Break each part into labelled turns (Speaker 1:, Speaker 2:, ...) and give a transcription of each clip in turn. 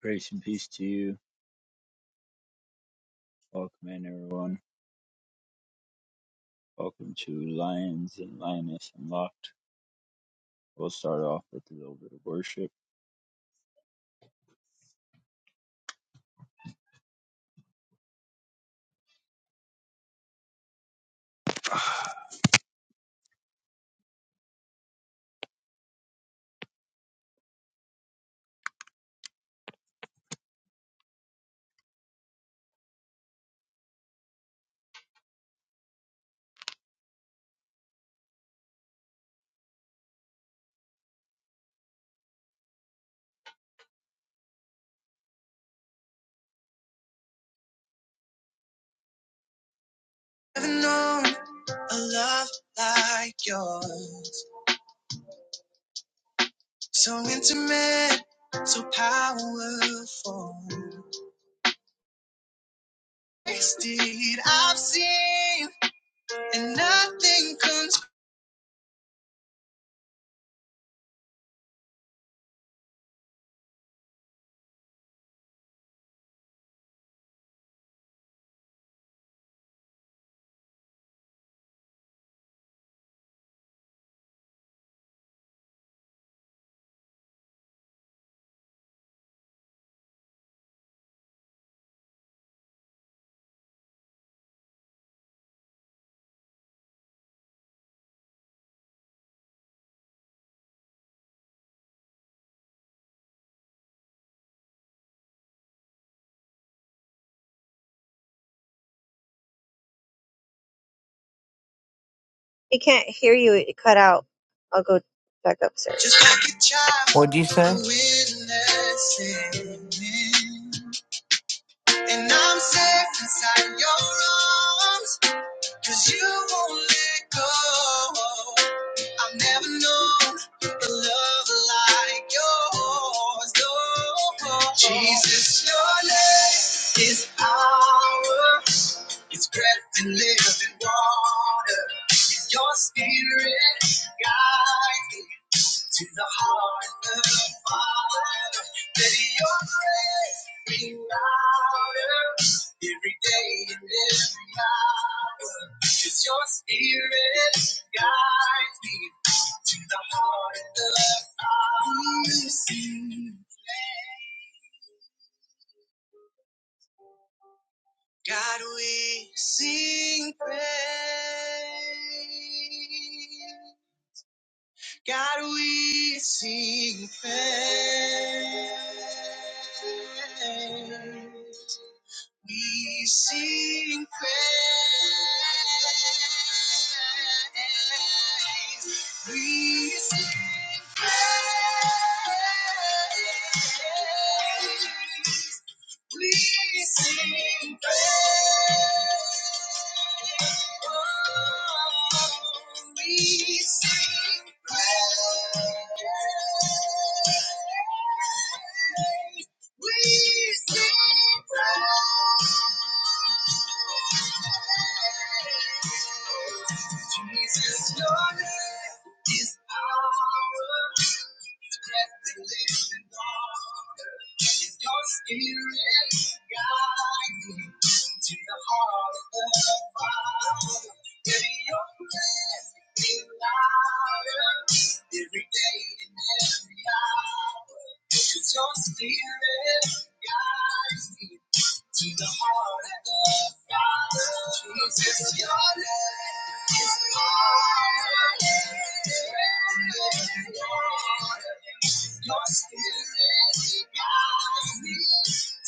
Speaker 1: Grace and peace to you. Welcome in, everyone. Welcome to Lions and Lioness Unlocked. We'll start off with a little bit of worship. Never known a love like yours, so intimate, so powerful. Wasted, I've seen, and nothing comes
Speaker 2: I can't hear you. It cut out. I'll go back upstairs.
Speaker 1: just like a child.
Speaker 3: What'd you
Speaker 1: The
Speaker 3: say?
Speaker 1: witness, and I'm safe inside your arms. Cause you won't let go. I've never known a love like yours. No. Jesus, your name is power. It's breath and living water. And your spirit guides me to the heart of the Father. Let your praise ring louder every day and every hour. Cause your spirit guides me to the heart of the Father. Sing. God, we sing praise. God, we sing praise. We sing praise. We sing praise. We sing praise. Oh, we sing praise. Jesus, your name is power. Breath and living water. Your spirit guides me to the heart of the Father. Give me your presence, be louder every day and every hour. Cause your spirit guides me to the heart of the Father. Jesus, your love is higher. than every water. Your spirit guides me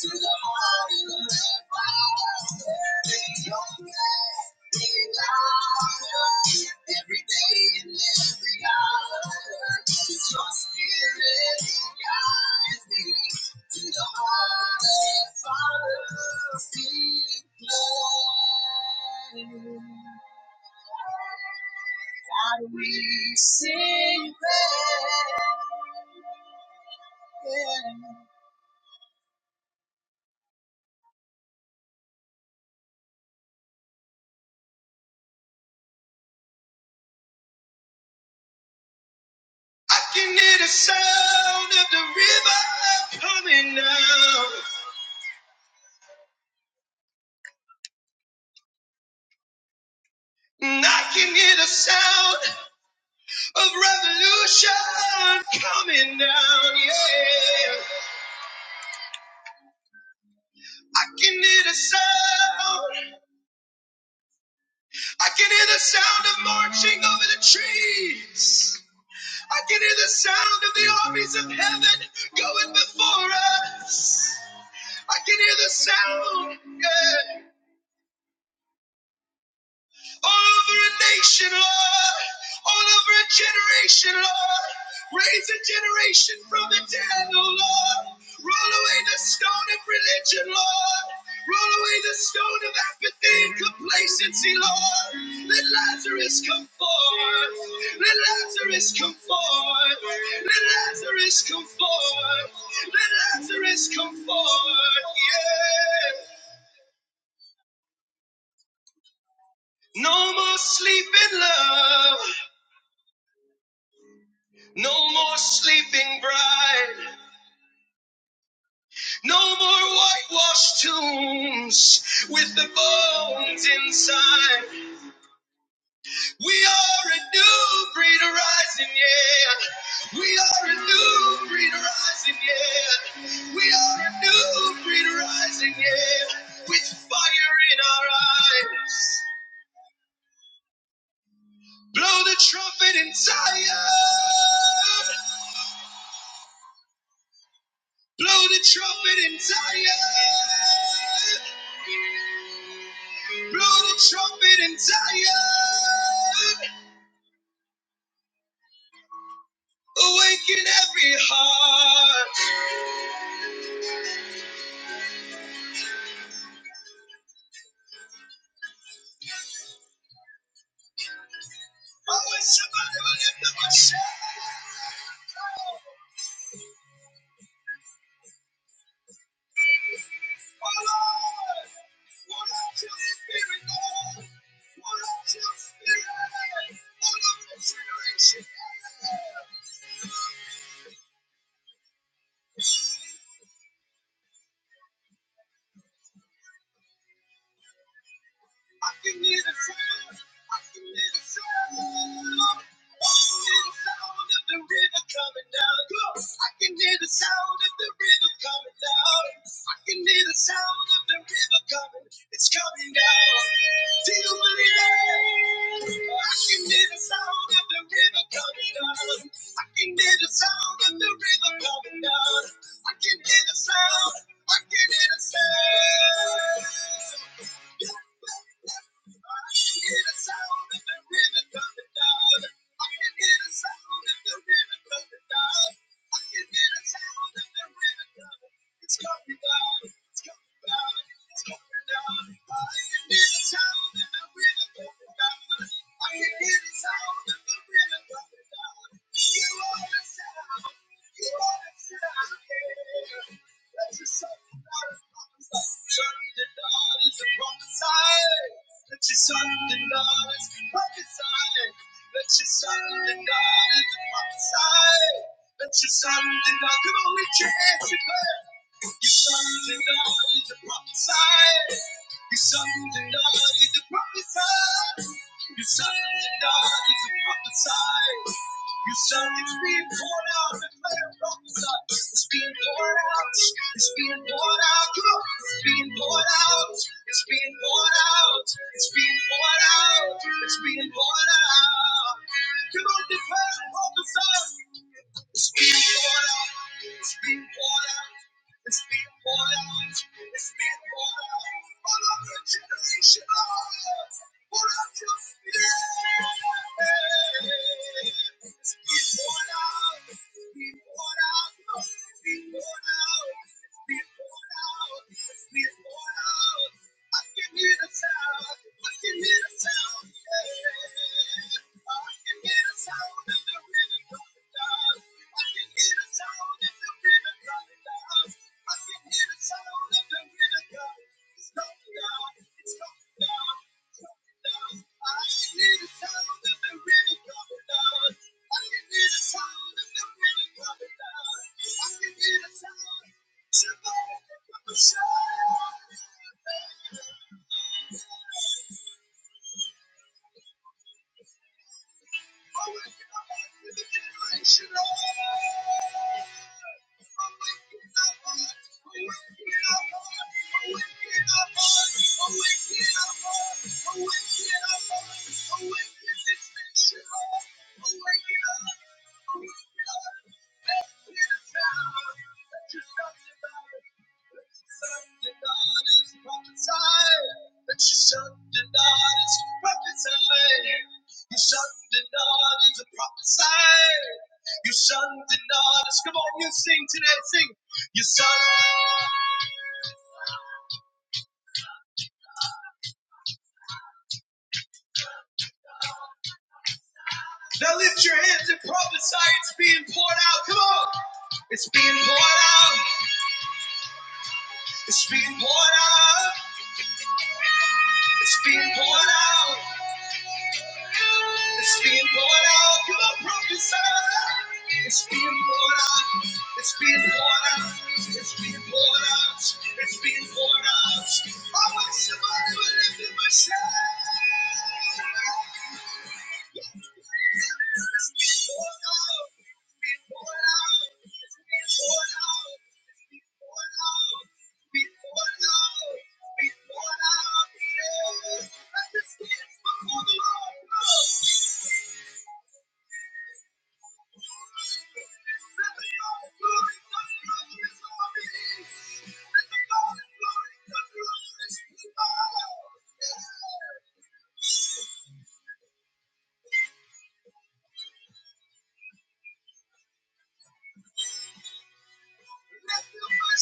Speaker 1: to the heart of the Father. Every day and every hour, your spirit guides me to the heart Father's deep love. God, we sing praise. I can hear the sound of the river coming down. And I can hear the sound of revolution coming down, yeah. I can hear the sound. I can hear the sound of marching over the trees. I can hear the sound of the armies of heaven going before us. I can hear the sound. Yeah. all over a nation, Lord, all over a generation, Lord. Raise a generation from the dead, oh Lord. Roll away the stone of religion, Lord. Roll away the stone of apathy and complacency, Lord. Let Lazarus come forth. Let Lazarus come forth. Let Lazarus come forth. Let Lazarus come forth. Yeah. No more sleep in love. No more sleeping bride, no more whitewashed tombs with the bones inside. We are a new breed arising, yeah. We are a new breed arising, yeah. We are a new breed arising, yeah. With fire in our eyes. Blow the trumpet in Zion. Blow the trumpet in Zion. Blow the trumpet in Zion. Awaken every heart. I wish somebody would lift up a shout. Oh, oh, Lord. Pour out your spirit, Lord. Pour out your spirit. All over this generation. It's coming down. Do you believe it? I can hear the sound of the river coming down. I can hear the sound of the river coming down. I can hear the sound. I can hear the sound. I can hear the sound of the river coming down. I can hear the sound of the river coming down. I can hear the sound of the river coming. It's coming down, it's coming down, it's coming down. I can hear the sound of the river coming down. I can hear the sound of the river coming down. You are the sound, you are the sound. Let your sun and light is a prophecy. Let your sun and light is a prophecy. Let your sun and light is a prophecy. Let your sun and light can only change the plan. Your sun and light is a prophecy. Your sun and light is a prophecy. Your sun and light is a prophecy. You song is being poured out. It's being poured out. It's being poured out. Come on. It's being poured out. It's being poured out. It's being poured out. It's being poured out. Come on, declare and prophesy. It's been water. It's been water. It's been water. It's been water. All of your generation. All of your fear. It's been water. It's been water. It's been water. It's been water. It's been water. I can hear the sound. I can hear the sound. Yeah. I can hear the sound of the river coming down. I can hear the sound of the river coming down. I can hear the sound of the river coming down. It's coming down. It's coming down. Coming down. I can hear the sound of the river coming down. I can hear the sound of the river coming down. I can hear the sound. Shabbat shalom. Prophesy that your son denies. Prophesy. You sons and daughters of prophesy. You sons and daughters, come on, you sing today, sing. You sons. Now lift your hands and prophesy. It's being poured out. Come on. It's being poured out. It's being poured out. It's being poured out. It's being poured out. You are prophesied. It's being poured out. It's being poured out. It's being poured out. It's being poured out. I want somebody to lift up a shout.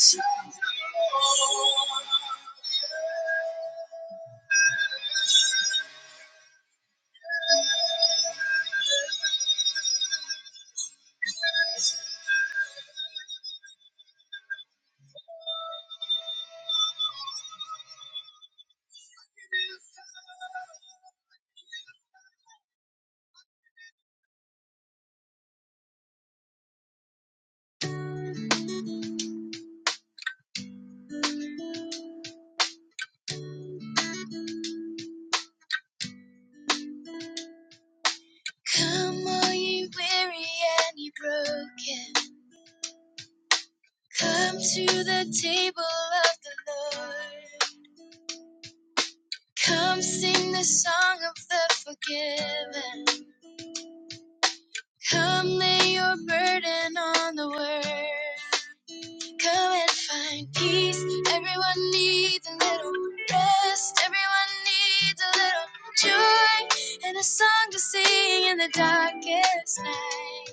Speaker 1: Thank you. Come all ye weary and ye broken, come to the table of the Lord. Come sing the song of the forgiven. Come lay your burden on the word. Come and find peace. Everyone needs a little rest. Everyone needs a little joy and a song to sing in the darkest night.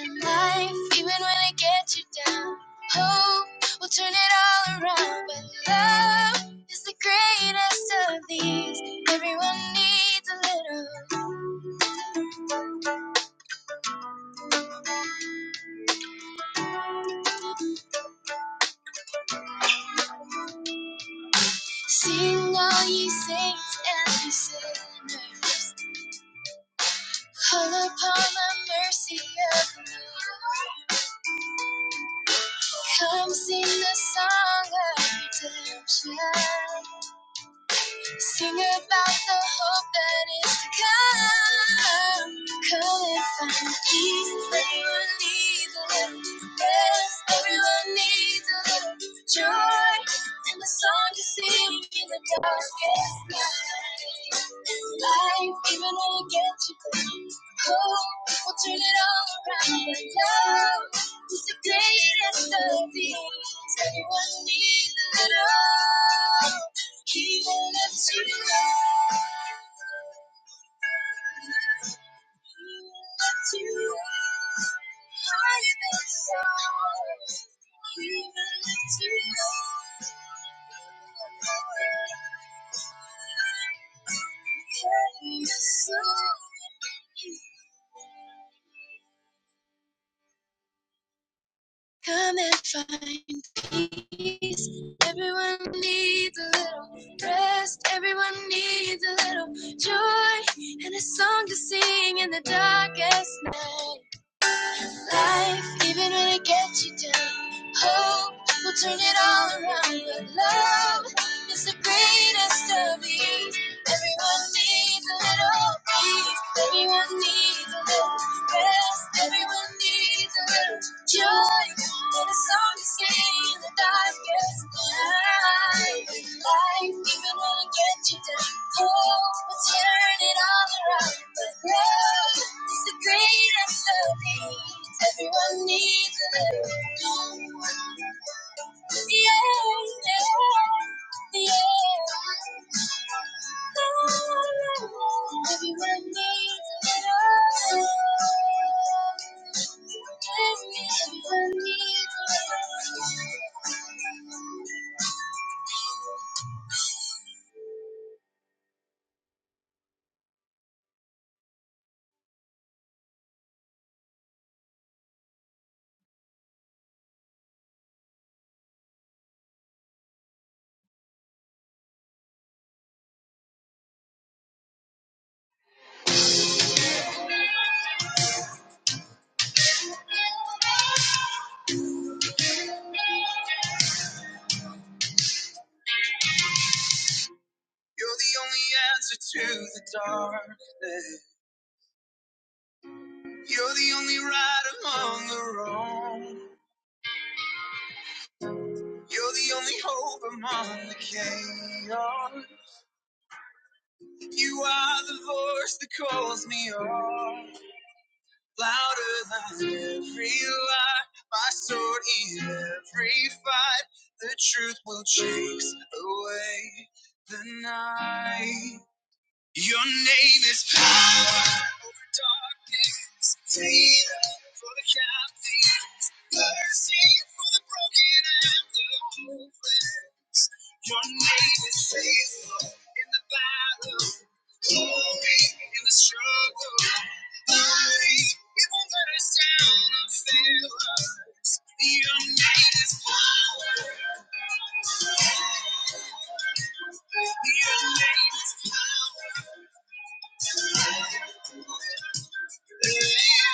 Speaker 1: And life, even when it gets you down, hope will turn it all around. But love is the greatest of these. Everyone needs a little. Sing all ye saints and ye sinners. Call upon the mercy of God. Come sing the song of redemption. Sing about the hope that is to come. Come and find peace. Everyone needs a little rest. Everyone needs a little joy. And the song to sing in the darkest night. Life, even when it gets you cold, hope will turn it all around. But love is the greatest of these. Everyone needs a little, even if it's you. love. Come and find peace. Everyone needs a little rest. Everyone needs a little joy and a song to sing in the darkest night. Life, even when it gets you down, hope will turn it all around. But love is the greatest of you. Everyone needs a little peace. Everyone needs a little rest. Everyone needs a little joy. And a song to sing in the darkest night. Life, even when it gets you down, hope will turn it all around. But love is the greatest of needs. Everyone needs. You're the only answer to the darkness. You're the only right among the wrong. You're the only hope among the chaos. You are the voice that calls me on. Louder than every lie, my sword in every fight. The truth will chase away the night. Your name is power over darkness. Freedom for the captive. Your name is faithful in the battle, glory in the struggle. Life, it won't down or fail Your name is power. Your name is power. Yeah,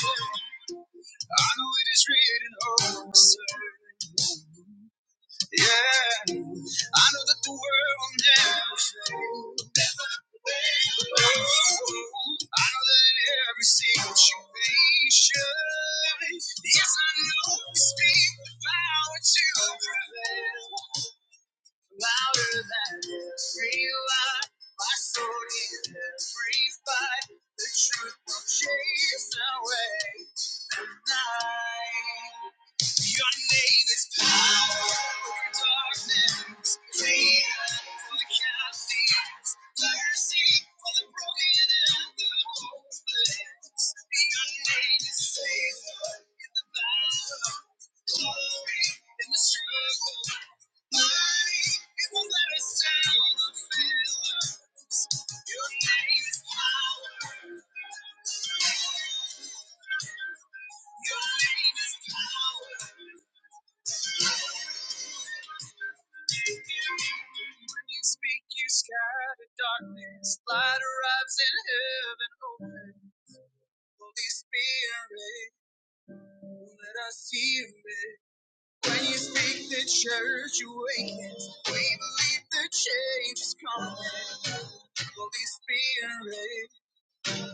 Speaker 1: I know it is written, oh, sir. Yeah. I know that the world will never fail. Never fail. I know that in every single situation, yes, I know we speak the power to prevail. Louder than every lie. My sword in every fight. The truth will chase away the night. Your name is power over darkness, freedom for the captives, mercy for the broken and the hopeless. Your name is favor in the battle, glory in the struggle. When you speak, you scatter darkness. Light arrives in heaven Holy Spirit, let us see you. When you speak, the church awakens. We believe the change is coming. Holy Spirit.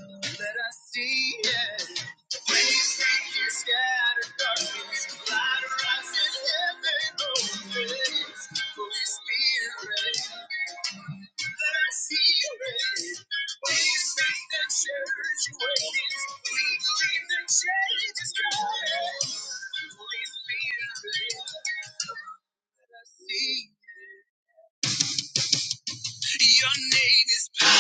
Speaker 1: Let us see it. Please take your scattered darkness, light rise in heaven opens. Holy Spirit, let us see it. Please make the church awakens. We believe the change is coming. Holy Spirit, let us see. Your name is power.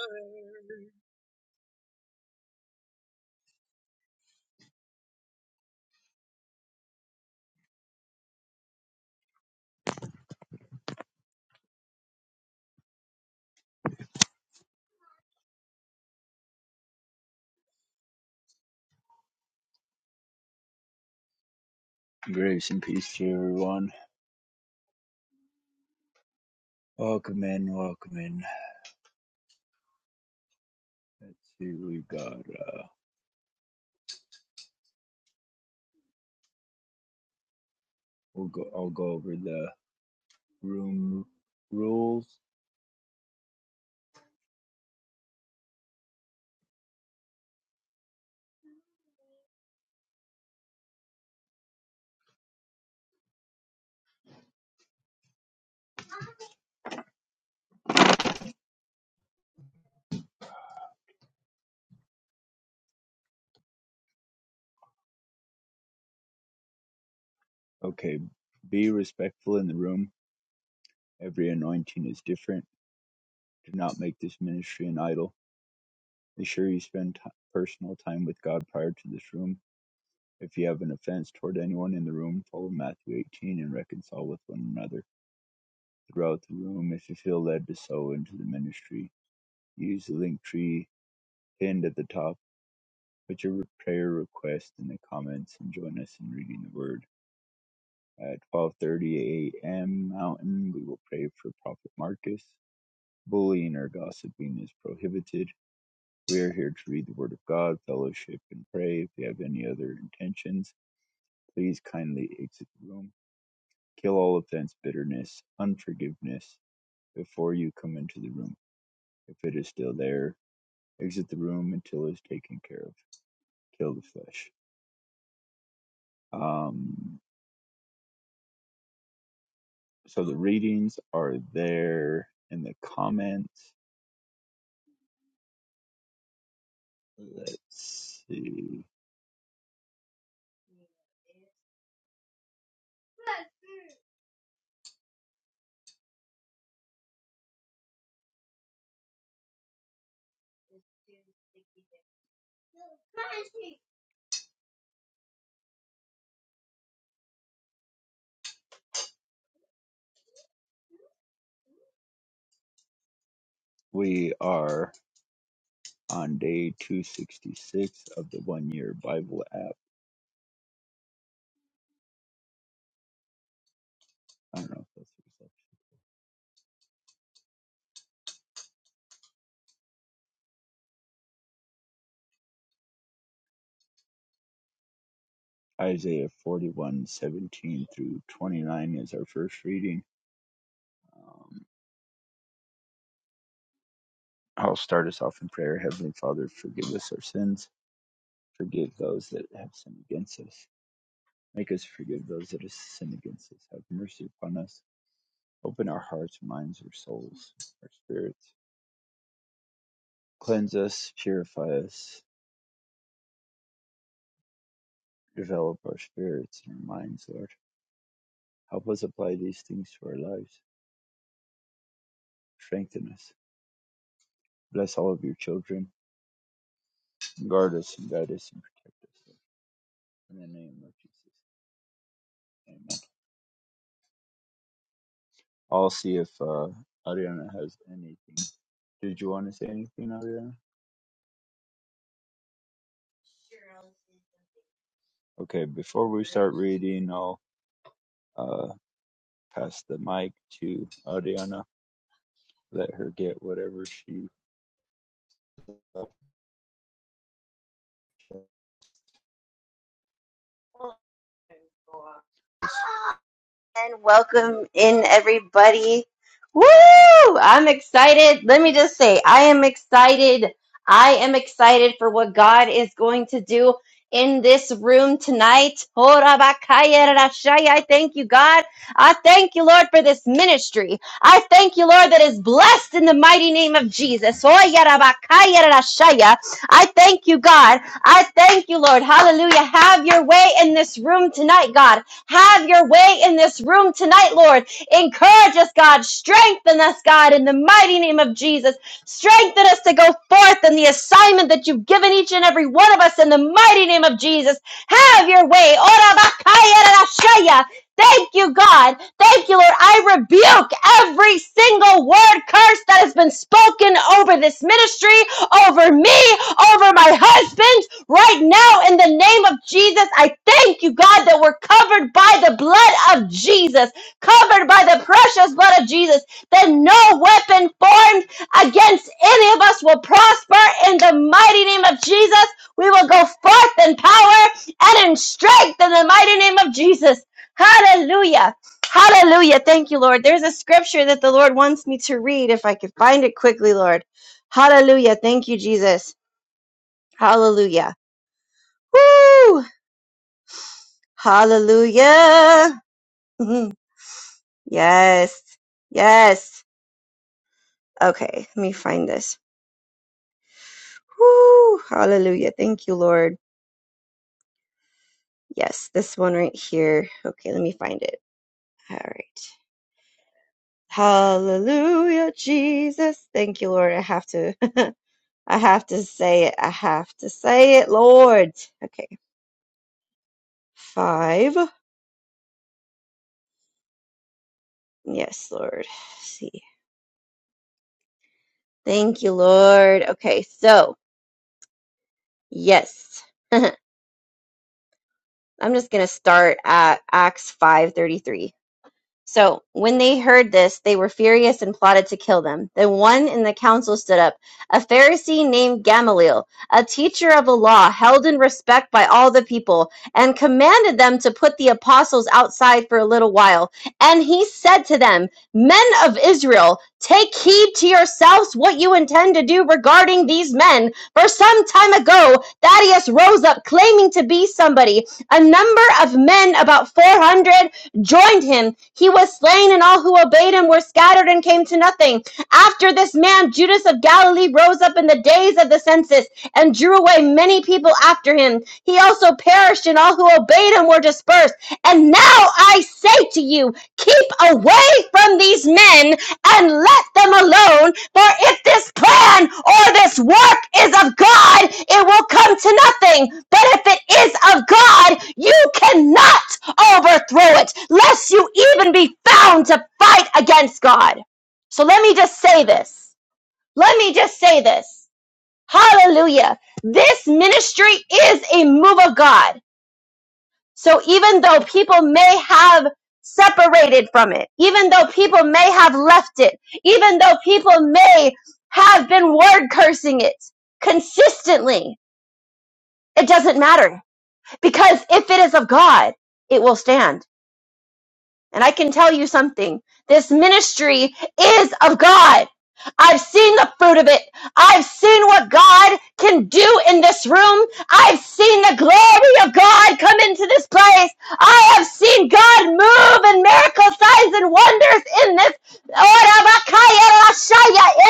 Speaker 1: Power. Grace and peace to everyone. Welcome in, welcome in. Let's see, we got, uh, we'll go, I'll go over the room rules. Okay, be respectful in the room. Every anointing is different. Do not make this ministry an idol. Be sure you spend t- personal time with God prior to this room. If you have an offense toward anyone in the room, follow Matthew 18 and reconcile with one another throughout the room. If you feel led to sow into the ministry, use the link tree pinned at the top Put your prayer request in the comments and join us in reading the word. At 12:30 a.m. Mountain, we will pray for Prophet Marcus. Bullying or gossiping is prohibited. We are here to read the word of God, fellowship, and pray. If you have any other intentions, please kindly exit the room. Kill all offense, bitterness, unforgiveness before you come into the room. If it is still there, exit the room until it is taken care of. Kill the flesh. Um, so the readings are there in the comments. Let's see. We are on day 266 of the one year Bible app. I don't know if that's the reflection. Isaiah forty-one seventeen through 29 is our first reading. Um, I'll start us off in prayer. Heavenly Father, forgive us our sins, forgive those that have sinned against us. Make us forgive those that have sinned against us. Have mercy upon us. Open our hearts, minds, our souls, our spirits. Cleanse us, purify us, develop our spirits and our minds, Lord. Help us apply these things to our lives. Strengthen us. Bless all of your children. Guard us and guide us and protect us, Lord. In the name of Jesus. Amen. I'll see if uh, Ariana has anything. Did you want to say anything, Ariana? Sure. I'll say something. Okay, before we start reading, I'll uh, pass the mic to Ariana. Let her get whatever she. thought.
Speaker 2: and welcome in everybody. Woo! I'm excited. Let me just say, I am excited. I am excited for what God is going to do in this room tonight. Ora bakaya rashaya. I thank you, God. I thank you, Lord, for this ministry. I thank you, Lord, that is blessed in the mighty name of Jesus. Oya rabakaya rashaya. I thank you, God. I thank you, Lord. Hallelujah. Have your way in this room tonight, God. Have your way in this room tonight, Lord. Encourage us, God. Strengthen us, God, in the mighty name of Jesus. Strengthen us to go forth in the assignment that you've given each and every one of us in the mighty name of Jesus. Have your way. Ora bakaya rarashaya. Thank you, God. Thank you, Lord. I rebuke every single word curse that has been spoken over this ministry, over me, over my husband. Right now, in the name of Jesus, I thank you, God, that we're covered by the blood of Jesus, covered by the precious blood of Jesus, that no weapon formed against any of us will prosper in the mighty name of Jesus. We will go forth in power and in strength in the mighty name of Jesus. Hallelujah. Hallelujah. Thank you, Lord. There's a scripture that the Lord wants me to read if I could find it quickly, Lord. Hallelujah. Thank you, Jesus. Hallelujah. Woo! Hallelujah! yes, yes. Okay, let me find this. Woo! Hallelujah. Thank you, Lord. Yes, wonder who can do it. All right. Hallelujah, Jesus. Thank you, Lord. I have to, I have to say it. I have to say it, Lord. Okay. Five. Yes, Lord. See. Thank you, Lord. Okay, so, yes. I'm just going to start at Acts 5:33. So when they heard this, they were furious and plotted to kill them. Then one in the council stood up, a Pharisee named Gamaliel, a teacher of the law, held in respect by all the people, and commanded them to put the apostles outside for a little while. And he said to them, Men of Israel, take heed to yourselves what you intend to do regarding these men. For some time ago, Thaddeus rose up claiming to be somebody. A number of men, about 400, joined him. He was slain, and all who obeyed him were scattered and came to nothing. After this man, Judas of Galilee rose up in the days of the census and drew away many people after him. He also perished, and all who obeyed him were dispersed. And now I say to you, keep away from these men and let them alone. For if this plan or this work is of God, it will come to nothing. But if it is of God, you cannot overthrow it, lest you even be found to fight against God. So let me just say this. Let me just say this. Hallelujah. This ministry is a move of God. So even though people may have separated from it, even though people may have left it, even though people may have been word cursing it consistently, it doesn't matter because if it is of God, it will stand And I can tell you something. This ministry is of God. I've seen the fruit of it. I've seen what God can do in this room. I've seen the glory of God come into this place. I have seen God move in miracle signs and wonders in this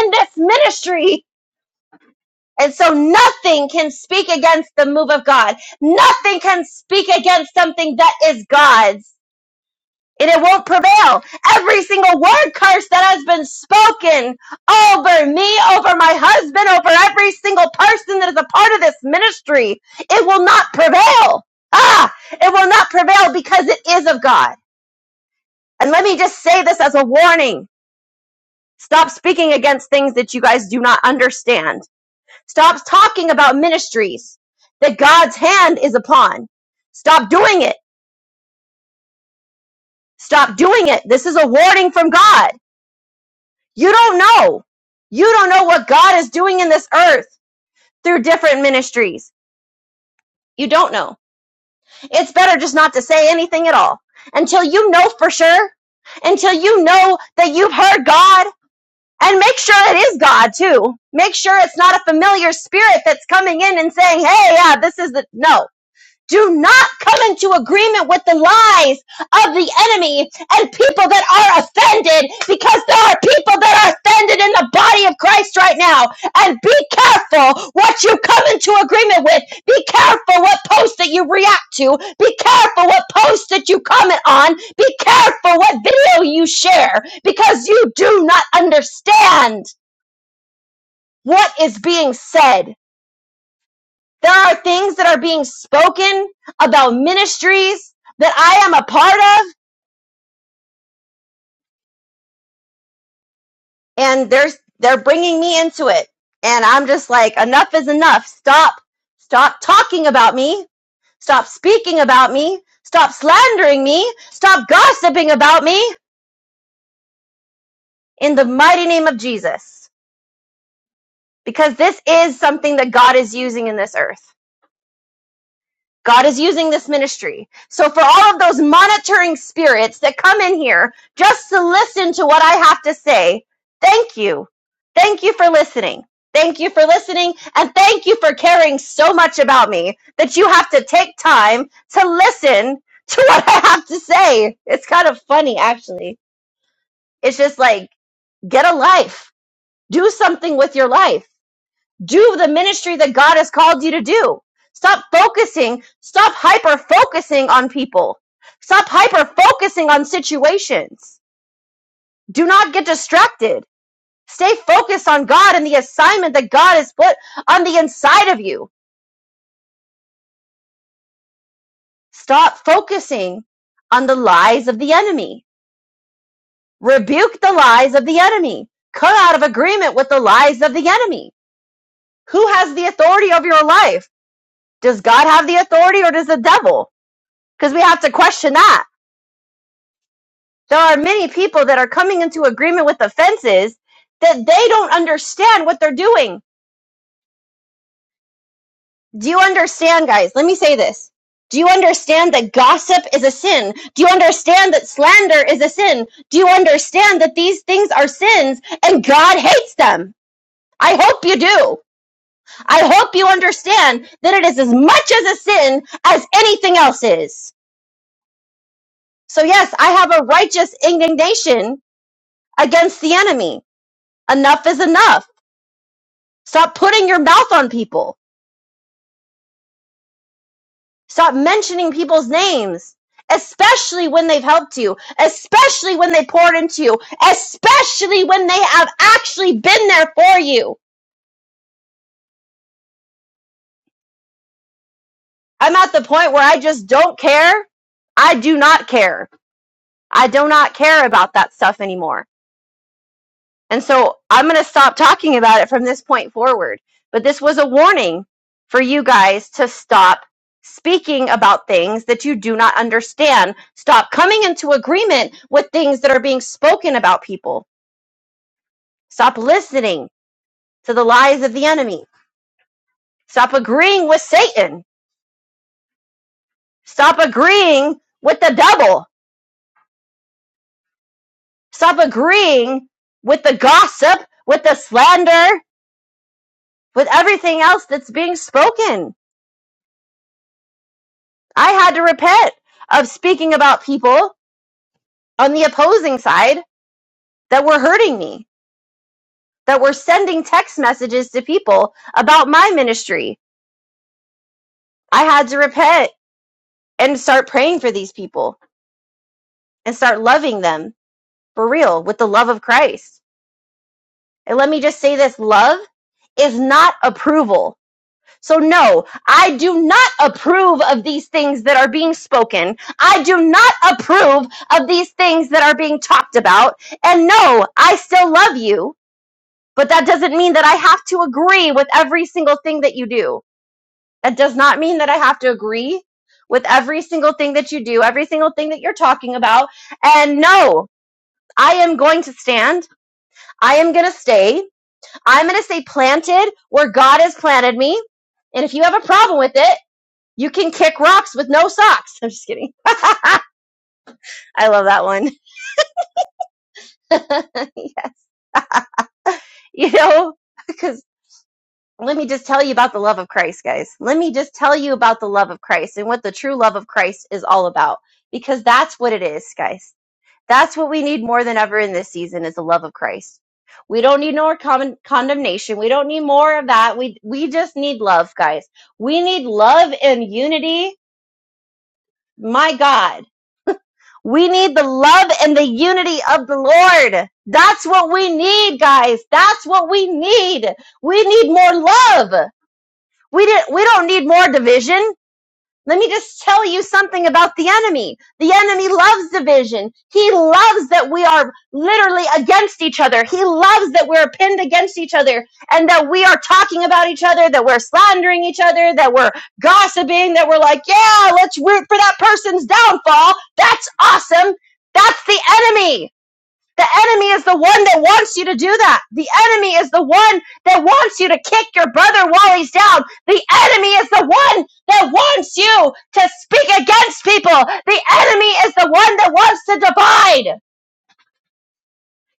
Speaker 2: in this ministry. And so nothing can speak against the move of God. Nothing can speak against something that is God's and it won't prevail. Every single word curse that has been spoken over me, over my husband, over every single person that is a part of this ministry, it will not prevail. Ah, it will not prevail because it is of God. And let me just say this as a warning. Stop speaking against things that you guys do not understand. Stop talking about ministries that God's hand is upon. Stop doing it. Stop doing it. This is a warning from God. You don't know. You don't know what God is doing in this earth through different ministries. You don't know. It's better just not to say anything at all until you know for sure, until you know that you've heard God. And make sure it is God too. Make sure it's not a familiar spirit that's coming in and saying, hey, yeah, this is the, no. Do not come into agreement with the lies of the enemy and people that are offended because there are people that are offended in the body of Christ right now. And be careful what you come into agreement with. Be careful what posts that you react to. Be careful what posts that you comment on. Be careful what video you share because you do not understand what is being said. There are things that are being spoken about ministries that I am a part of, and there's they're bringing me into it, and I'm just like, enough is enough. Stop, stop talking about me. Stop speaking about me. Stop slandering me. Stop gossiping about me. In the mighty name of Jesus, because this is something that God is using in this earth. God is using this ministry. So for all of those monitoring spirits that come in here just to listen to what I have to say, thank you. Thank you for listening. Thank you for listening and thank you for caring so much about me that you have to take time to listen to what I have to say. It's kind of funny actually. It's just like get a life. Do something with your life do the ministry that God has called you to do. Stop focusing, stop hyper focusing on people. Stop hyper focusing on situations. Do not get distracted. Stay focused on God and the assignment that God has put on the inside of you. Stop focusing on the lies of the enemy. Rebuke the lies of the enemy. Come out of agreement with the lies of the enemy. Who has the authority over your life? Does God have the authority or does the devil? Because we have to question that. There are many people that are coming into agreement with offenses that they don't understand what they're doing. Do you understand, guys? Let me say this. Do you understand that gossip is a sin? Do you understand that slander is a sin? Do you understand that these things are sins and God hates them? I hope you do. I hope you understand that it is as much as a sin as anything else is. So yes, I have a righteous indignation against the enemy. Enough is enough Stop putting your mouth on people. Stop mentioning people's names, especially when they've helped you, especially when they poured into you, especially when they have actually been there for you. I'm at the point where I just don't care. I do not care. I do not care about that stuff anymore. And so I'm going to stop talking about it from this point forward. But this was a warning for you guys to stop speaking about things that you do not understand. Stop coming into agreement with things that are being spoken about people. Stop listening to the lies of the enemy. Stop agreeing with Satan. Stop agreeing with the devil. Stop agreeing with the gossip, with the slander, with everything else that's being spoken I had to repent of speaking about people on the opposing side that were hurting me, that were sending text messages to people about my ministry. I had to repent and start praying for these people and start loving them for real with the love of Christ. And let me just say this love is not approval. So, no, I do not approve of these things that are being spoken. I do not approve of these things that are being talked about. And no, I still love you, but that doesn't mean that I have to agree with every single thing that you do. That does not mean that I have to agree with every single thing that you do, every single thing that you're talking about. And no, I am going to stand. I am going to stay. I'm going to stay planted where God has planted me. And if you have a problem with it, you can kick rocks with no socks. I'm just kidding. I love that one. yeah. You know, because let me just tell you about the love of Christ, guys. Let me just tell you about the love of Christ and what the true love of Christ is all about, because that's what it is, guys. That's what we need more than ever in this season is the love of Christ. We don't need no more common condemnation. We don't need more of that. We we just need love, guys. We need love and unity. My God We need the love and the unity of the Lord. That's what we need, guys. That's what we need. We need more love. We didn't, we don't need more division. Let me just tell you something about the enemy. The enemy loves division. He loves that we are literally against each other. He loves that we're pinned against each other and that we are talking about each other, that we're slandering each other, that we're gossiping, that we're like, yeah, let's root for that person's downfall. That's awesome. That's the enemy. The enemy is the one that wants you to do that. The enemy is the one that wants you to kick your brother while he's down. The enemy is the one that wants you to speak against people. The enemy is the one that wants to divide.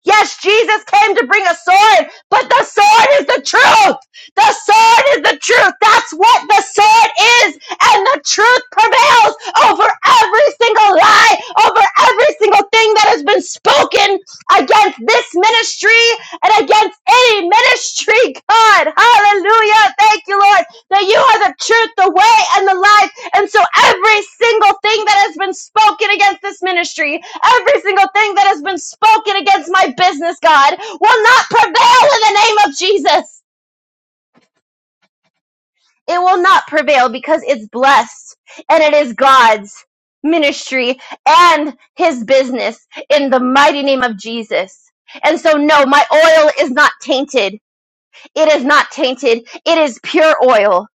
Speaker 2: Yes, Jesus came to bring a sword, but the sword is the truth. The sword is the truth. That's what the sword is. And the truth prevails over every single lie, over every single thing that has been spoken against this ministry and against any ministry. God, hallelujah. Thank you, Lord, that you are the truth, the way, and the life. And so every single thing that has been spoken against this ministry, Every single thing that has been spoken against my business, God, will not prevail in the name of Jesus. It will not prevail because it's blessed and it is God's ministry and his business in the mighty name of Jesus. And so, no, my oil is not tainted. It is not tainted. It is pure oil.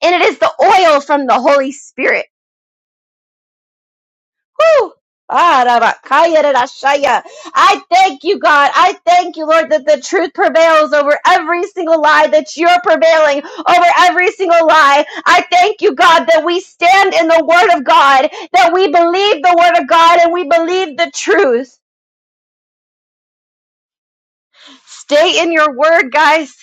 Speaker 2: And it is the oil from the Holy Spirit. Woo! Ah, Rabba, Kaya, Rara, Shaya. I thank you, God. I thank you, Lord, that the truth prevails over every single lie, that you're prevailing over every single lie. I thank you, God, that we stand in the Word of God, that we believe the Word of God, and we believe the truth. Stay in your Word, guys.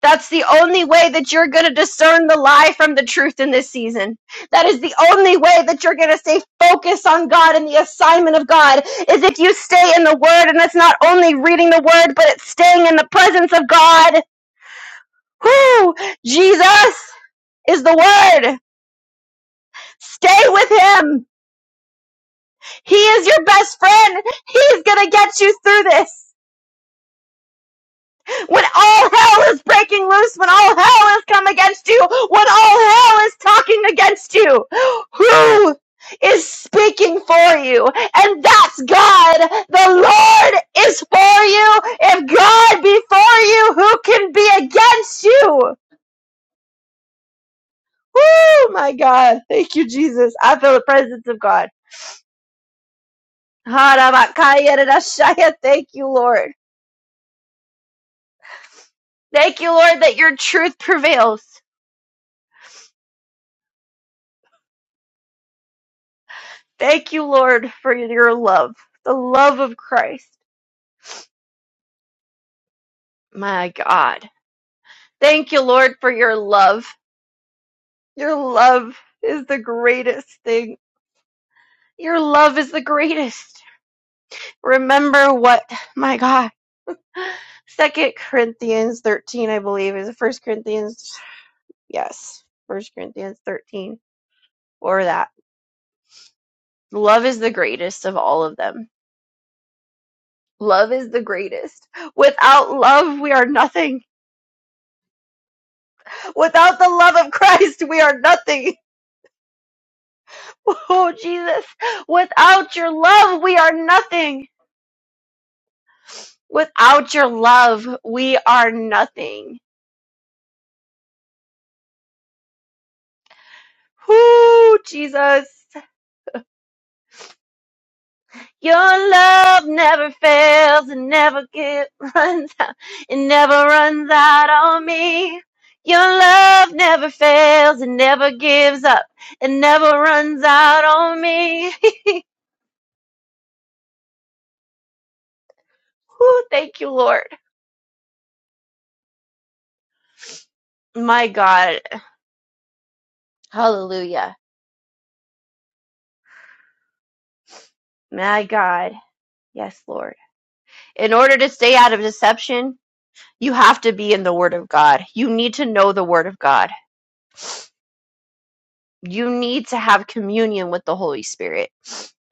Speaker 2: That's the only way that you're going to discern the lie from the truth in this season. That is the only way that you're going to stay focused on God and the assignment of God is if you stay in the word and it's not only reading the word, but it's staying in the presence of God. Whoo! Jesus is the word. Stay with him. He is your best friend. He's going to get you through this. when all hell is breaking loose, when all hell has come against you, when all hell is talking against you, who is speaking for you? And that's God. The Lord is for you. If God be for you, who can be against you? Oh my God. Thank you, Jesus. I feel the presence of God. Harabakayarashaya. Thank you, Lord. Thank you, Lord, that your truth prevails. Thank you, Lord, for your love, the love of Christ. My God. Thank you, Lord, for your love. Your love is the greatest thing. Your love is the greatest. Remember what, my God. Second Corinthians 13, I believe, is it First Corinthians? Yes, First Corinthians 13, or that. Love is the greatest of all of them. Love is the greatest. Without love, we are nothing. Without the love of Christ, we are nothing. Oh, Jesus, without your love, we are nothing. Without your love, we are nothing. Oh, Jesus, your love never fails and never get, runs out. It never runs out on me. Your love never fails and never gives up. It never runs out on me. Ooh, thank you, Lord. My God. Hallelujah. My God. Yes, Lord. in order to stay out of deception, you have to be in the Word of God. You need to know the Word of God. You need to have communion with the Holy Spirit.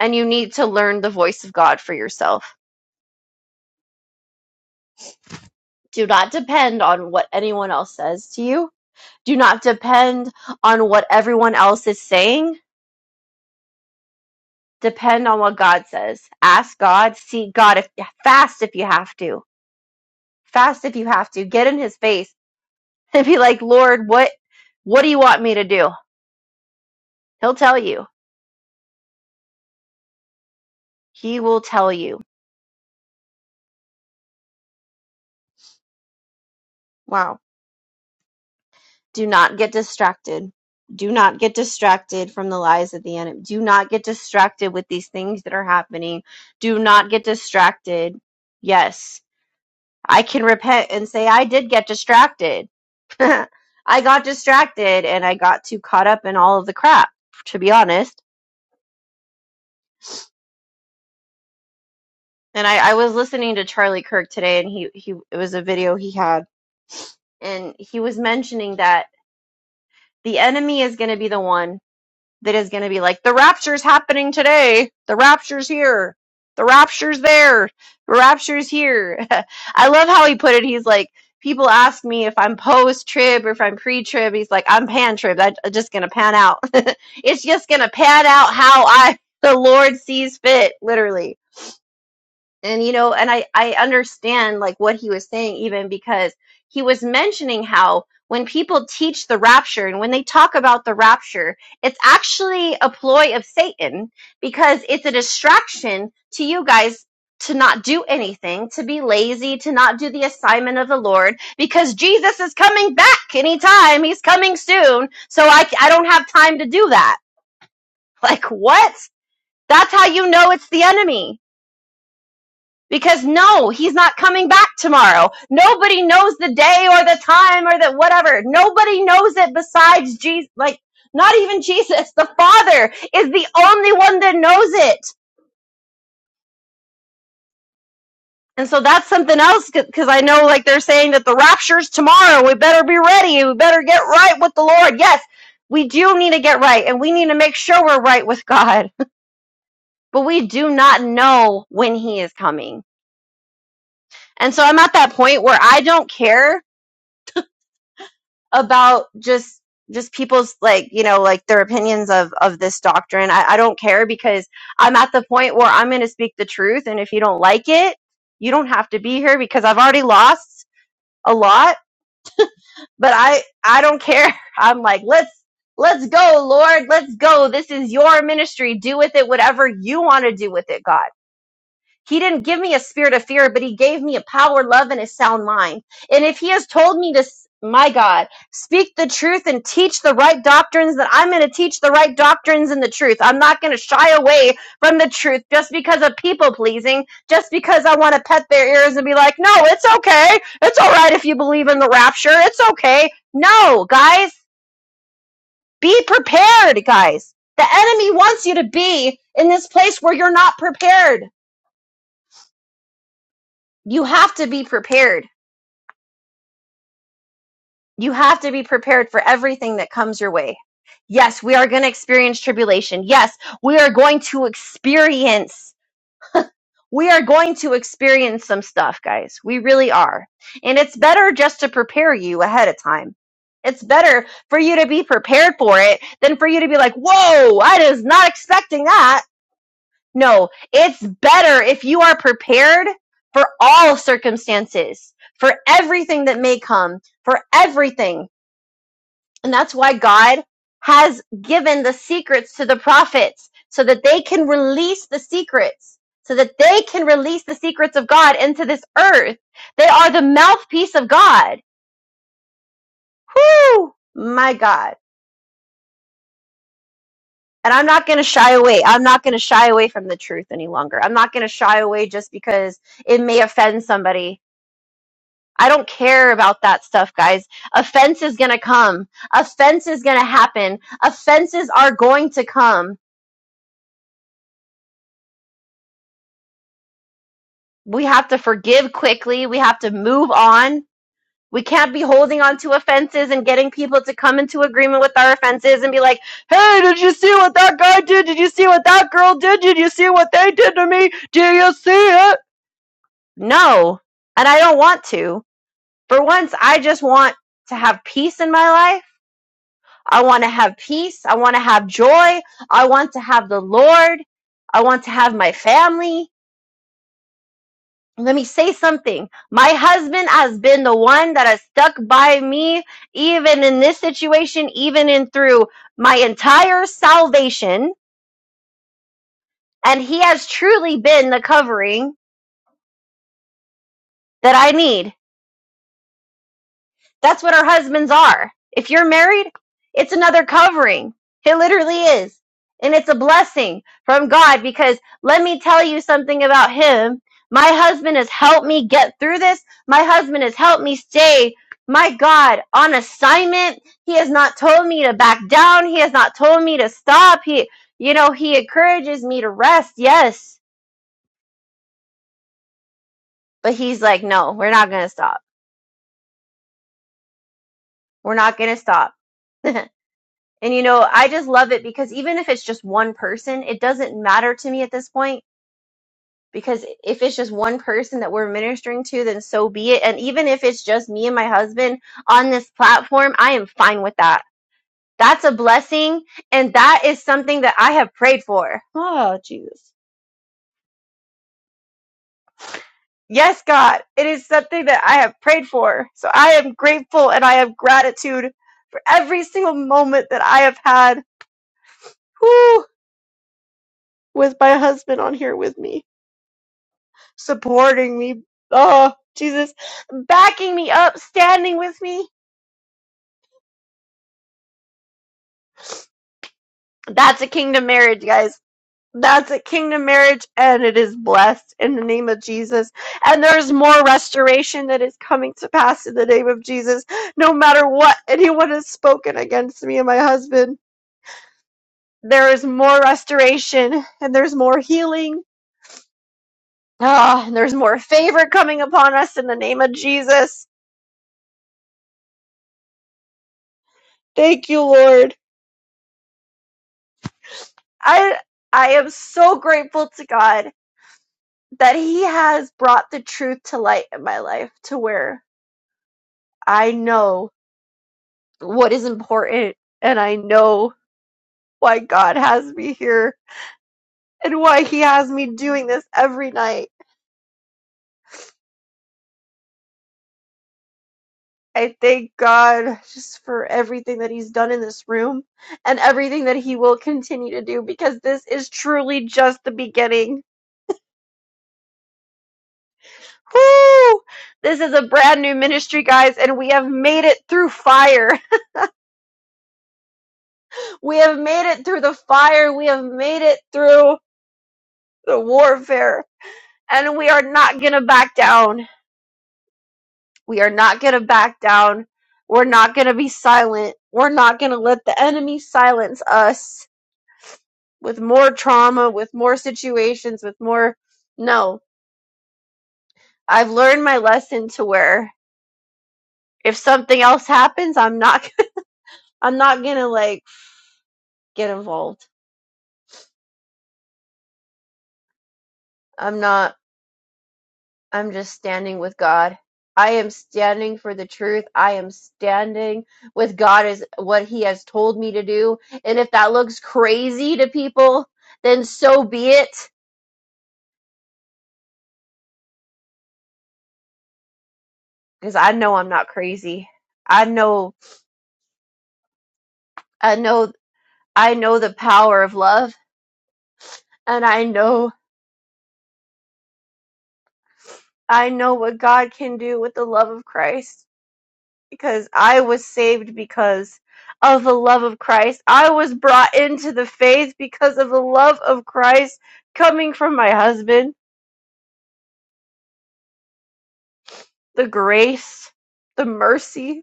Speaker 2: And you need to learn the voice of God for yourself. Do not depend on what anyone else says to you. Do not depend on what everyone else is saying. Depend on what God says. Ask God, seek God, if, fast if you have to. Fast if you have to. Get in His face and be like, Lord, what, what do you want me to do? He'll tell you He will tell you. Wow. Do not get distracted. Do not get distracted from the lies of the enemy. Do not get distracted with these things that are happening. Do not get distracted. Yes, I can repent and say, I did get distracted. I got distracted and I got too caught up in all of the crap, to be honest. And I, I was listening to Charlie Kirk today, and he, he it was a video he had, and he was mentioning that the enemy is going to be the one that is going to be like, the rapture's happening today. The rapture's here. The rapture's there. The rapture's here. I love how he put it. He's like, people ask me if I'm post trib or if I'm pre trib. He's like, I'm pan trib. I'm just going to pan out. it's just going to pan out how I, the Lord sees fit, literally and you know and i i understand like what he was saying even because he was mentioning how when people teach the rapture and when they talk about the rapture it's actually a ploy of satan because it's a distraction to you guys to not do anything to be lazy to not do the assignment of the lord because jesus is coming back anytime he's coming soon so i i don't have time to do that like what that's how you know it's the enemy because no, he's not coming back tomorrow. Nobody knows the day or the time or the whatever. Nobody knows it besides Jesus. Like, not even Jesus. The Father is the only one that knows it. And so that's something else because I know, like, they're saying that the rapture's tomorrow. We better be ready. We better get right with the Lord. Yes, we do need to get right and we need to make sure we're right with God. But we do not know when He is coming. And so I'm at that point where I don't care about just just people's like you know like their opinions of of this doctrine I, I don't care because i'm at the point where i'm going to speak the truth and if you don't like it you don't have to be here because i've already lost a lot but i i don't care i'm like let's let's go lord let's go this is your ministry do with it whatever you want to do with it god he didn't give me a spirit of fear, but he gave me a power, love, and a sound mind. And if he has told me to, my God, speak the truth and teach the right doctrines, then I'm going to teach the right doctrines and the truth. I'm not going to shy away from the truth just because of people pleasing, just because I want to pet their ears and be like, no, it's okay. It's all right if you believe in the rapture. It's okay. No, guys, be prepared, guys. The enemy wants you to be in this place where you're not prepared. You have to be prepared You have to be prepared for everything that comes your way. Yes, we are going to experience tribulation. Yes, we are going to experience, we are going to experience some stuff, guys. We really are. And it's better just to prepare you ahead of time. It's better for you to be prepared for it than for you to be like, whoa, I was not expecting that. No, it's better if you are prepared for all circumstances, for everything that may come, for everything. And that's why God has given the secrets to the prophets so that they can release the secrets, so that they can release the secrets of God into this earth. They are the mouthpiece of God. Whoo! My God. And I'm not going to shy away. I'm not going to shy away from the truth any longer. I'm not going to shy away just because it may offend somebody. I don't care about that stuff, guys. Offense is going to come. Offense is going to happen. Offenses are going to come We have to forgive quickly. We have to move on. We can't be holding on to offenses and getting people to come into agreement with our offenses and be like, hey, did you see what that guy did? Did you see what that girl did? Did you see what they did to me? Do you see it? No. And I don't want to. For once, I just want to have peace in my life. I want to have peace. I want to have joy. I want to have the Lord. I want to have my family. let me say something. My husband has been the one that has stuck by me, even in this situation, even in through my entire salvation. And he has truly been the covering that I need. That's what our husbands are. If you're married, it's another covering. It literally is. And it's a blessing from God because let me tell you something about him. My husband has helped me get through this. My husband has helped me stay, my God, on assignment. He has not told me to back down. He has not told me to stop. He, you know, he encourages me to rest. Yes. But he's like, no, we're not going to stop. We're not going to stop. And you know, I just love it because even if it's just one person, it doesn't matter to me at this point because if it's just one person that we're ministering to, then so be it. And even if it's just me and my husband on this platform, I am fine with that. That's a blessing and that is something that I have prayed for. Oh, Jesus. Yes, God. It is something that I have prayed for. So I am grateful and I have gratitude for every single moment that I have had whew, with my husband on here with me. supporting me. Oh, Jesus, backing me up, standing with me. That's a kingdom marriage, guys. That's a kingdom marriage, and it is blessed in the name of Jesus. And there's more restoration that is coming to pass in the name of Jesus, no matter what anyone has spoken against me and my husband. There is more restoration, and there's more healing. Ah, and there's more favor coming upon us in the name of Jesus. Thank you, Lord. I I am so grateful to God that he has brought the truth to light in my life to where I know what is important and I know why God has me here and why he has me doing this every night. I thank God just for everything that he's done in this room and everything that he will continue to do because this is truly just the beginning. Woo! This is a brand new ministry, guys, and we have made it through fire. We have made it through the fire. We have made it through the warfare. And we are not going to back down. We are not going to back down. We're not going to be silent. We're not going to let the enemy silence us with more trauma, with more situations, with more. No, I've learned my lesson to where if something else happens, I'm not, I'm not going to like get involved. I'm not. I'm just standing with God. I am standing for the truth. I am standing with God as what he has told me to do. And if that looks crazy to people, then so be it because I know I'm not crazy. I know I know I know the power of love and I know I know what God can do with the love of Christ. because I was saved because of the love of Christ. I was brought into the faith because of the love of Christ coming from my husband, the grace, the mercy.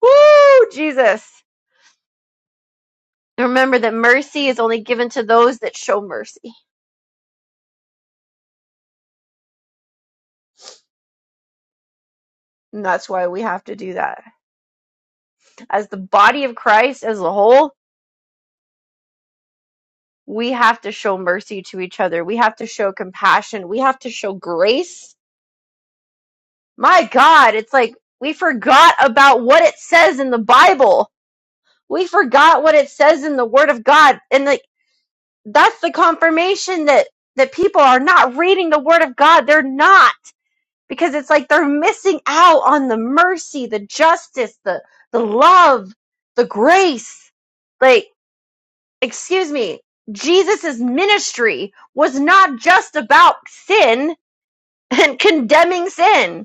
Speaker 2: Woo, Jesus. Remember that mercy is only given to those that show mercy. And that's why we have to do that. As the body of Christ as a whole, we have to show mercy to each other. We have to show compassion. We have to show grace My God, it's like we forgot about what it says in the Bible. We forgot what it says in the Word of God. And like that's the confirmation that that people are not reading the Word of God. They're not because it's like they're missing out on the mercy, the justice, the the love, the grace. Like, excuse me, Jesus's ministry was not just about sin and condemning sin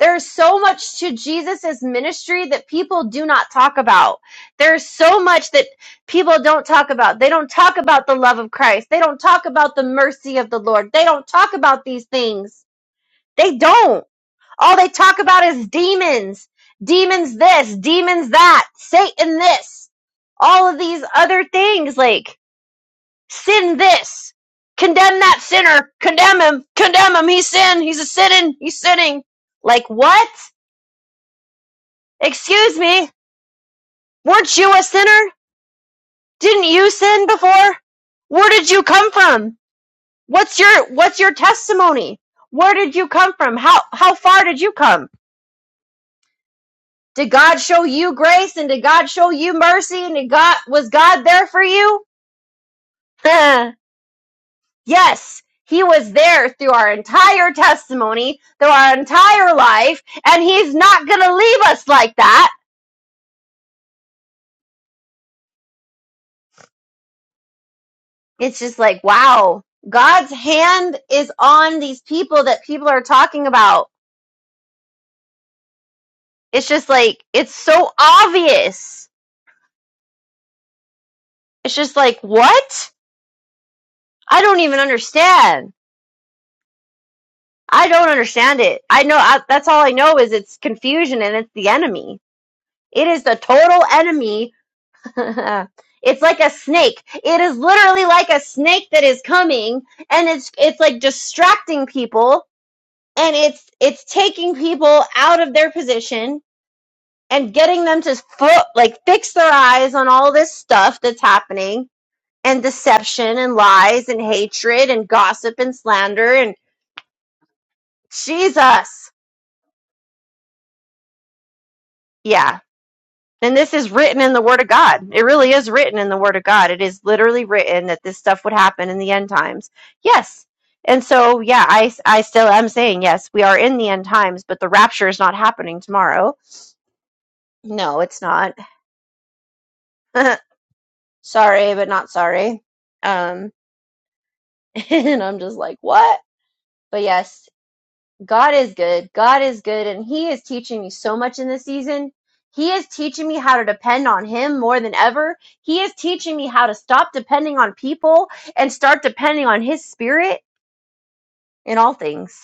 Speaker 2: There's so much to Jesus's ministry that people do not talk about. There's so much that people don't talk about. They don't talk about the love of Christ. They don't talk about the mercy of the Lord. They don't talk about these things. They don't. All they talk about is demons. Demons this, demons that, Satan this, all of these other things like sin this, condemn that sinner, condemn him, condemn him, he's sin, he's a sinning, he's sinning. Like what? Excuse me, weren't you a sinner? Didn't you sin before? Where did you come from? What's your what's your testimony? Where did you come from? How how far did you come? Did God show you grace and did God show you mercy and did God was God there for you? yes, he was there through our entire testimony, through our entire life, and he's not going to leave us like that. it's just like, wow, God's hand is on these people that people are talking about. It's just like, it's so obvious. It's just like, what? I don't even understand. I don't understand it. I know, I, that's all I know is it's confusion and it's the enemy. It is the total enemy. it's like a snake. It is literally like a snake that is coming and it's, it's like distracting people and it's, it's taking people out of their position and getting them to fo- like fix their eyes on all this stuff that's happening and deception and lies and hatred and gossip and slander and Jesus. Yeah. And this is written in the Word of God. It really is written in the Word of God. It is literally written that this stuff would happen in the end times. Yes. And so, yeah, I, I still am saying, yes, we are in the end times, but the rapture is not happening tomorrow. No, it's not. sorry, but not sorry. Um, and I'm just like, what? But yes, God is good. God is good. And He is teaching me so much in this season. He is teaching me how to depend on Him more than ever. He is teaching me how to stop depending on people and start depending on His Spirit in all things.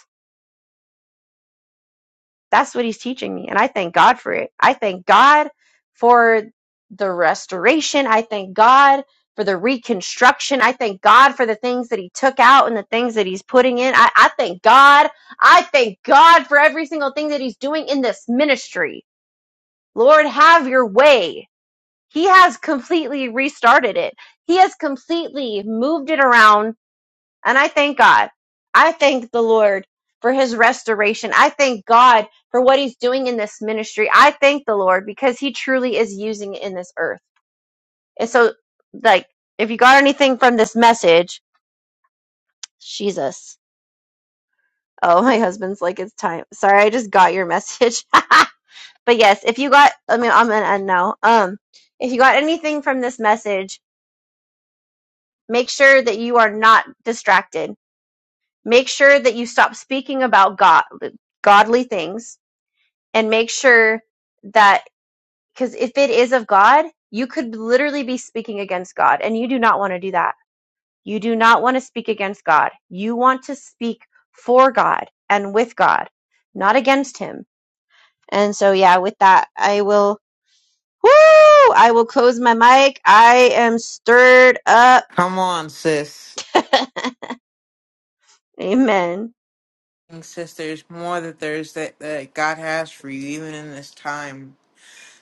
Speaker 2: That's what he's teaching me. And I thank God for it. I thank God for the restoration. I thank God for the reconstruction. I thank God for the things that he took out and the things that he's putting in. I, I thank God. I thank God for every single thing that he's doing in this ministry. Lord, have your way. He has completely restarted it. He has completely moved it around and I thank God. I thank the Lord for his restoration. I thank God for what he's doing in this ministry. I thank the Lord because he truly is using it in this earth. And so, like, if you got anything from this message, Jesus. Oh, my husband's like, it's time. Sorry, I just got your message. but yes, if you got, I mean, I'm going to end now. Um, if you got anything from this message, make sure that you are not distracted. Make sure that you stop speaking about God, godly things and make sure that because if it is of God, you could literally be speaking against God, and you do not want to do that. You do not want to speak against God. You want to speak for God and with God, not against Him. And so, yeah, with that, I will. Woo! I will close my mic. I am stirred up.
Speaker 3: Come on, sis.
Speaker 2: Amen.
Speaker 3: Sis, there's more that there's that, that God has for you, even in this time.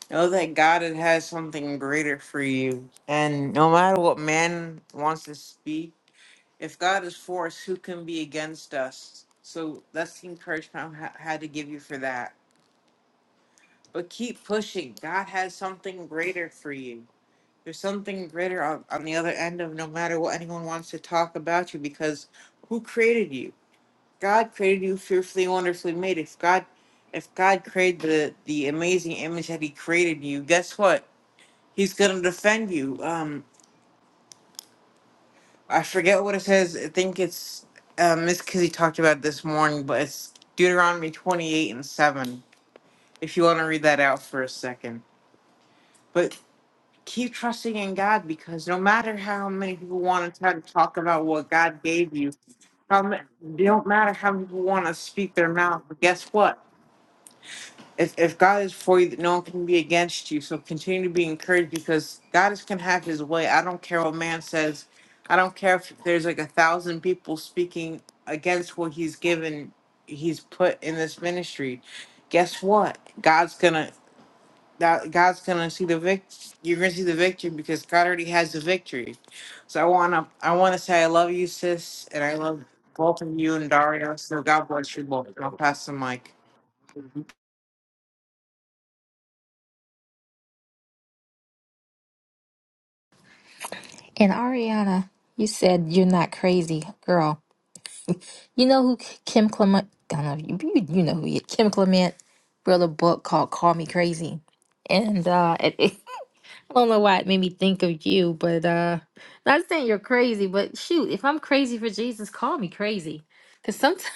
Speaker 3: Know that God has something greater for you. And no matter what man wants to speak, if God is for us, who can be against us? So that's the encouragement I ha- had to give you for that. But keep pushing. God has something greater for you. There's something greater on, on the other end of no matter what anyone wants to talk about you because who created you? God created you fearfully and wonderfully made. If God, if God created the the amazing image that He created you, guess what? He's gonna defend you. Um, I forget what it says. I think it's um, Miss Kizzy talked about it this morning, but it's Deuteronomy twenty eight and seven. If you want to read that out for a second, but keep trusting in God because no matter how many people want to try to talk about what God gave you, how ma- don't matter how many people want to speak their mouth, but guess what? if, if God is for you, no one can be against you. So continue to be encouraged because God is gonna have His way. I don't care what man says. I don't care if there's like a thousand people speaking against what He's given, He's put in this ministry. Guess what? God's gonna that God's gonna see the vic. You're gonna see the victory because God already has the victory. So I wanna I wanna say I love you, sis, and I love both of you and Dario. So God bless you both. I'll pass the mic.
Speaker 4: And Ariana, you said you're not crazy, girl. You know who Kim Clement? I don't know. You, you you know who he- is. Kim Clement wrote a book called "Call Me Crazy," and uh, it, it- I don't know why it made me think of you, but uh, not saying you're crazy, but shoot, if I'm crazy for Jesus, call me crazy, because sometimes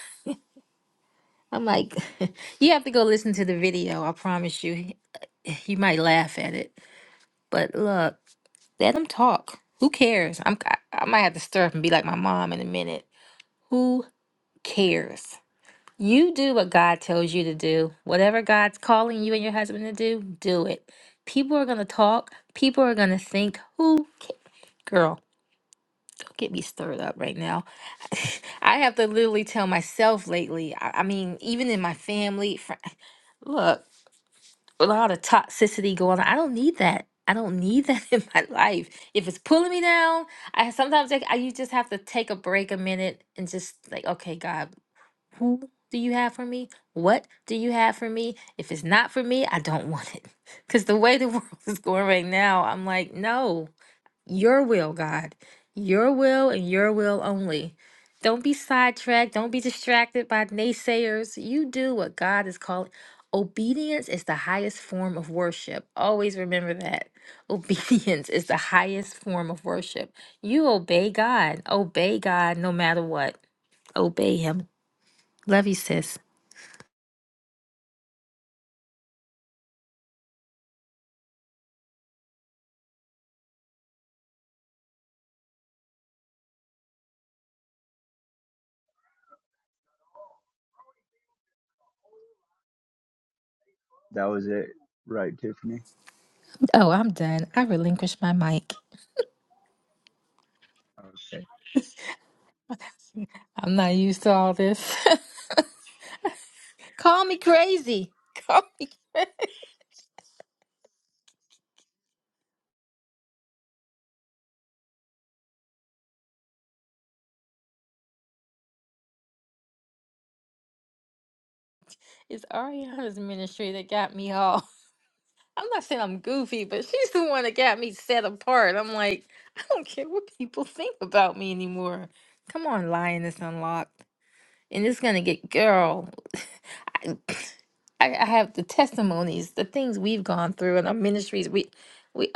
Speaker 4: I'm like, you have to go listen to the video. I promise you, you might laugh at it, but look, let them talk. Who cares? I'm I, I might have to stir up and be like my mom in a minute. Who cares? You do what God tells you to do. Whatever God's calling you and your husband to do, do it. People are going to talk. People are going to think, who ca- Girl, don't get me stirred up right now. I have to literally tell myself lately. I, I mean, even in my family, fr- look, a lot of toxicity going on. I don't need that. I don't need that in my life. If it's pulling me down, I sometimes like I, you just have to take a break a minute and just like, okay, God, who do you have for me? What do you have for me? If it's not for me, I don't want it. Because the way the world is going right now, I'm like, no, your will, God, your will and your will only. Don't be sidetracked. Don't be distracted by naysayers. You do what God is calling. Obedience is the highest form of worship. Always remember that. Obedience is the highest form of worship. You obey God. Obey God no matter what. Obey Him. Love you, sis.
Speaker 1: That was it, right, Tiffany?
Speaker 4: Oh, I'm done. I relinquished my mic.
Speaker 1: Okay.
Speaker 4: I'm not used to all this. Call me crazy. Call me. It's Ariana's ministry that got me all. I'm not saying I'm goofy, but she's the one that got me set apart. I'm like, I don't care what people think about me anymore. Come on, lioness unlocked. And it's gonna get girl. I, I have the testimonies, the things we've gone through in our ministries. We, we,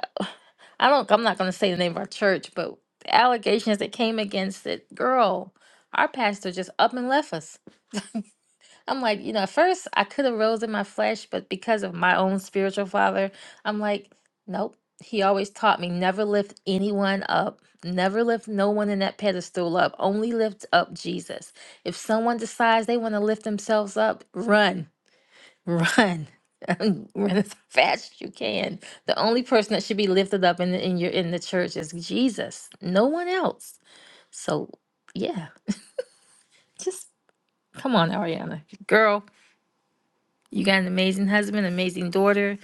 Speaker 4: I don't, I'm not going to say the name of our church, but the allegations that came against it, girl, our pastor just up and left us. I'm like, you know, at first I could have rose in my flesh, but because of my own spiritual father, I'm like, nope. He always taught me never lift anyone up, never lift no one in that pedestal up, only lift up Jesus. If someone decides they want to lift themselves up, run Run. Run as fast as you can. The only person that should be lifted up in the, in your in the church is Jesus. No one else. So yeah, just come on, Ariana. Girl, you got an amazing husband, amazing daughter.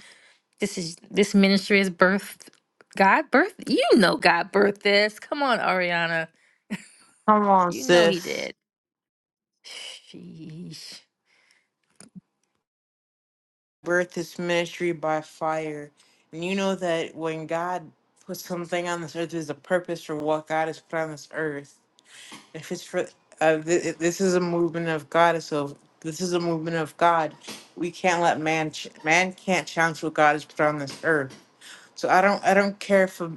Speaker 4: This is this ministry is birthed. God birthed. You know God birthed this. Come on, Ariana.
Speaker 3: Come on,
Speaker 4: You know he
Speaker 3: sis.
Speaker 4: did. Sheesh.
Speaker 3: birth this ministry by fire. And you know that when God puts something on this earth, there's a purpose for what God has put on this earth. If it's for, uh, th- this is a movement of God, so this is a movement of God. We can't let man, ch- man can't challenge what God has put on this earth. So I don't, I don't care if a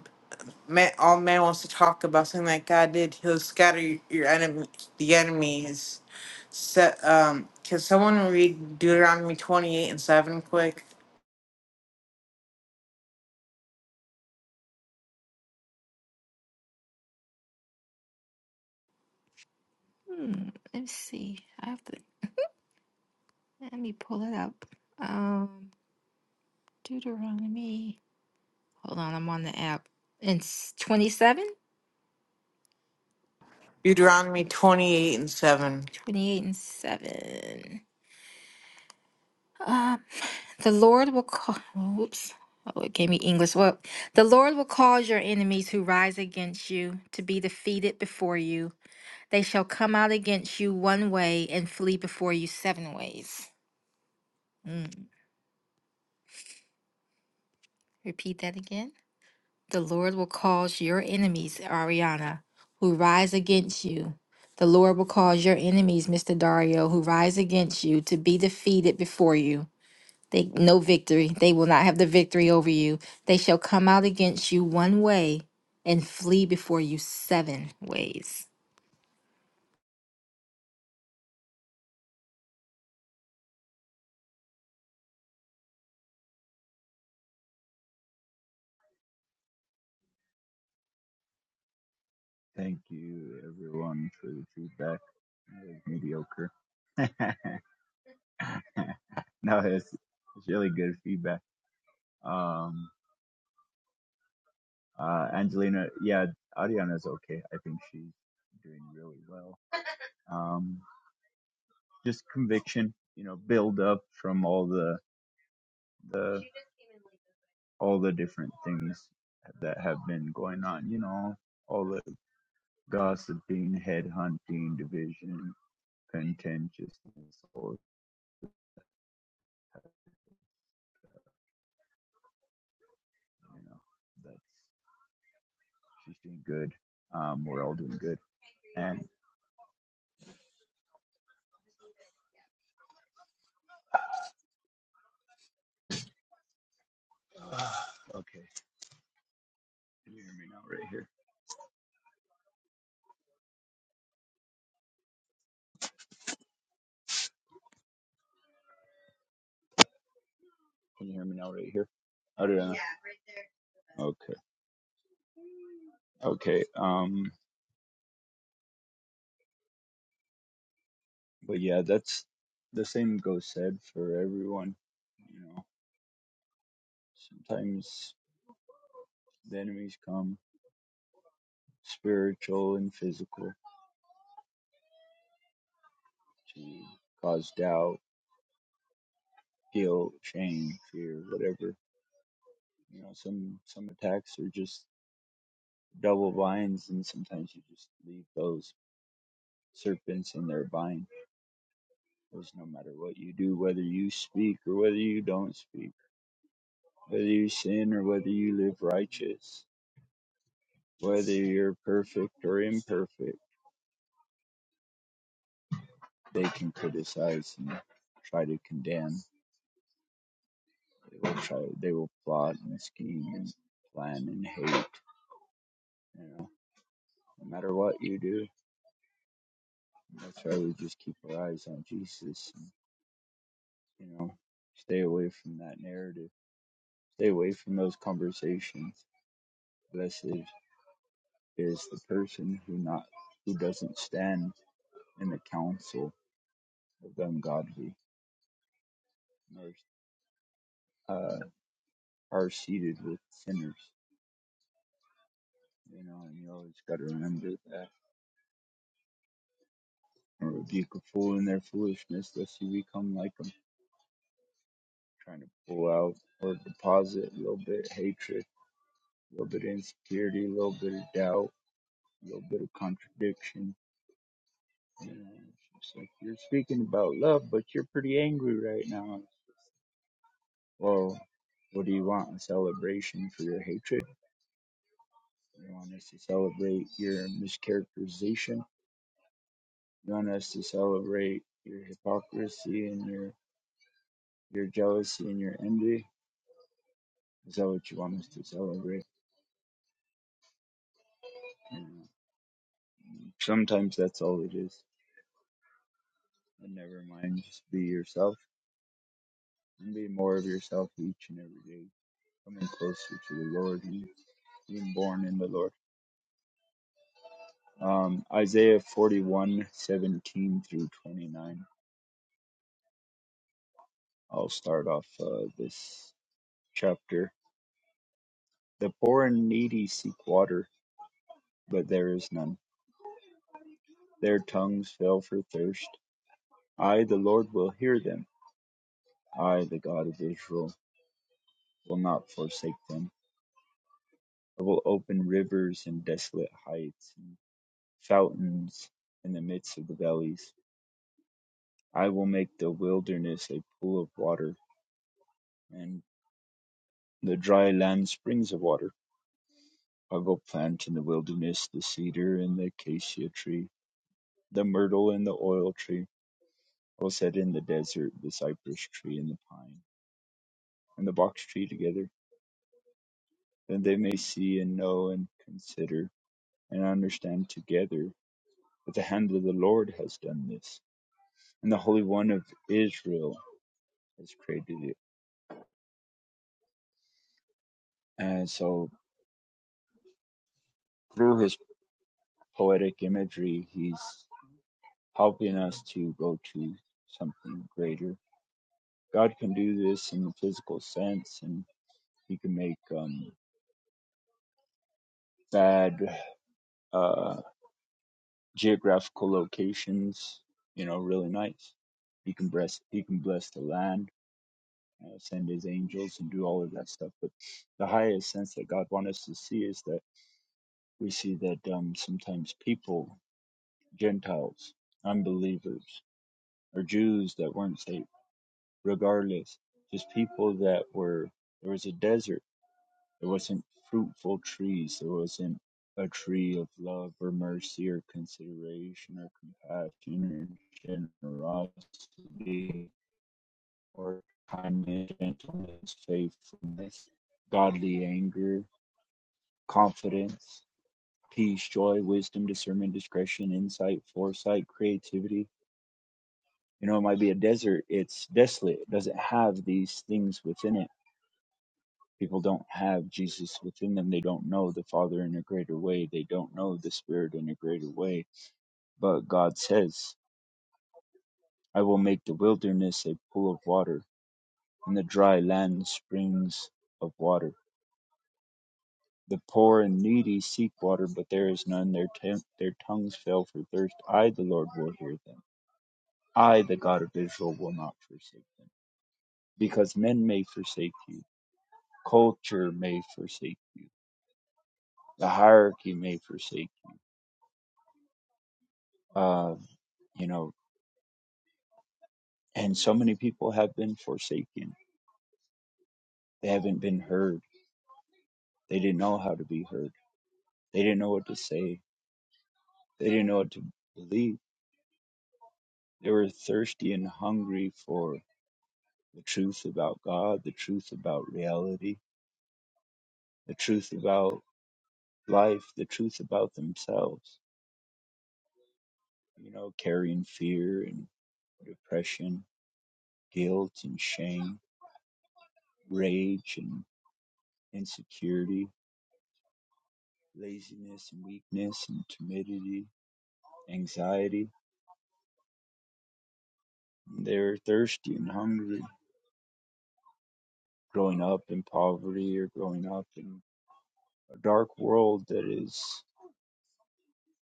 Speaker 3: man, all man wants to talk about something that God did. He'll scatter y- your enemy, the enemy. Is set. Um, can someone read Deuteronomy twenty-eight and seven quick?
Speaker 4: Hmm, let me see. I have to let me pull it up. Um Deuteronomy. Hold on, I'm on the app. It's 27,
Speaker 3: Deuteronomy 28 and 7.
Speaker 4: 28 and 7. Um, the Lord will call oops. Oh, it gave me English. Well, the Lord will cause your enemies who rise against you to be defeated before you. They shall come out against you one way and flee before you seven ways. Mm. Repeat that again. The Lord will cause your enemies, Ariana, who rise against you. The Lord will cause your enemies, Mr. Dario, who rise against you, to be defeated before you. They no victory. They will not have the victory over you. They shall come out against you one way and flee before you seven ways.
Speaker 1: Thank you, everyone, for the feedback. It was mediocre. no, it's it's really good feedback. Um, uh, Angelina, yeah, Ariana's okay. I think she's doing really well. Um, just conviction, you know, build up from all the the all the different things that have been going on. You know, all the gossiping, headhunting, division, contentiousness. All you know, that's she's doing good. Um, we're all doing good. And okay, can you hear me now? Right here. Can you hear me now? Right here. I don't know. Okay. Okay. Um. But yeah, that's the same goes said for everyone. You know, sometimes. The enemies come, spiritual and physical, to cause doubt, guilt, shame, fear, whatever. You know, some some attacks are just double binds, and sometimes you just leave those serpents in their bind. Because no matter what you do, whether you speak or whether you don't speak, whether you sin or whether you live righteous, whether you're perfect or imperfect, they can criticize and try to condemn They will try. They will plot and scheme and plan and hate. You know, no matter what you do. That's why we just keep our eyes on Jesus. And, you know, stay away from that narrative. Stay away from those conversations. Blessed is the person who not who doesn't stand in the counsel of the ungodly, nor uh, are seated with sinners. You know, and you always got to remember that. And rebuke a fool in their foolishness, lest you become like them. trying to pull out or deposit a little bit of hatred, a little bit of insecurity, a little bit of doubt, a little bit of contradiction. You know, it's just like you're speaking about love, but you're pretty angry right now. Well, what do you want? A celebration for your hatred? You want us to celebrate your mischaracterization? You want us to celebrate your hypocrisy and your your jealousy and your envy? Is that what you want us to celebrate? You know, sometimes that's all it is. And never mind, just be yourself and be more of yourself each and every day, coming closer to the Lord and being born in the Lord. Um, Isaiah 41:17 through 29. I'll start off uh, this chapter. The poor and needy seek water, but there is none. Their tongues fail for thirst. I, the Lord, will hear them. I, the God of Israel, will not forsake them. I will open rivers in desolate heights and fountains in the midst of the valleys. I will make the wilderness a pool of water, and the dry land springs of water. I will plant in the wilderness the cedar and the acacia tree, the myrtle and the oil tree. I will set in the desert the cypress tree and the pine and the box tree together, that they may see and know and consider and understand together that the hand of the Lord has done this, and the Holy One of Israel has created it. And so through his poetic imagery. He's helping us to go to something greater. God can do this in the physical sense, and He can make um, bad uh, geographical locations, you know, really nice. He can bless, He can bless the land, uh, send His angels, and do all of that stuff. But the highest sense that God wants us to see is that we see that um, sometimes people, Gentiles, unbelievers, or Jews that weren't saved regardless. Just people that were there was a desert. There wasn't fruitful trees. There wasn't a tree of love or mercy or consideration or compassion or generosity or kindness, gentleness, faithfulness, godly anger, confidence, peace, joy, wisdom, discernment, discretion, insight, foresight, creativity. You know, it might be a desert. It's desolate. It doesn't have these things within it People don't have Jesus within them. They don't know the Father in a greater way. They don't know the Spirit in a greater way. But God says, I will make the wilderness a pool of water, and the dry land springs of water. The poor and needy seek water, but there is none. Their, tem- their tongues fail for thirst. I, the Lord, will hear them. I, the God of Israel, will not forsake them. Because men may forsake you, culture may forsake you, the hierarchy may forsake you. Uh, you know, And so many people have been forsaken. They haven't been heard. They didn't know how to be heard. They didn't know what to say. They didn't know what to believe. They were thirsty and hungry for the truth about God, the truth about reality, the truth about life, the truth about themselves. You know, carrying fear and depression, guilt and shame, rage and insecurity, laziness and weakness and timidity, anxiety They were thirsty and hungry, growing up in poverty or growing up in a dark world that is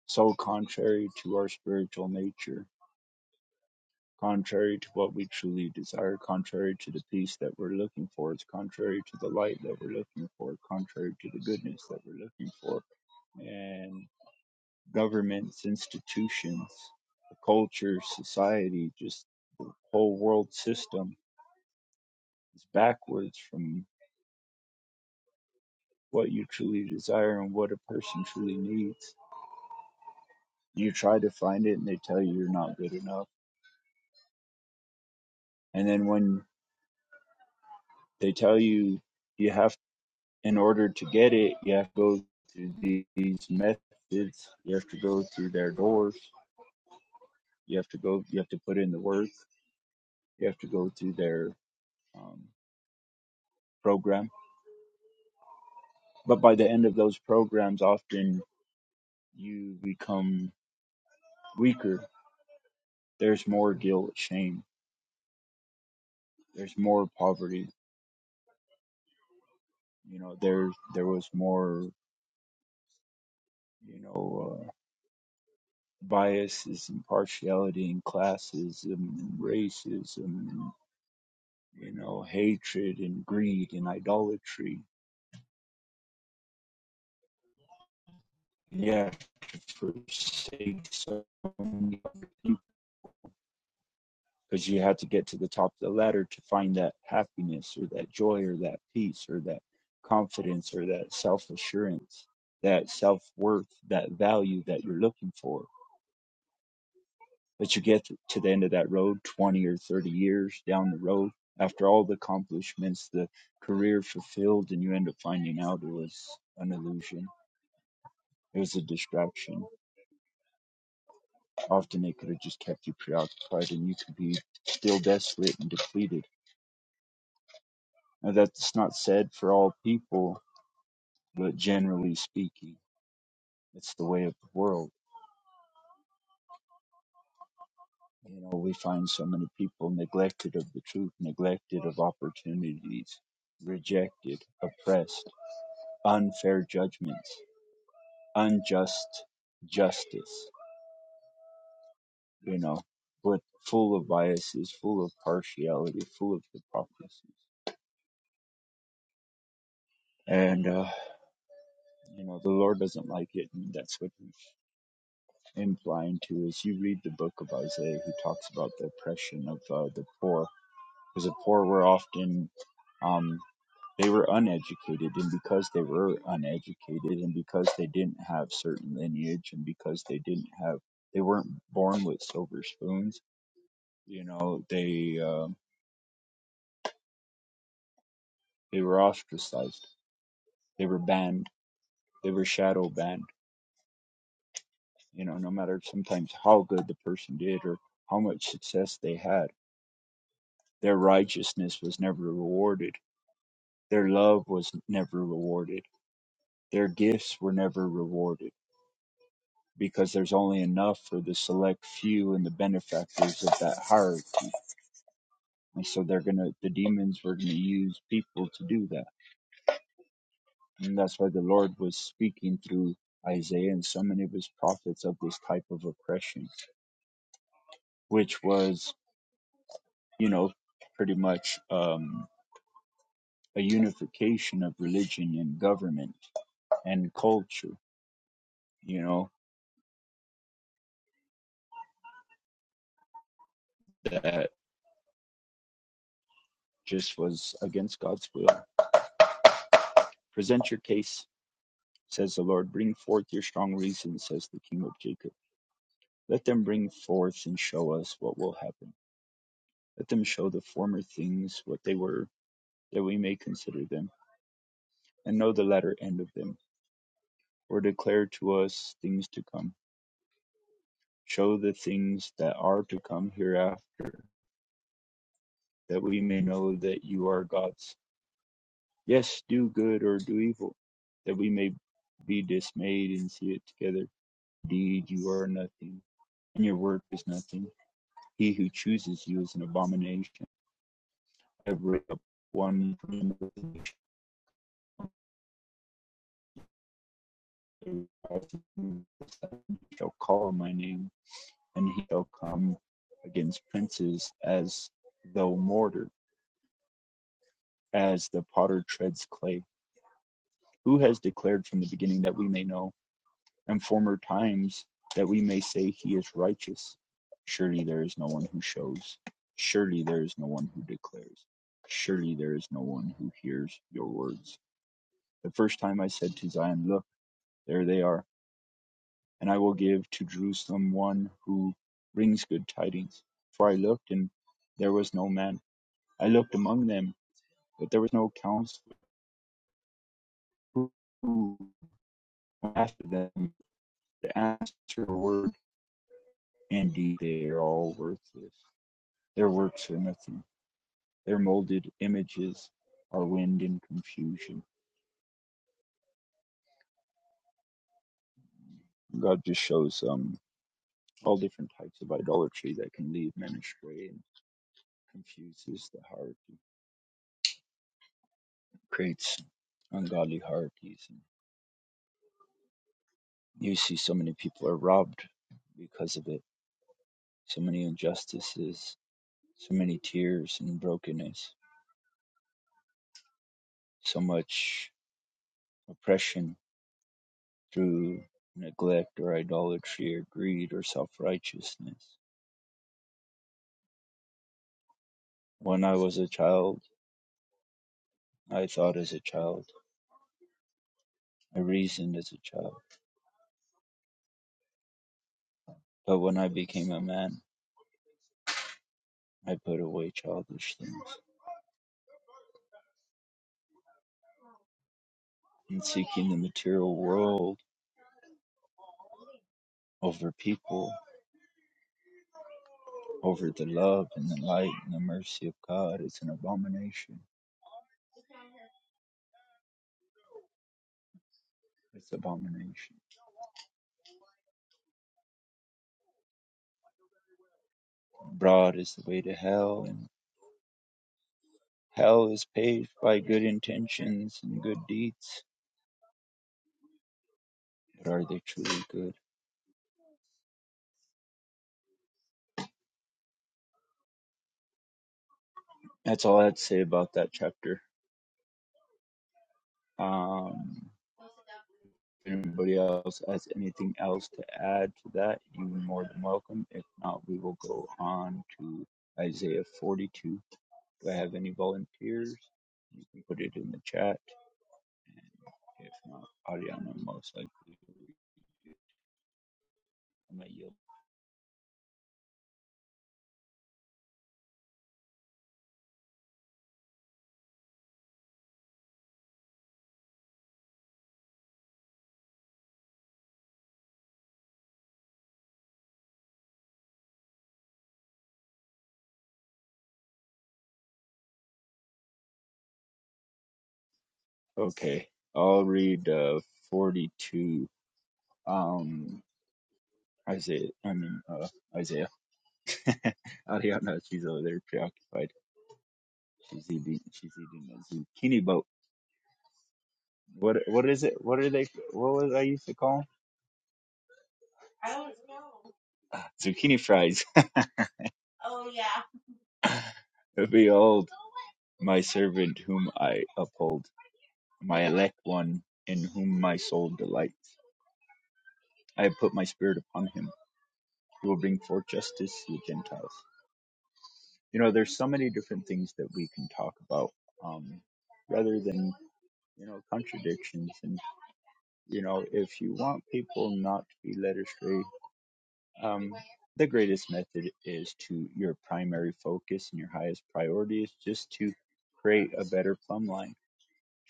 Speaker 1: so contrary to our spiritual nature, contrary to what we truly desire, contrary to the peace that we're looking for, it's contrary to the light that we're looking for, contrary to the goodness that we're looking for. And governments, institutions, the culture, society, just the whole world system is backwards from. what you truly desire and what a person truly needs. You try to find it and they tell you you're not good enough. And then when they tell you you have, in order to get it, you have to go through these methods, you have to go through their doors, you have to go, you have to put in the work, you have to go through their um, program. But by the end of those programs, often you become weaker. There's more guilt, shame, there's more poverty, you know there there was more you know, uh, biases and partiality and classism and racism and, you know, hatred and greed and idolatry. You have to forsake so many other things because you have to get to the top of the ladder to find that happiness or that joy or that peace or that confidence or that self assurance, that self worth, that value that you're looking for But you get to the end of that road 20 or 30 years down the road after all the accomplishments, the career fulfilled, and you end up finding out it was an illusion. It was a distraction. Often it could have just kept you preoccupied and you could be still desolate and depleted. Now, that's not said for all people, but generally speaking, it's the way of the world. You know, we find so many people neglected of the truth, neglected of opportunities, rejected, oppressed unfair judgments, unjust justice, you know, but full of biases, full of partiality, full of hypocrisy. And, uh, you know, the Lord doesn't like it. And that's what he's implying to is you read the book of Isaiah, he talks about the oppression of uh, the poor, because the poor were often, um, they were uneducated, and because they were uneducated, and because they didn't have certain lineage, and because they didn't have, they weren't born with silver spoons, You know, they uh, they were ostracized, they were banned, they were shadow banned. You know, no matter sometimes how good the person did or how much success they had, their righteousness was never rewarded. Their love was never rewarded. Their gifts were never rewarded because there's only enough for the select few and the benefactors of that hierarchy. And so they're gonna, the demons were gonna use people to do that And that's why the Lord was speaking through Isaiah and so many of his prophets of this type of oppression, which was, you know, pretty much um, a unification of religion and government and culture, you know, just was against God's will. Present your case, says the Lord. Bring forth your strong reason, says the King of Jacob. Let them bring forth and show us what will happen. Let them show the former things what they were, that we may consider them, and know the latter end of them or declare to us things to come. Show the things that are to come hereafter, that we may know that you are God's. Yes, do good or do evil, that we may be dismayed and see it together. Indeed, you are nothing, and your work is nothing. He who chooses you is an abomination. Every one shall call my name, and he shall come against princes as though mortar as the potter treads clay, who has declared from the beginning that we may know, and former times that we may say he is righteous. Surely there is no one who shows. Surely there is no one who declares. Surely there is no one who hears your words. The first time I said to Zion, Look, there they are, and I will give to Jerusalem one who brings good tidings. For I looked, and there was no man. I looked among them, but there was no counsel. Who after them The answer word, indeed, they are all worthless. Their works are nothing. Their molded images are wind and confusion. God just shows um, all different types of idolatry that can lead men astray and confuses the heart, and creates ungodly hearts. And you see, so many people are robbed because of it. So many injustices, so many tears and brokenness, so much oppression through neglect or idolatry or greed or self righteousness. When I was a child, I thought as a child, I reasoned as a child. But when I became a man, I put away childish things. In seeking the material world over people, over the love and the light and the mercy of God, it's an abomination. It's abomination. Broad is the way to hell, and hell is paved by good intentions and good deeds. But are they truly good? That's all I had to say about that chapter. Um, if anybody else has anything else to add to that, you're more than welcome. If not, we will go on to Isaiah 42. Do I have any volunteers? You can put it in the chat. If not, Ariana most likely will read it. I might yield. Okay, I'll read uh, 42. Um, Isaiah, I mean, uh, Isaiah. Ariana, she's over there preoccupied. She's eating, she's eating a zucchini boat. What, what is it? What are they? What was I used to call 'em? I don't know. Zucchini fries. Oh yeah. Behold, my servant whom I uphold. my elect one, in whom my soul delights. I have put my spirit upon him. He will bring forth justice to the Gentiles. You know, there's so many different things that we can talk about um, rather than, you know, contradictions. And, you know, if you want people not to be led astray, um, the greatest method is to your primary focus and your highest priority is just to create a better plumb line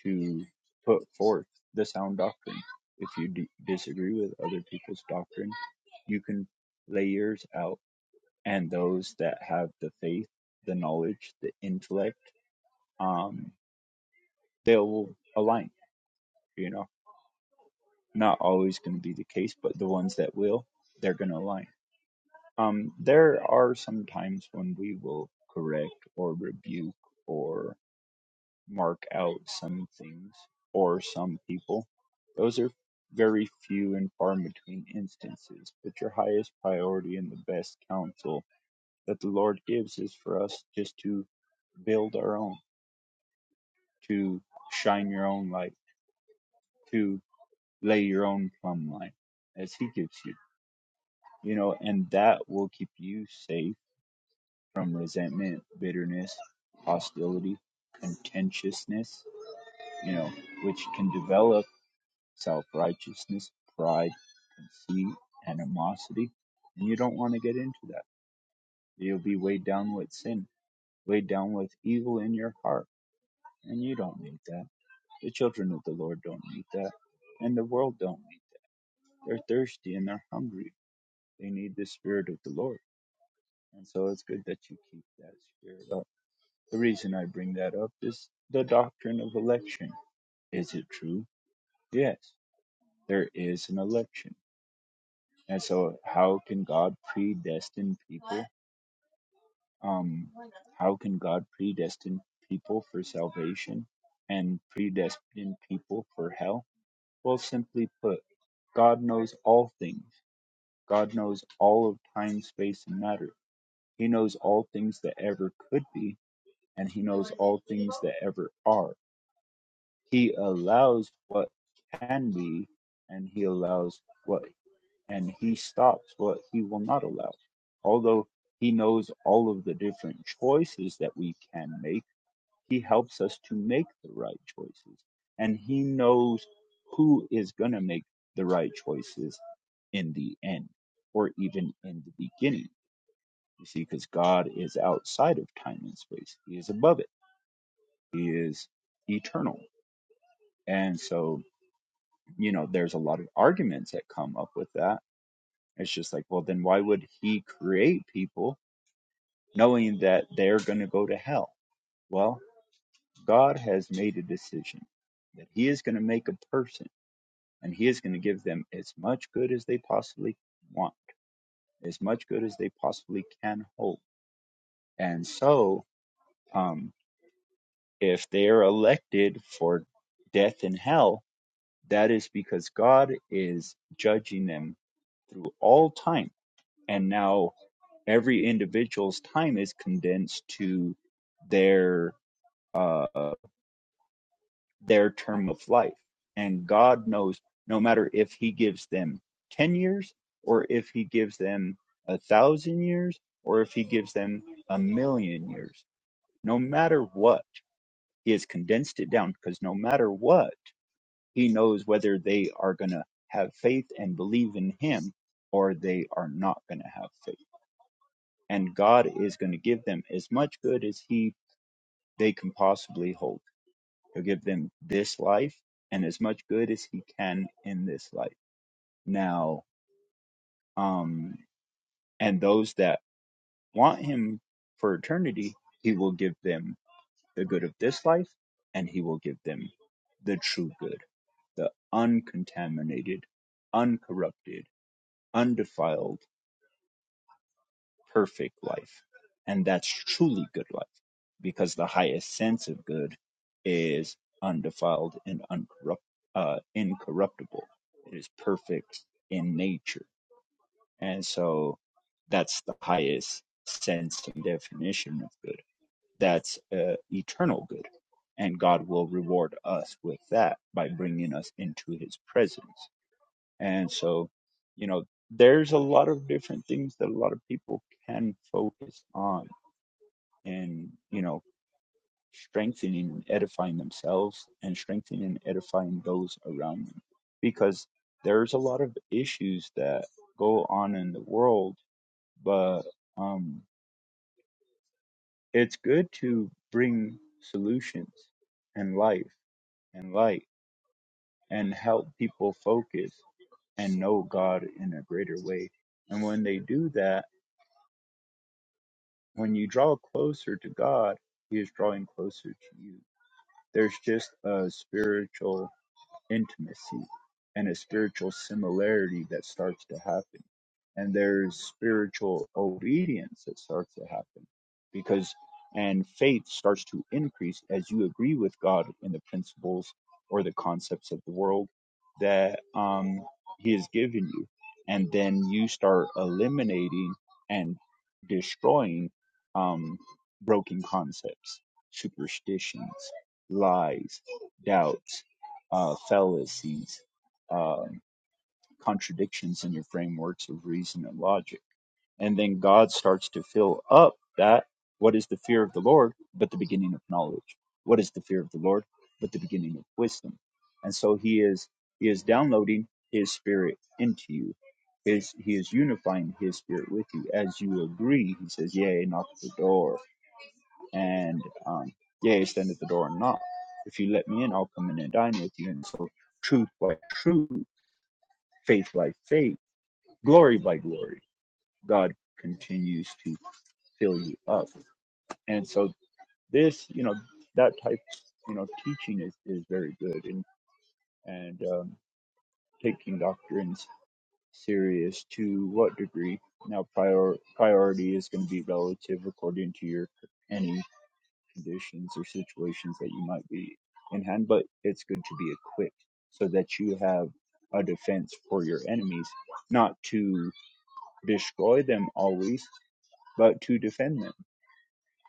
Speaker 1: to put forth the sound doctrine. If you d- disagree with other people's doctrine, you can lay yours out. And those that have the faith, the knowledge, the intellect, um, they'll align. You know, not always going to be the case, but the ones that will, they're going to align. Um, there are some times when we will correct or rebuke or. mark out some things or some people. Those are very few and far between instances, but your highest priority and the best counsel that the Lord gives is for us just to build our own, to shine your own light, to lay your own plumb line as He gives you, you know, and that will keep you safe from resentment, bitterness, hostility, contentiousness, you know, which can develop self righteousness, pride, conceit, animosity, and you don't want to get into that. You'll be weighed down with sin, weighed down with evil in your heart, and you don't need that. The children of the Lord don't need that, and the world don't need that. They're thirsty and they're hungry. They need the Spirit of the Lord, and so it's good that you keep that Spirit up. The reason I bring that up is the doctrine of election. Is it true? Yes, there is an election And so, how can God predestine people? Um, how can God predestine people for salvation and predestine people for hell? Well, simply put, God knows all things. God knows all of time, space, and matter. He knows all things that ever could be, and He knows all things that ever are. He allows what can be, and He allows what and he stops what he will not allow. Although he knows all of the different choices that we can make, he helps us to make the right choices. And he knows who is going to make the right choices in the end or even in the beginning. You see, because God is outside of time and space, He is above it, He is eternal. And so, you know, there's a lot of arguments that come up with that. It's just like, well, then why would He create people? knowing that they're going to go to hell. Well, God has made a decision that He is going to make a person and He is going to give them as much good as they possibly want, as much good as they possibly can hope. And so, um, if they are elected for death and hell, that is because God is judging them through all time. And now every individual's time is condensed to their uh. their term of life. And God knows no matter if He gives them 10 years or if He gives them a thousand years or if He gives them a million years, no matter what, He has condensed it down because no matter what, He knows whether they are going to have faith and believe in Him or they are not going to have faith. And God is going to give them as much good as He they can possibly hold He'll give them this life and as much good as he can in this life. Now, um, and those that want him for eternity, he will give them the good of this life and he will give them the true good, the uncontaminated, uncorrupted, undefiled perfect life. And that's truly good life because the highest sense of good is undefiled and uncorrupt, uh, incorruptible. It is perfect in nature. And so that's the highest sense and definition of good. That's uh, eternal good. And God will reward us with that by bringing us into his presence. And so, you know, there's a lot of different things that a lot of people can focus on in, you know, strengthening and edifying themselves and strengthening and edifying those around them. Because there's a lot of issues that go on in the world, but um, it's good to bring solutions and life and light and help people focus and know God in a greater way. And when they do that, when you draw closer to God, He is drawing closer to you. There's just a spiritual intimacy and a spiritual similarity that starts to happen. And there's spiritual obedience that starts to happen because, and faith starts to increase as you agree with God in the principles or the concepts of the world that um, He has given you. And then you start eliminating and destroying um, broken concepts, superstitions, lies, doubts uh, fallacies, um, contradictions in your frameworks of reason and logic. And then God starts to fill up that what is the fear of the Lord but the beginning of knowledge? What is the fear of the Lord but the beginning of wisdom? And so he is he is downloading his spirit into you. His, he is unifying his spirit with you as you agree. He says, "Yea, knock at the door." And um, yeah, he stand at the door and knock. If you let me in, I'll come in and dine with you. And so, truth like truth, faith like faith, glory by glory, God continues to fill you up. And so, this, you know, that type, you know, teaching is, is very good. And, and um, taking doctrines serious to what degree? Now, prior, priority is going to be relative according to your any conditions or situations that you might be in hand, but it's good to be equipped so that you have a defense for your enemies, not to destroy them always, but to defend them,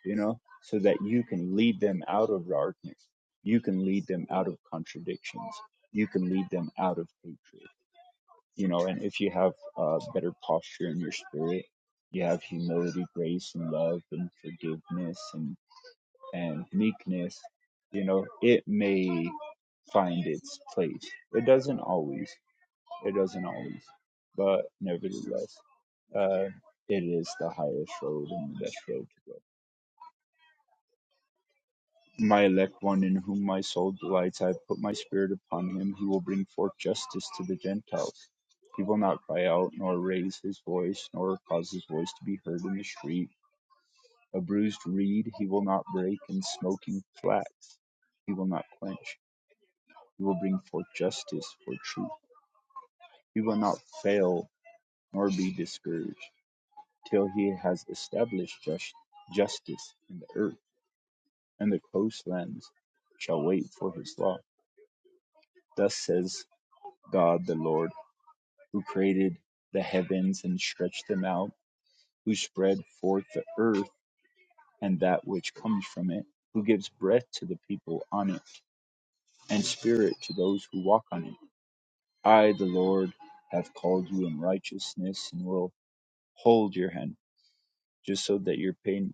Speaker 1: you know, so that you can lead them out of darkness. You can lead them out of contradictions. You can lead them out of hatred, you know, and if you have a better posture in your spirit, you have humility, grace, and love, and forgiveness, and and meekness, you know, it may find its place. It doesn't always. It doesn't always. But nevertheless, uh, it is the highest road and the best road to go. My elect one in whom my soul delights, I have put my spirit upon him. He will bring forth justice to the Gentiles. He will not cry out, nor raise his voice, nor cause his voice to be heard in the street. A bruised reed he will not break, and smoking flax he will not quench. You will bring forth justice for truth. He will not fail nor be discouraged till he has established just, justice in the earth, and the coastlands shall wait for his law. Thus says God the Lord, who created the heavens and stretched them out, who spread forth the earth and that which comes from it, who gives breath to the people on it, and spirit to those who walk on it. I, the Lord, have called you in righteousness and will hold your hand just so that you're paying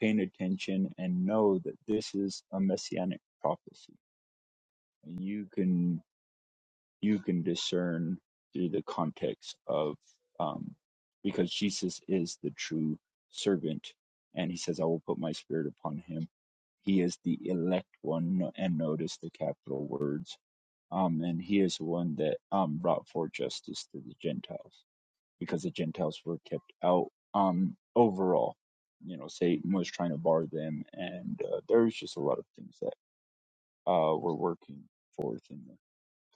Speaker 1: paying attention and know that this is a messianic prophecy and you can you can discern through the context of um because jesus is the true servant and he says i will put my spirit upon him he is the elect one no- and notice the capital words um and he is the one that um brought forth justice to the gentiles because the Gentiles were kept out. Um, overall, you know, Satan was trying to bar them, and uh, there's just a lot of things that uh, were working forth in the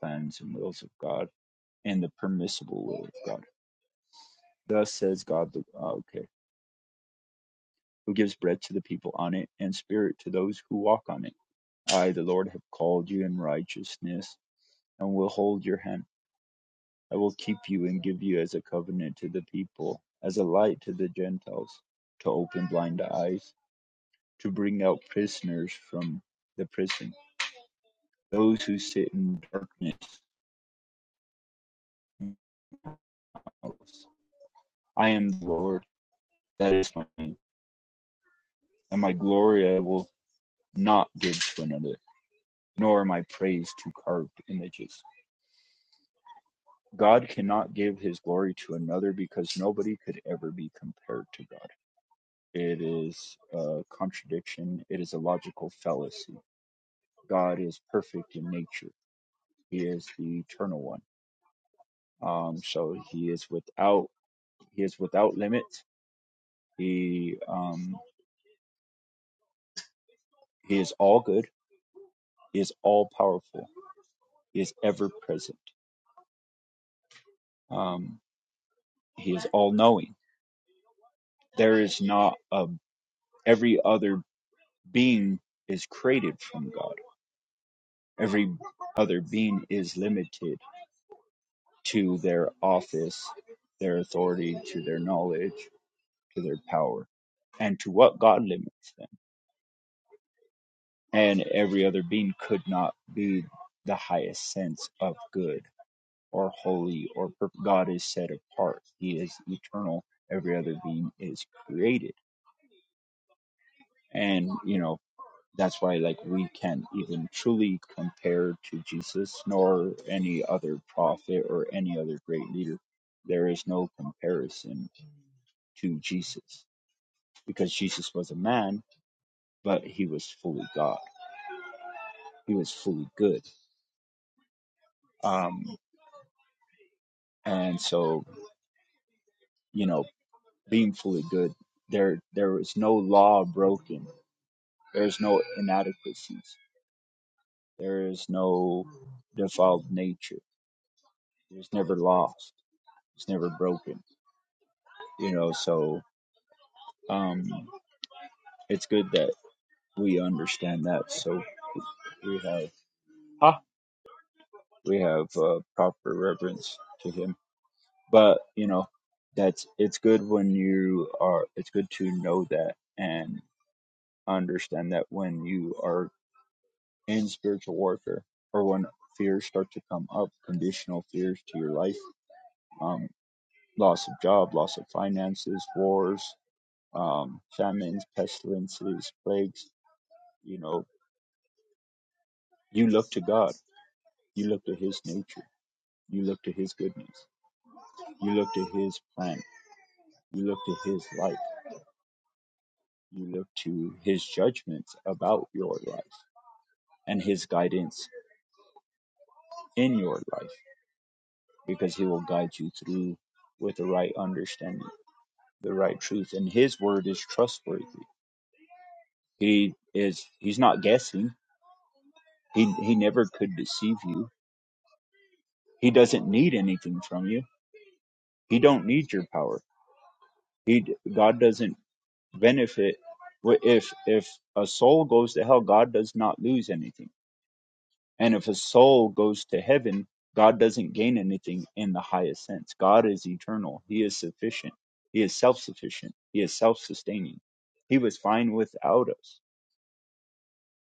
Speaker 1: plans and wills of God and the permissible will of God. Thus says God, the, uh, okay, who gives bread to the people on it and spirit to those who walk on it. I, the Lord, have called you in righteousness and will hold your hand. I will keep you and give you as a covenant to the people, as a light to the Gentiles, to open blind eyes to bring out prisoners from the prison, those who sit in darkness. I am the Lord, that is my name, and my glory I will not give to another, nor my praise to carved images. God cannot give his glory to another because nobody could ever be compared to God. It is a contradiction, it is a logical fallacy. God is perfect in nature, he is the eternal one. Um, so he is without He is without limit. He um, he is all good. He is all powerful. He is ever present. Um, he is all knowing. There is not a every other being is created from God. Every other being is limited to their office, their authority, to their knowledge, to their power, and to what God limits them. And every other being could not be the highest sense of good or holy or per- God is set apart. He is eternal. Every other being is created. And, you know, that's why, like, we can't even truly compare to Jesus nor any other prophet or any other great leader. There is no comparison to Jesus because Jesus was a man, but he was fully God. He was fully good. Um, and so, you know, being fully good, there there was no law broken There's no inadequacies. There is no default nature. It's never lost. It's never broken. You know, so um, it's good that we understand that. So we have huh? we have uh, proper reverence to him. But you know, that's it's good when you are. It's good to know that and understand that when you are in spiritual warfare or when fears start to come up, conditional fears to your life. um, loss of job, loss of finances, wars, um, famines, pestilences, plagues. You know, you look to God. You look to His nature. You look to His goodness. You look to His plan. You look to His life. You look to His judgments about your life and His guidance in your life because He will guide you through with the right understanding, the right truth. And His word is trustworthy. He is, He's not guessing. He, he never could deceive you He doesn't need anything from you. He don't need your power. He God doesn't benefit if if a soul goes to hell, God does not lose anything. And if a soul goes to heaven, God doesn't gain anything in the highest sense. God is eternal. He is sufficient. He is self-sufficient. He is self-sustaining. He was fine without us.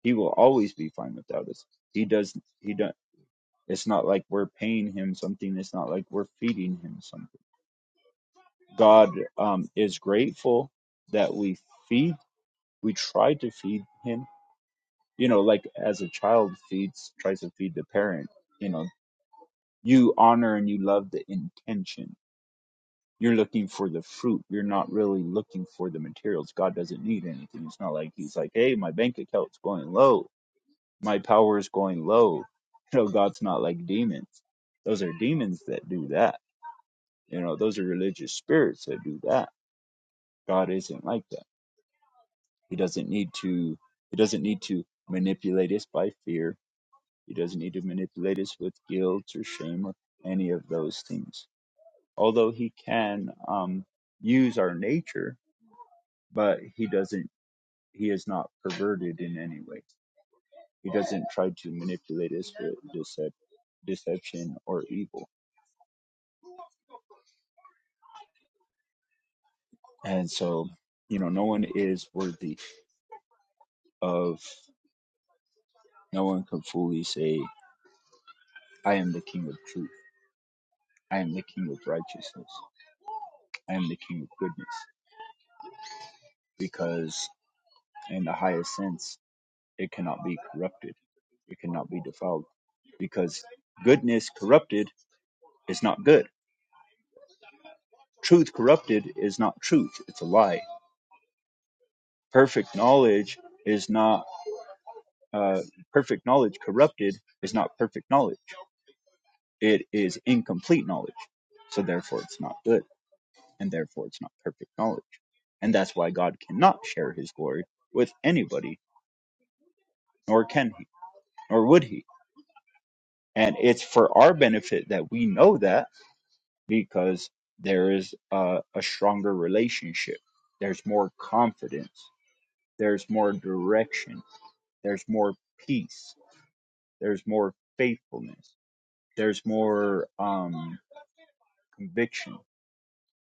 Speaker 1: He will always be fine without us. He does he does it's not like we're paying him something. It's not like we're feeding him something God um, is grateful that we feed, we try to feed him, you know, like as a child feeds, tries to feed the parent, you know, you honor and you love the intention. You're looking for the fruit. You're not really looking for the materials. God doesn't need anything. It's not like he's like, hey, my bank account's going low. My power is going low. You know, God's not like demons. Those are demons that do that. You know, those are religious spirits that do that. God isn't like that. He doesn't need to he doesn't need to manipulate us by fear. He doesn't need to manipulate us with guilt or shame or any of those things. Although he can um, use our nature, but he doesn't he is not perverted in any way. He doesn't try to manipulate us with decep- deception or evil. And so, you know, no one is worthy of no one can fully say, I am the king of truth. I am the king of righteousness. I am the king of goodness. Because in the highest sense, it cannot be corrupted, it cannot be defiled. Because goodness corrupted is not good. Truth corrupted is not truth, it's a lie. Perfect knowledge is not, uh, perfect knowledge corrupted is not perfect knowledge. It is incomplete knowledge. So therefore, it's not good, and therefore, it's not perfect knowledge. And that's why God cannot share his glory with anybody, nor can he, nor would he And it's for our benefit that we know that because there is a, a stronger relationship. There's more confidence. There's more direction. There's more peace. There's more faithfulness. There's more um, conviction.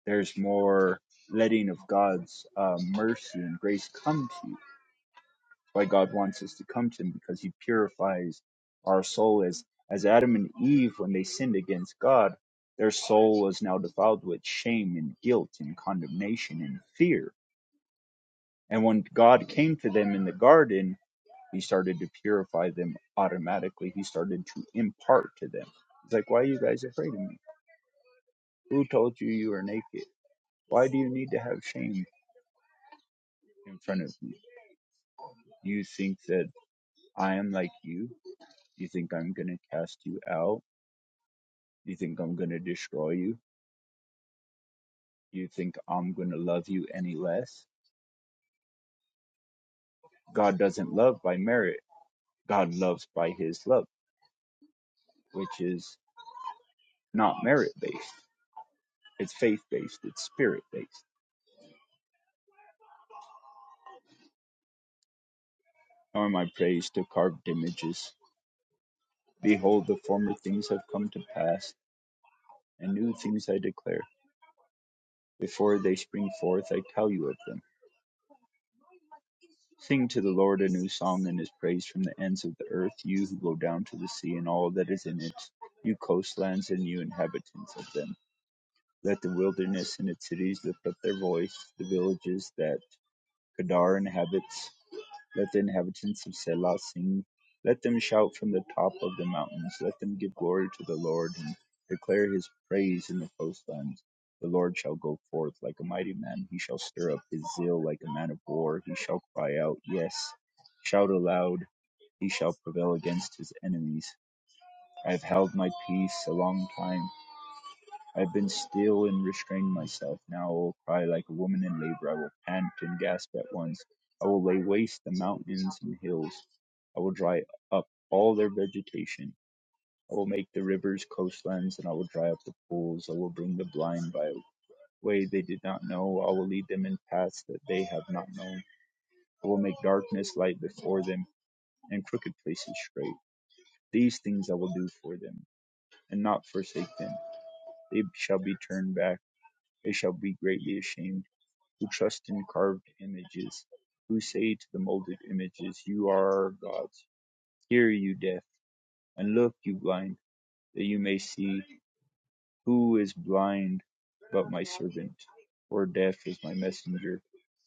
Speaker 1: There's more letting of God's uh, mercy and grace come to you why God wants us to come to Him because He purifies our soul. As, as Adam and Eve, when they sinned against God, their soul was now defiled with shame and guilt and condemnation and fear. And when God came to them in the garden, He started to purify them automatically. He started to impart to them. It's like, why are you guys afraid of me? Who told you you were naked? Why do you need to have shame in front of me? You think that I am like you? You think I'm going to cast you out? You think I'm going to destroy you? You think I'm going to love you any less? God doesn't love by merit. God loves by his love, which is not merit based. It's faith based. It's spirit based. Nor my praise to carved images. Behold, the former things have come to pass, and new things I declare. Before they spring forth, I tell you of them. Sing to the Lord a new song and his praise from the ends of the earth, you who go down to the sea and all that is in it, you coastlands and you inhabitants of them Let the wilderness and its cities lift up their voice, the villages that Kedar inhabits. Let the inhabitants of Selah sing. Let them shout from the top of the mountains. Let them give glory to the Lord and declare his praise in the coastlands. The Lord shall go forth like a mighty man. He shall stir up his zeal like a man of war. He shall cry out, yes, shout aloud. He shall prevail against his enemies. I have held my peace a long time I've been still and restrained myself. Now I will cry like a woman in labor. I will pant and gasp at once. I will lay waste the mountains and hills. I will dry up all their vegetation. I will make the rivers coastlands, and I will dry up the pools. I will bring the blind by a way they did not know. I will lead them in paths that they have not known. I will make darkness light before them, and crooked places straight. These things I will do for them, and not forsake them. They shall be turned back. They shall be greatly ashamed who trust in carved images, who say to the molded images, You are gods. Hear, you deaf, and look, you blind, that you may see. Who is blind but my servant, or deaf is my messenger,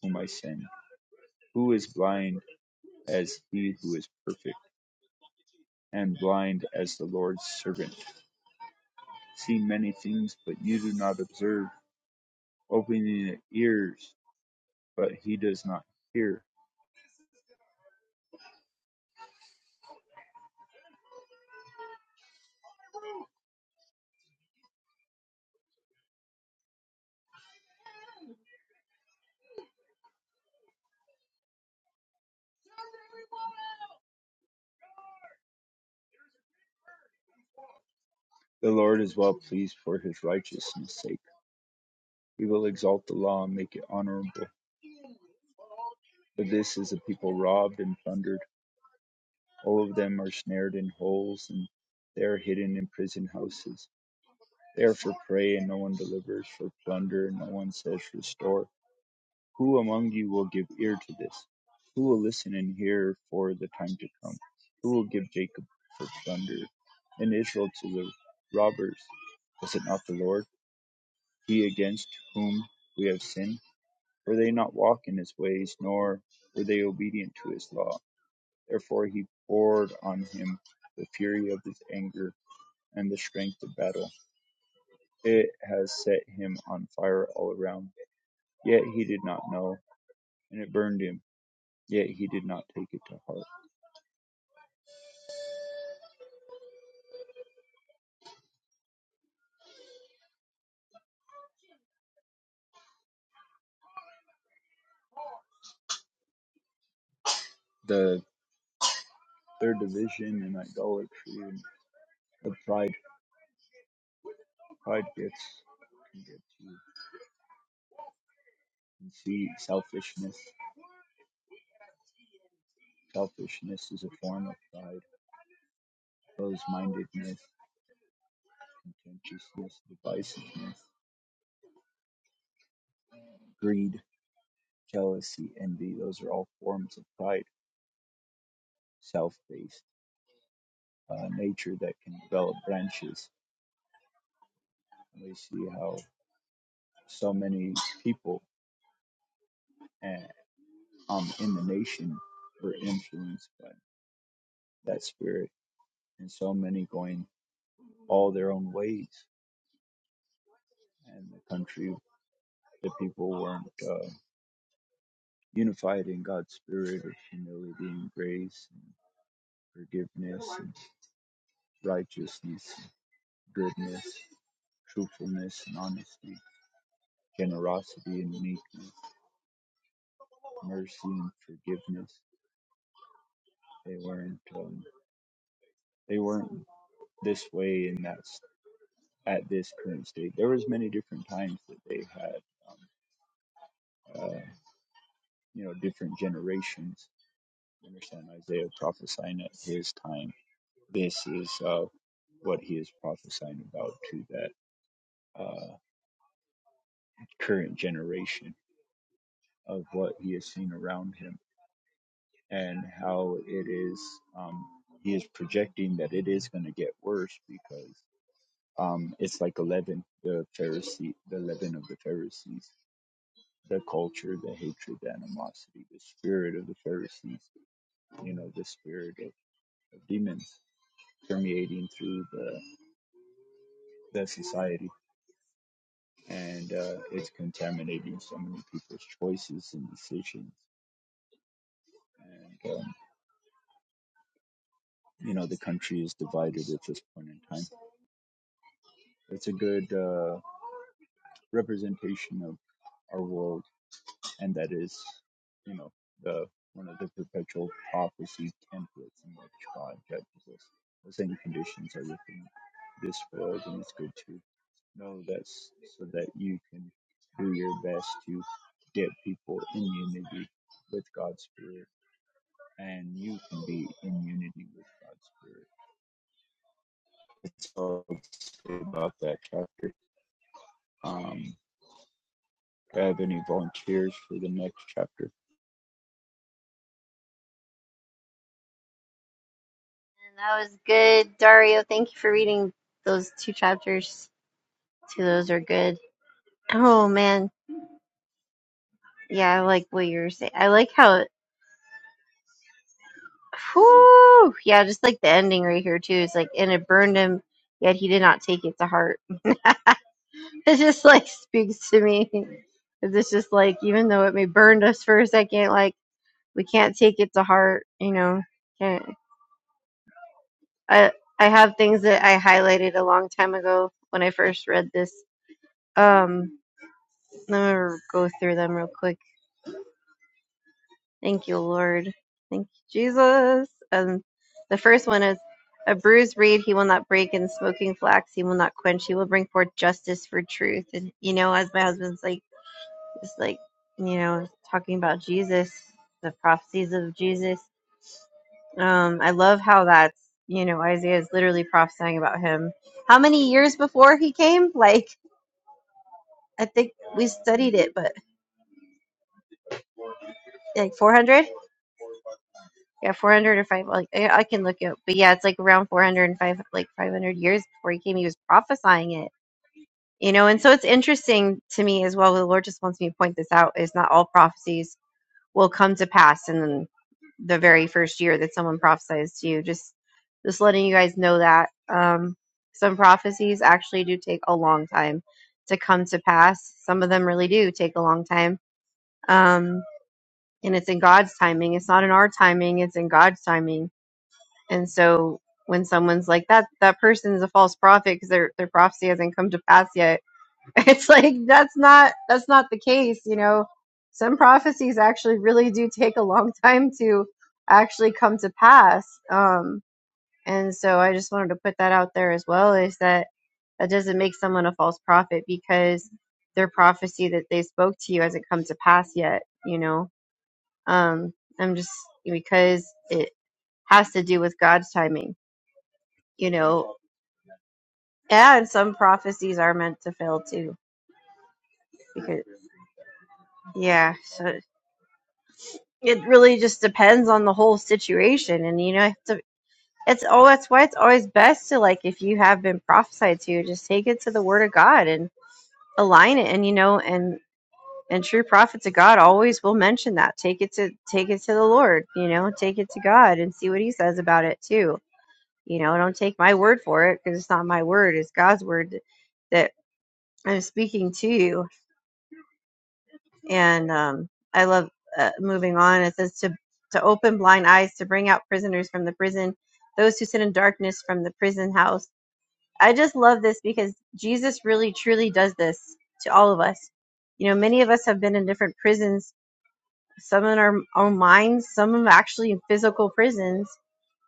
Speaker 1: whom I send? Who is blind as he who is perfect, and blind as the Lord's servant? See many things, but you do not observe, opening the ears, but he does not hear. The Lord is well pleased for his righteousness' sake. He will exalt the law and make it honorable. For this is a people robbed and plundered. All of them are snared in holes, and they are hidden in prison houses. They are for prey, and no one delivers, for plunder, and no one says, Restore. Who among you will give ear to this? Who will listen and hear for the time to come? Who will give Jacob for plunder and Israel to the robbers? Was it not the Lord, he against whom we have sinned? Were they not walk in his ways, nor were they obedient to his law? Therefore he poured on him the fury of his anger and the strength of battle. It has set him on fire all around. Yet he did not know, and it burned him Yet he did not take it to heart. The third division in idolatry and the pride pride gets can get to you. Conceit, selfishness. Selfishness is a form of pride. Closed mindedness, contentiousness, divisiveness, greed, jealousy, envy, those are all forms of pride, self based uh, nature that can develop branches. And we see how so many people and. um in the nation were influenced by that spirit and so many going all their own ways and the country the people weren't uh, unified in god's spirit of humility and grace and forgiveness and righteousness goodness truthfulness and honesty generosity and meekness mercy and forgiveness they weren't um, they weren't this way in that at this current state there was many different times that they had um, uh, you know, different generations. You understand Isaiah prophesying at his time. This is uh, what he is prophesying about to that uh, current generation of what he has seen around him and how it is. Um, he is projecting that it is going to get worse because um, it's like eleven, the Pharisee, the leaven of the Pharisees, the culture, the hatred, the animosity, the spirit of the Pharisees. You know, the spirit of of demons permeating through the, the society and uh, it's contaminating so many people's choices and decisions. And, um, you know, the country is divided at this point in time. It's a good uh, representation of our world, and that is, you know, the one of the perpetual prophecy templates in which God judges us. The same conditions are within this world, and it's good too. No, that's so that you can do your best to get people in unity with God's Spirit, and you can be in unity with God's Spirit. So let's see about that chapter. Um, do I have any volunteers for the next chapter?
Speaker 2: And that was good, Dario. Thank you for reading those two chapters. Two of those are good. Oh man, Yeah, I like what you are saying. I like how, whew, yeah, just like the ending right here too. It's like, and it burned him, yet he did not take it to heart. it just like speaks to me. 'Cause It's just like, even though it may burned us for a second, like we can't take it to heart, you know. Can't. I I have things that I highlighted a long time ago when I first read this. Um, let me go through them real quick. Thank you, Lord. Thank you, Jesus. Um, the first one is a bruised reed he will not break, and smoking flax he will not quench. He will bring forth justice for truth. And you know, as my husband's like, just like you know, talking about Jesus, the prophecies of Jesus. Um, I love how that's you know Isaiah is literally prophesying about him. How many years before he came? Like I think we studied it, but like 400. Yeah, 400 or 5 like I I can look it up. But yeah, it's like around 400 and 5, like 500 years before he came he was prophesying it. You know, and so it's interesting to me as well. The Lord just wants me to point this out is not all prophecies will come to pass in the the very first year that someone prophesies to you. Just just letting you guys know that um some prophecies actually do take a long time to come to pass. Some of them really do take a long time. Um and it's in God's timing. It's not in our timing, it's in God's timing and so when someone's like that that person is a false prophet because their their prophecy hasn't come to pass yet, it's like that's not that's not the case, you know. Some prophecies actually really do take a long time to actually come to pass. Um and so I just wanted to put that out there as well is that that doesn't make someone a false prophet because their prophecy that they spoke to you hasn't come to pass yet, you know. Um I'm just because it has to do with God's timing you know and some prophecies are meant to fail too because yeah so it really just depends on the whole situation and you know it's a, it's oh that's why it's always best to like if you have been prophesied to just take it to the word of god and align it and you know and and true prophets of god always will mention that take it to take it to the lord you know take it to god and see what he says about it too you know don't take my word for it because it's not my word it's god's word that i'm speaking to you and um, I love uh, moving on. It says to to open blind eyes, to bring out prisoners from the prison, those who sit in darkness from the prison house. I just love this because Jesus really truly does this to all of us. You know, many of us have been in different prisons, some in our own minds, some actually in physical prisons.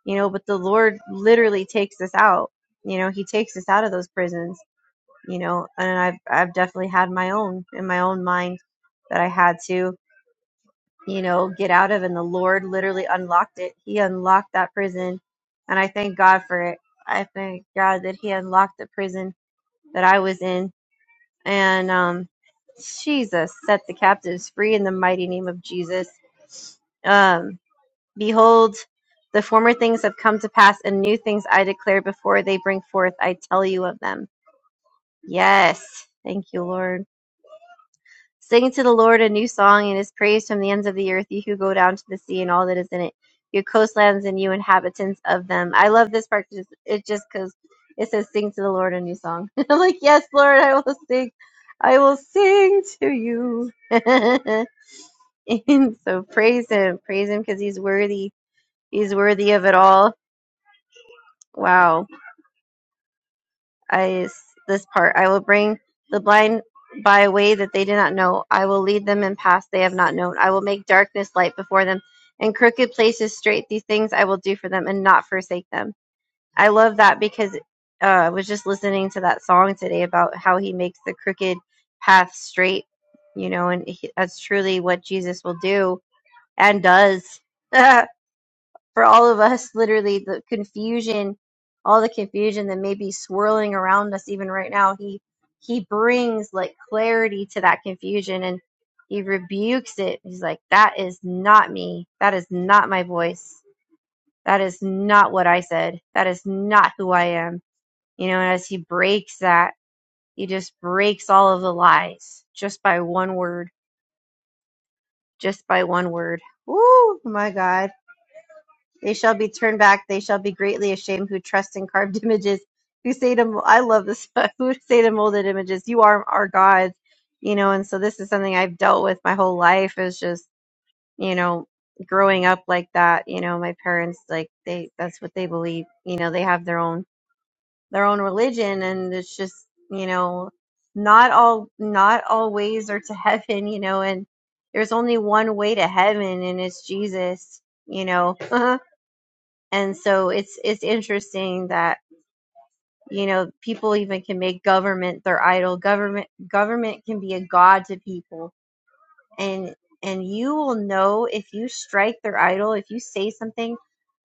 Speaker 2: You know, but the Lord literally takes us out. You know, He takes us out of those prisons. You know, and I've I've definitely had my own in my own mind that I had to you know, get out of. And the Lord literally unlocked it. He unlocked that prison. And I thank God for it. I thank God that He unlocked the prison that I was in. And um, Jesus set the captives free in the mighty name of Jesus. Um, Behold, the former things have come to pass, and new things I declare before they bring forth. I tell you of them. Yes. Thank you, Lord. Sing to the Lord a new song and his praise from the ends of the earth, you who go down to the sea and all that is in it, you coastlands and you inhabitants of them. I love this part just—it just because it says, Sing to the Lord a new song. I'm like, Yes, Lord, I will sing. I will sing to you. and so praise him. Praise him because he's worthy. He's worthy of it all. Wow I s- this part. I will bring the blind by a way that they do not know. I will lead them in paths they have not known. I will make darkness light before them, and crooked places straight. These things I will do for them, and not forsake them. I love that because uh, I was just listening to that song today about how He makes the crooked path straight. You know, and he, that's truly what Jesus will do and does. for all of us literally the confusion all the confusion that may be swirling around us even right now he he brings like clarity to that confusion and he rebukes it he's like that is not me that is not my voice that is not what i said that is not who i am you know and as he breaks that he just breaks all of the lies just by one word just by one word Woo, my god They shall be turned back. They shall be greatly ashamed who trust in carved images, who say to, I love this, who say to molded images, you are our gods, you know, and so this is something I've dealt with my whole life is just, you know, growing up like that, you know, my parents, like they, that's what they believe, you know, they have their own, their own religion and it's just, you know, not all, not all ways are to heaven, you know, and there's only one way to heaven and it's Jesus, you know. and so it's it's interesting that you know people even can make government their idol government government can be a god to people and and you will know if you strike their idol if you say something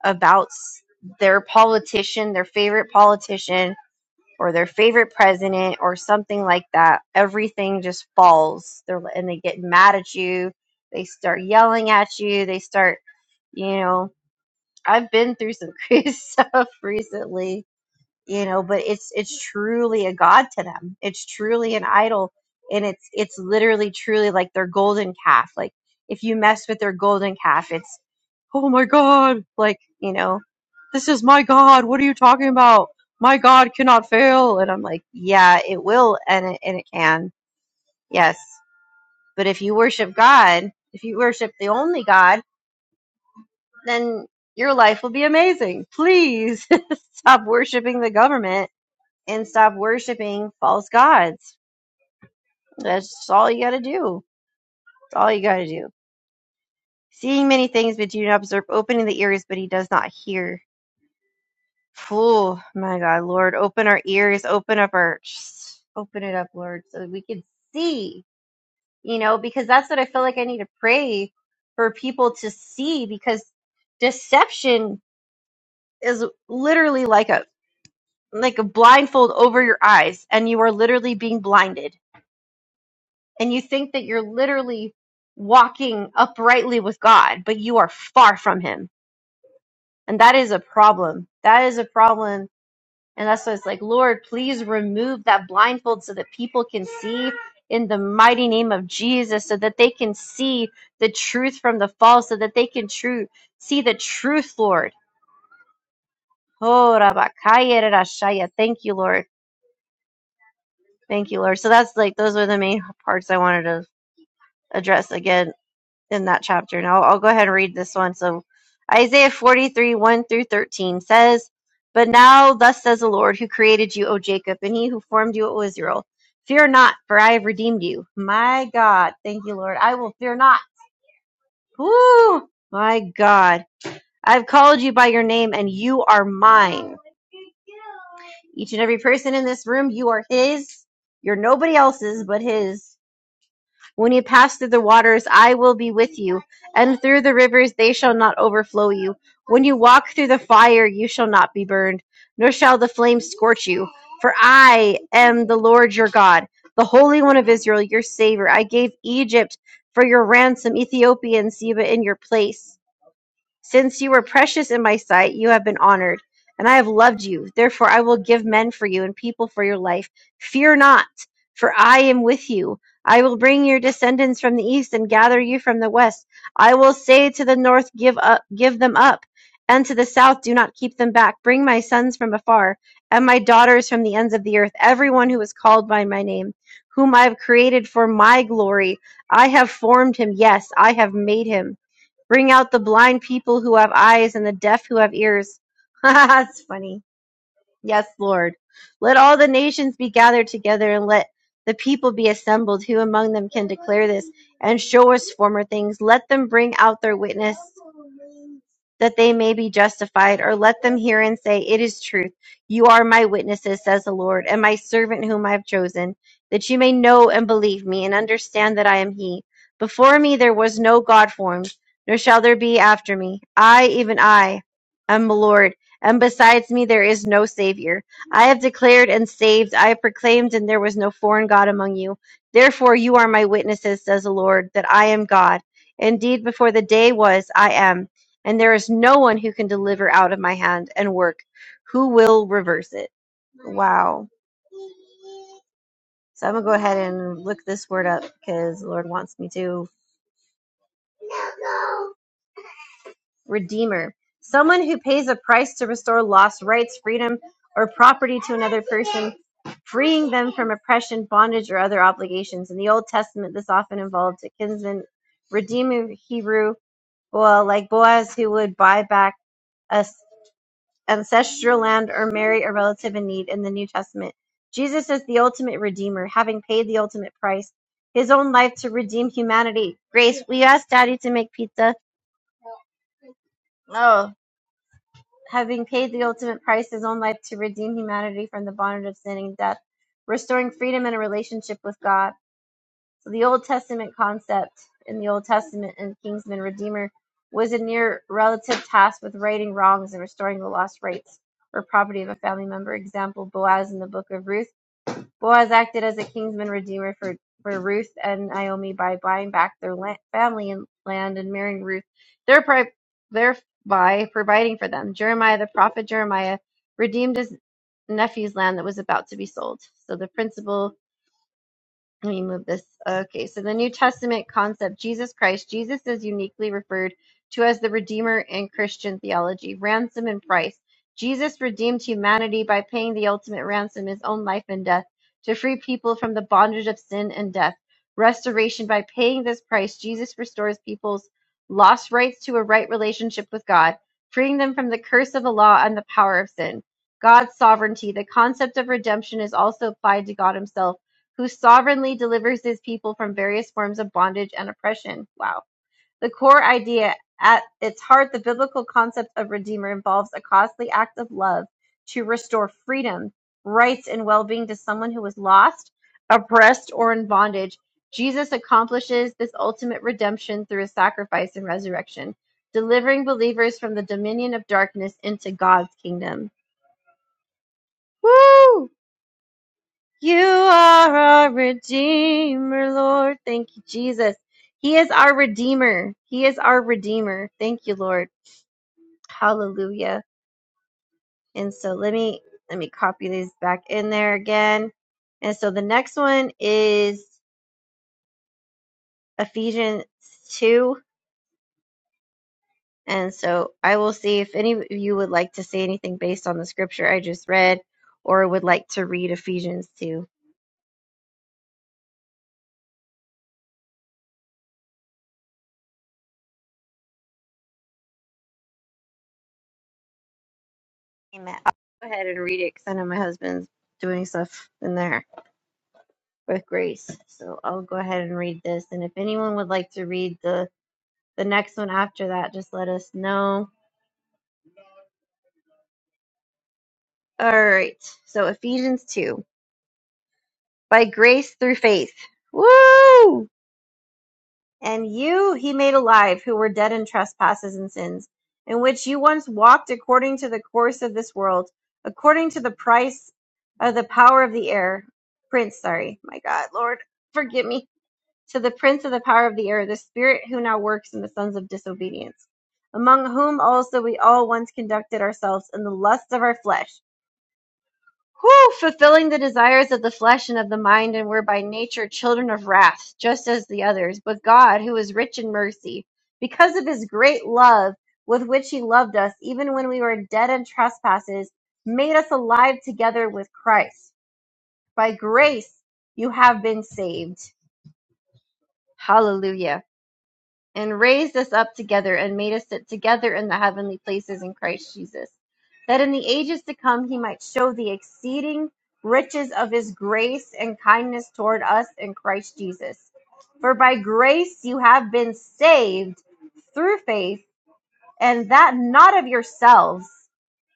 Speaker 2: about s- their politician their favorite politician or their favorite president or something like that everything just falls they're, and they get mad at you they start yelling at you they start you know i've been through some crazy stuff recently you know but it's it's truly a god to them it's truly an idol and it's it's literally truly like their golden calf like if you mess with their golden calf it's oh my god like you know this is my god what are you talking about my god cannot fail and i'm like yeah it will and it, and it can yes but if you worship god if you worship the only god then your life will be amazing please stop worshiping the government and stop worshiping false gods. That's all you got to do. That's all you got to do. Seeing many things, but do not observe. Opening the ears, but he does not hear. Oh my God, Lord, open our ears, open up our, open it up, Lord, so that we can see. You know, because that's what I feel like I need to pray for people to see. Because deception is literally like a like a blindfold over your eyes, and you are literally being blinded and you think that you're literally walking uprightly with God, but you are far from Him. And that is a problem. That is a problem. And that's why it's like, Lord, please remove that blindfold so that people can see in the mighty name of Jesus, so that they can see the truth from the false, so that they can true see the truth, Lord. Oh, Rabakaya Rashaya. Thank you, Lord. Thank you, Lord. So that's like those were the main parts I wanted to address again in that chapter. And I'll, I'll go ahead and read this one. So Isaiah 43, 1 through 13 says, But now thus says the Lord who created you, O Jacob, and he who formed you, O Israel. Fear not, for I have redeemed you. My God. Thank you, Lord. I will fear not. Woo! My God. I've called you by your name and you are mine. Each and every person in this room, you are his. You're nobody else's but his. When you pass through the waters, I will be with you, and through the rivers, they shall not overflow you. When you walk through the fire, you shall not be burned, nor shall the flame scorch you. For I am the Lord your God, the Holy One of Israel, your Savior. I gave Egypt for your ransom, Ethiopia and Seba in your place. Since you were precious in my sight, you have been honored, and I have loved you. Therefore, I will give men for you and people for your life. Fear not, for I am with you. I will bring your descendants from the east and gather you from the west. I will say to the north, give up, give them up, and to the south, do not keep them back. Bring my sons from afar and my daughters from the ends of the earth, everyone who is called by my name, whom I have created for my glory. I have formed him. Yes, I have made him. Bring out the blind people who have eyes and the deaf who have ears. That's funny. Yes, Lord. Let all the nations be gathered together and let the people be assembled. Who among them can declare this and show us former things? Let them bring out their witness that they may be justified, or let them hear and say, It is truth. You are my witnesses, says the Lord, and my servant whom I have chosen, that you may know and believe me, and understand that I am he. Before me there was no God formed, nor shall there be after me. I, even I, am the Lord, and besides me there is no Savior. I have declared and saved, I have proclaimed, and there was no foreign God among you. Therefore you are my witnesses, says the Lord, that I am God. Indeed, before the day was, I am and there is no one who can deliver out of my hand and work who will reverse it wow so i'm gonna go ahead and look this word up because the lord wants me to redeemer someone who pays a price to restore lost rights freedom or property to another person freeing them from oppression bondage or other obligations in the old testament this often involved a kinsman redeemer hebrew well like boaz who would buy back a. ancestral land or marry a relative in need in the New Testament. Jesus is the ultimate redeemer, having paid the ultimate price, his own life to redeem humanity. Grace, we ask Daddy to make pizza. Oh, having paid the ultimate price, his own life to redeem humanity from the bondage of sin and death, restoring freedom and a relationship with God. So the Old Testament concept in the Old Testament and Kingsman Redeemer was a near relative task with righting wrongs and restoring the lost rights or property of a family member. Example Boaz in the book of Ruth. Boaz acted as a kingsman redeemer for, for Ruth and Naomi by buying back their la- family and land and marrying Ruth, thereby, thereby providing for them. Jeremiah, the prophet Jeremiah, redeemed his nephew's land that was about to be sold. So the principle let me move this. Okay, so the New Testament concept, Jesus Christ, Jesus is uniquely referred to as the Redeemer in Christian theology, ransom and price. Jesus redeemed humanity by paying the ultimate ransom, his own life and death, to free people from the bondage of sin and death. Restoration by paying this price, Jesus restores people's lost rights to a right relationship with God, freeing them from the curse of the law and the power of sin. God's sovereignty. The concept of redemption is also applied to God Himself who sovereignly delivers his people from various forms of bondage and oppression. Wow. The core idea at its heart, the biblical concept of Redeemer involves a costly act of love to restore freedom, rights, and well being to someone who was lost, oppressed, or in bondage. Jesus accomplishes this ultimate redemption through his sacrifice and resurrection, delivering believers from the dominion of darkness into God's kingdom. Woo! You are our Redeemer, Lord. Thank you, Jesus. He is our Redeemer. He is our Redeemer. Thank you, Lord. Hallelujah. And so let me let me copy these back in there again. And so the next one is Ephesians 2 And so I will see if any of you would like to say anything based on the scripture I just read or would like to read Ephesians 2. Amen. I'll go ahead and read it because I know my husband's doing stuff in there with Grace. So I'll go ahead and read this. And if anyone would like to read the, the next one after that, just let us know. All right. So Ephesians 2. By grace through faith. Woo! And you he made alive who were dead in trespasses and sins, in which you once walked according to the course of this world, according to the price of the power of the air. Prince, sorry. My God, Lord, forgive me. To the prince of the power of the air, the spirit who now works in the sons of disobedience, among whom also we all once conducted ourselves in the lusts of our flesh whew, fulfilling the desires of the flesh and of the mind, and were by nature children of wrath, just as the others. But God, who is rich in mercy, because of his great love with which he loved us, even when we were dead in trespasses, made us alive together with Christ. By grace you have been saved. Hallelujah and raised us up together and made us sit together in the heavenly places in Christ Jesus, that in the ages to come he might show the exceeding riches of his grace and kindness toward us in Christ Jesus. For by grace you have been saved through faith and that not of yourselves.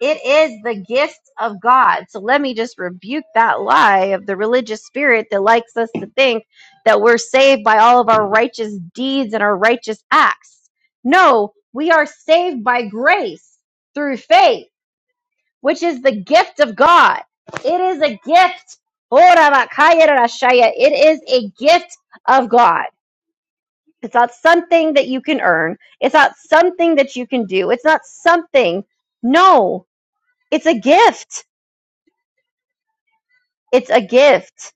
Speaker 2: It is the gift of God. So let me just rebuke that lie of the religious spirit that likes us to think that we're saved by all of our righteous deeds and our righteous acts. No, we are saved by grace through faith, which is the gift of God. It is a gift. Ora bakaya rashaya. It is a gift of God. It's not something that you can earn. It's not something that you can do. It's not something. No, it's a gift. It's a gift,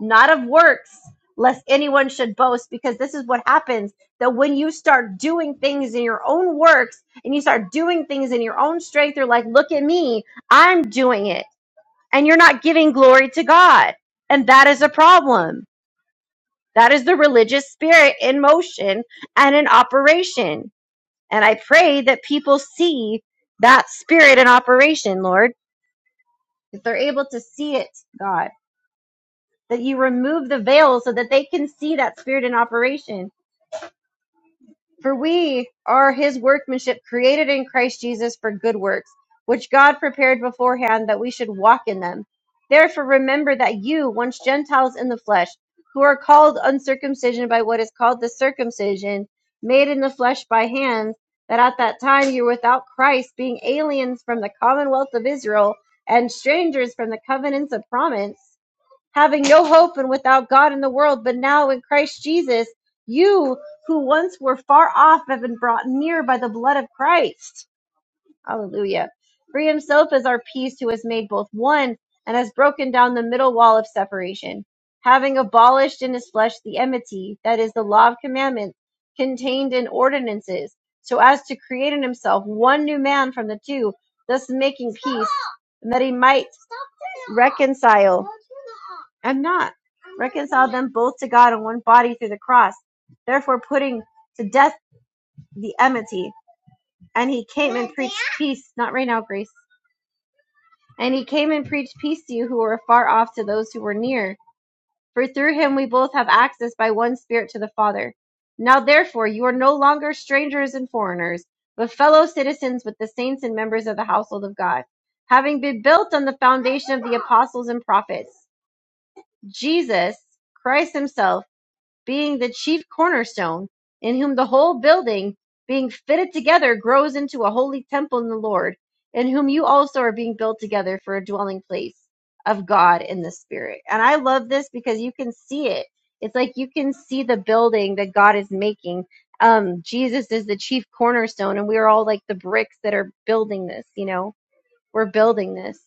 Speaker 2: not of works, lest anyone should boast, because this is what happens that when you start doing things in your own works and you start doing things in your own strength, you're like, look at me, I'm doing it. And you're not giving glory to God. And that is a problem. That is the religious spirit in motion and in operation And I pray that people see that spirit in operation, Lord, If they're able to see it, God, that you remove the veil so that they can see that spirit in operation For we are his workmanship created in Christ Jesus for good works, which God prepared beforehand that we should walk in them. Therefore, remember that you, once Gentiles in the flesh, who are called uncircumcision by what is called the circumcision, made in the flesh by hands, that at that time you were without Christ, being aliens from the commonwealth of Israel and strangers from the covenants of promise having no hope and without God in the world, but now in Christ Jesus, you who once were far off have been brought near by the blood of Christ. Hallelujah. For he himself is our peace, who has made both one and has broken down the middle wall of separation, having abolished in his flesh the enmity, that is, the law of commandments contained in ordinances, so as to create in himself one new man from the two, thus making peace, and that he might reconcile and not reconciled them both to God in one body through the cross, therefore putting to death the enmity. And he came and preached peace. Not right now, Grace. And he came and preached peace to you who were far off to those who were near. For through him we both have access by one Spirit to the Father. Now therefore you are no longer strangers and foreigners, but fellow citizens with the saints and members of the household of God, having been built on the foundation of the apostles and prophets, Jesus Christ himself being the chief cornerstone, in whom the whole building, being fitted together, grows into a holy temple in the Lord, in whom you also are being built together for a dwelling place of God in the Spirit. And I love this because you can see it. It's like you can see the building that God is making. Um, Jesus is the chief cornerstone, and we are all like the bricks that are building this, you know, we're building this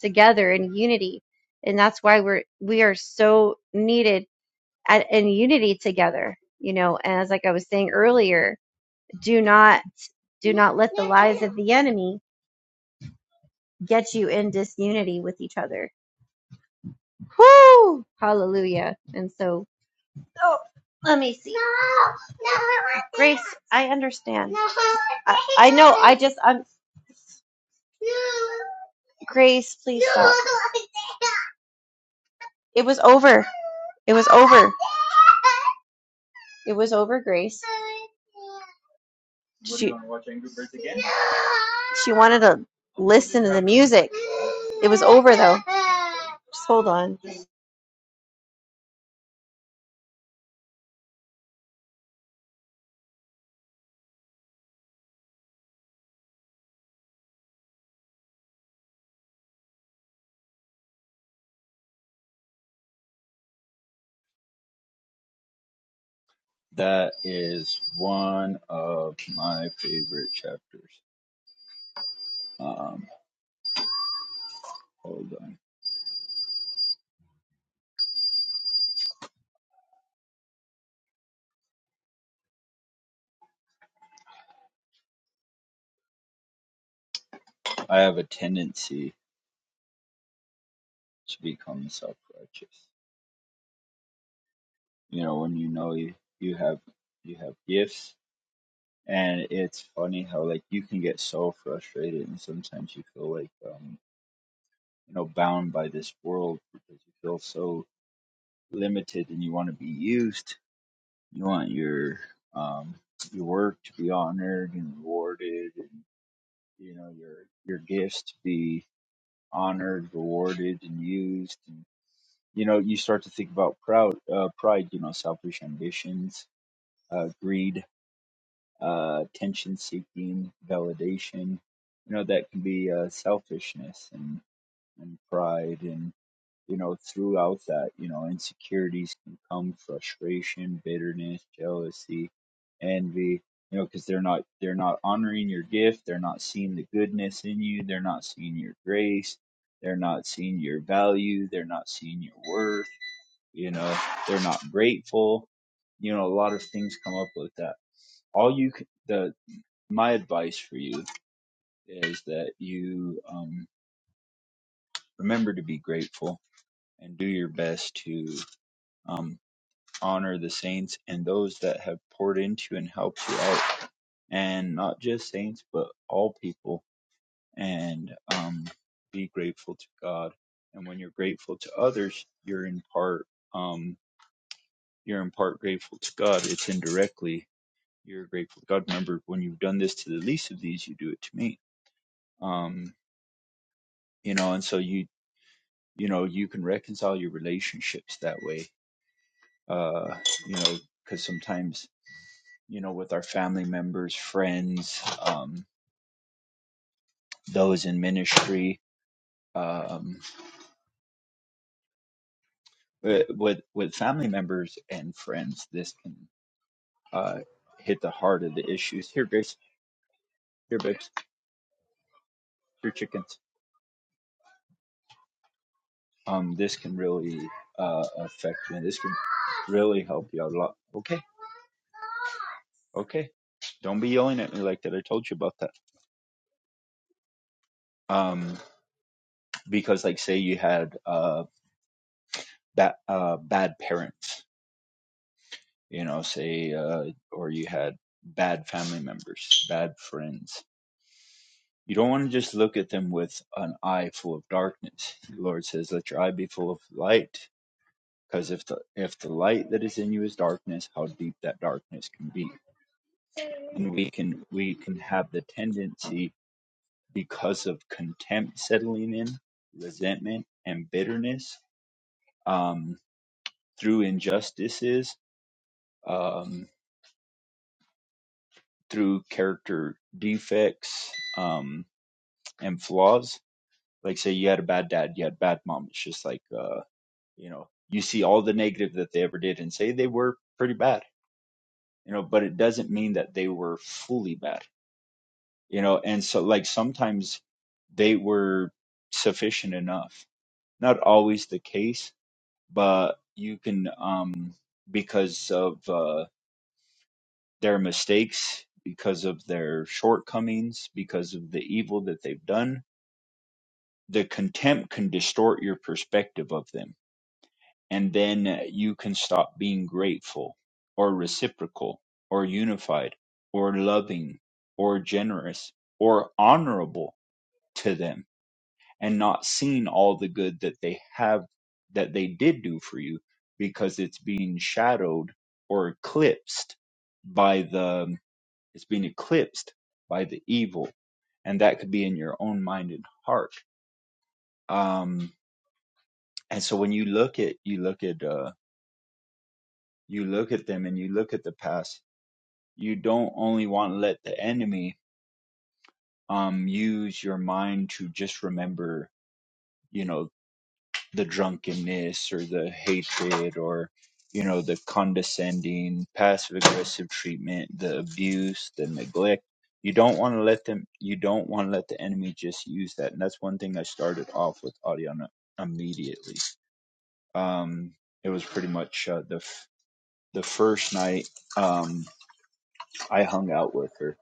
Speaker 2: together in unity. And that's why we're we are so needed at, in unity together you know as like i was saying earlier do not do not let the lies of the enemy get you in disunity with each other Whew, hallelujah and so oh, let me see No, no, I want that. grace i understand No, I, I know i just i'm grace please stop it was over it was over it was over grace she she wanted to listen to the music it was over though just hold on
Speaker 1: That is one of my favorite chapters. Um, hold on. I have a tendency to become self-righteous. You know, when you know you, you have you have gifts and it's funny how like you can get so frustrated and sometimes you feel like um you know bound by this world because you feel so limited and you want to be used you want your um your work to be honored and rewarded and you know your your gifts to be honored rewarded and used and you know you start to think about proud uh, pride you know selfish ambitions uh greed uh, attention seeking, validation. You know, that can be uh, selfishness and, and pride. And, you know, throughout that, you know, insecurities can come frustration, bitterness, jealousy, envy. You know, because they're not they're not honoring your gift. They're not seeing the goodness in you. They're not seeing your grace. They're not seeing your value. They're not seeing your worth. You know, they're not grateful. You know, a lot of things come up with that all you c- the my advice for you is that you um, remember to be grateful and do your best to um, honor the saints and those that have poured into you and helped you out, and not just saints, but all people, and um, be grateful to God. And when you're grateful to others, you're in part um, you're in part grateful to God. It's indirectly you're grateful to God. Remember, when you've done this to the least of these, you do it to me. Um, you know, and so you you know you can reconcile your relationships that way uh you know because sometimes you know with our family members friends um those in ministry um uh, with with family members and friends this can uh hit the heart of the issues here grace here babes here chickens um this can really uh affect you and this can really help you out a lot okay okay don't be yelling at me like that i told you about that um because like say you had uh. ba- uh, bad parents, you know, say, uh, or you had bad family members, bad friends. You don't want to just look at them with an eye full of darkness. The Lord says, "Let your eye be full of light." Because if the if the light that is in you is darkness, how deep that darkness can be, and we can we can have the tendency because of contempt settling in, resentment and bitterness um, through injustices. Um, through character defects um, and flaws. Like, say you had a bad dad, you had a bad mom. It's just like, uh, you know, you see all the negative that they ever did and say they were pretty bad, you know, but it doesn't mean that they were fully bad, you know. And so, like, sometimes they were sufficient enough. Not always the case, but you can, um, because of uh, their mistakes, because of their shortcomings, because of the evil that they've done, the contempt can distort your perspective of them. And then uh, you can stop being grateful or reciprocal or unified or loving or generous or honorable to them and not seeing all the good that they have that they did do for you because it's being shadowed or eclipsed by the it's being eclipsed by the evil and that could be in your own mind and heart um and so when you look at you look at uh you look at them and you look at the past you don't only want to let the enemy um use your mind to just remember you know the drunkenness or the hatred or you know the condescending passive aggressive treatment the abuse the neglect you don't want to let them you don't want to let the enemy just use that and that's one thing i started off with audiana immediately um it was pretty much uh, the the first night um, I hung out with her,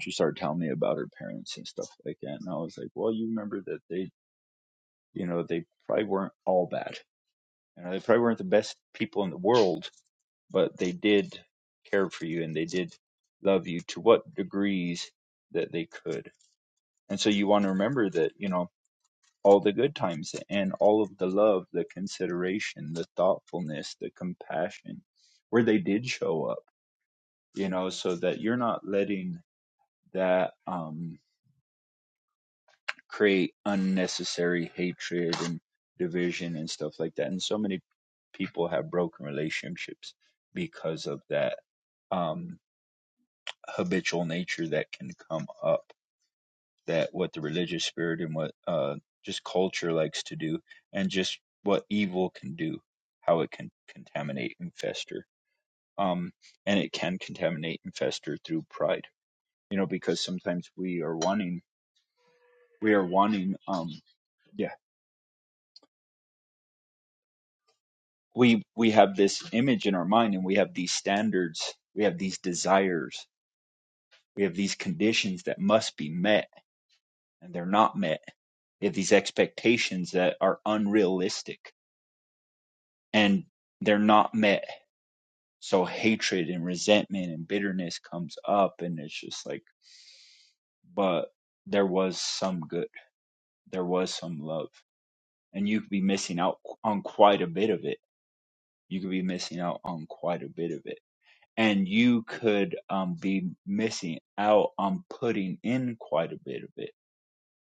Speaker 1: she started telling me about her parents and stuff like that. And I was like, well, you remember that they, you know, they probably weren't all bad. You know, they probably weren't the best people in the world, but they did care for you and they did love you to what degrees that they could. And so you want to remember that, you know, all the good times and all of the love, the consideration, the thoughtfulness, the compassion, where they did show up, you know, so that you're not letting that um, create unnecessary hatred and division and stuff like that. And so many people have broken relationships because of that um, habitual nature that can come up. That what the religious spirit and what uh, just culture likes to do, and just what evil can do, how it can contaminate and fester. Um, and it can contaminate and fester through pride, you know, because sometimes we are wanting, we are wanting, um, you we we have this image in our mind and we have these standards we have these desires we have these conditions that must be met and they're not met we have these expectations that are unrealistic and they're not met so hatred and resentment and bitterness comes up and it's just like but there was some good there was some love and you could be missing out on quite a bit of it you could be missing out on quite a bit of it and you could um, be missing out on putting in quite a bit of it,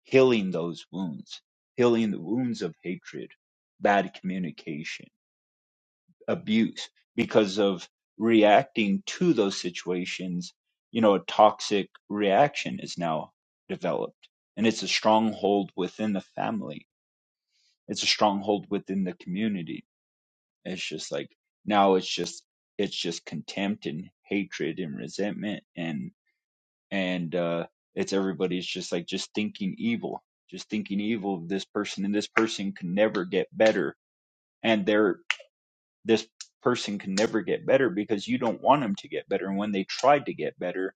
Speaker 1: healing those wounds, healing the wounds of hatred, bad communication, abuse, because of reacting to those situations, you know, a toxic reaction is now developed. And it's a stronghold within the family. It's a stronghold within the community. It's just like now it's just it's just contempt and hatred and resentment and. and uh, it's everybody's just like just thinking evil, just thinking evil of this person, and this person can never get better, and they're this person can never get better because you don't want them to get better. And when they tried to get better,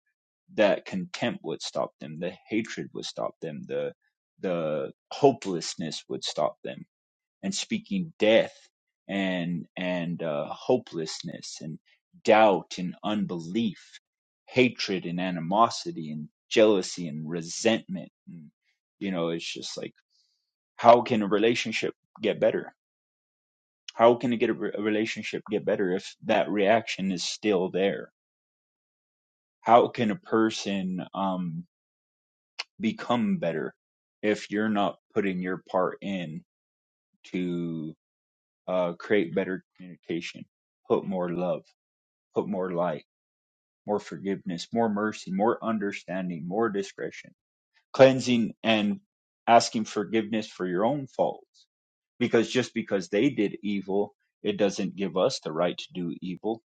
Speaker 1: that contempt would stop them, the hatred would stop them, the the hopelessness would stop them and speaking death and and uh, hopelessness and doubt and unbelief, hatred and animosity and jealousy and resentment. And, you know, it's just like how can a relationship get better? How can it get a, re- a relationship get better if that reaction is still there? How can a person um, become better if you're not putting your part in to uh, create better communication, put more love? put more light, more forgiveness, more mercy, more understanding, more discretion, cleansing and asking forgiveness for your own faults. Because just because they did evil, it doesn't give us the right to do evil.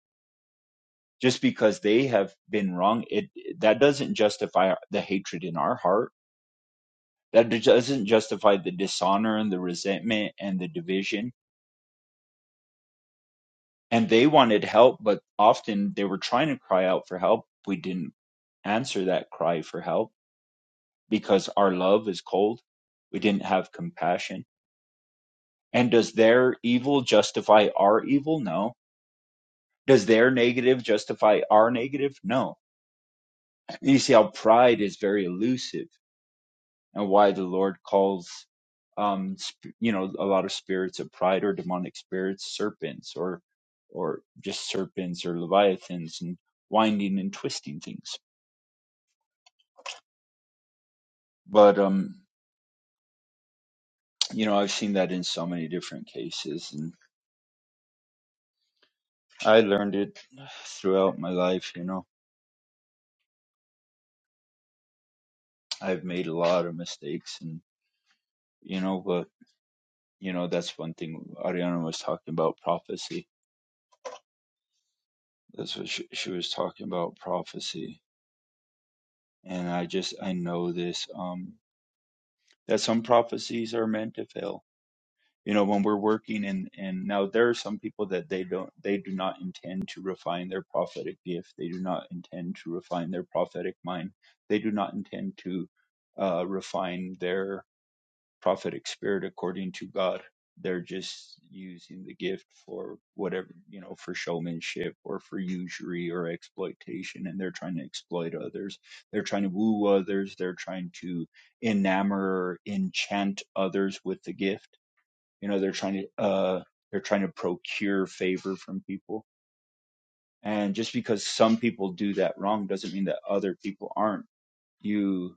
Speaker 1: Just because they have been wrong, it that doesn't justify the hatred in our heart. That doesn't justify the dishonor and the resentment and the division. And they wanted help, but often they were trying to cry out for help. We didn't answer that cry for help because our love is cold. We didn't have compassion. And does their evil justify our evil? No. Does their negative justify our negative? No. And you see how pride is very elusive and why the Lord calls, um, sp- you know, a lot of spirits of pride or demonic spirits serpents or, or just serpents or leviathans and winding and twisting things. But, um, you know, I've seen that in so many different cases and. I learned it throughout my life, you know. I've made a lot of mistakes and you know, but you know, that's one thing Ariana was talking about prophecy. That's what she, she was talking about prophecy. And I just I know this um that some prophecies are meant to fail. You know, when we're working and and now there are some people that they don't they do not intend to refine their prophetic gift. They do not intend to refine their prophetic mind. They do not intend to uh refine their prophetic spirit according to God. They're just using the gift for whatever, you know, for showmanship or for usury or exploitation. And they're trying to exploit others. They're trying to woo others. They're trying to enamor, enchant others with the gift. You know, they're trying to, uh, they're trying to procure favor from people. And just because some people do that wrong doesn't mean that other people aren't. You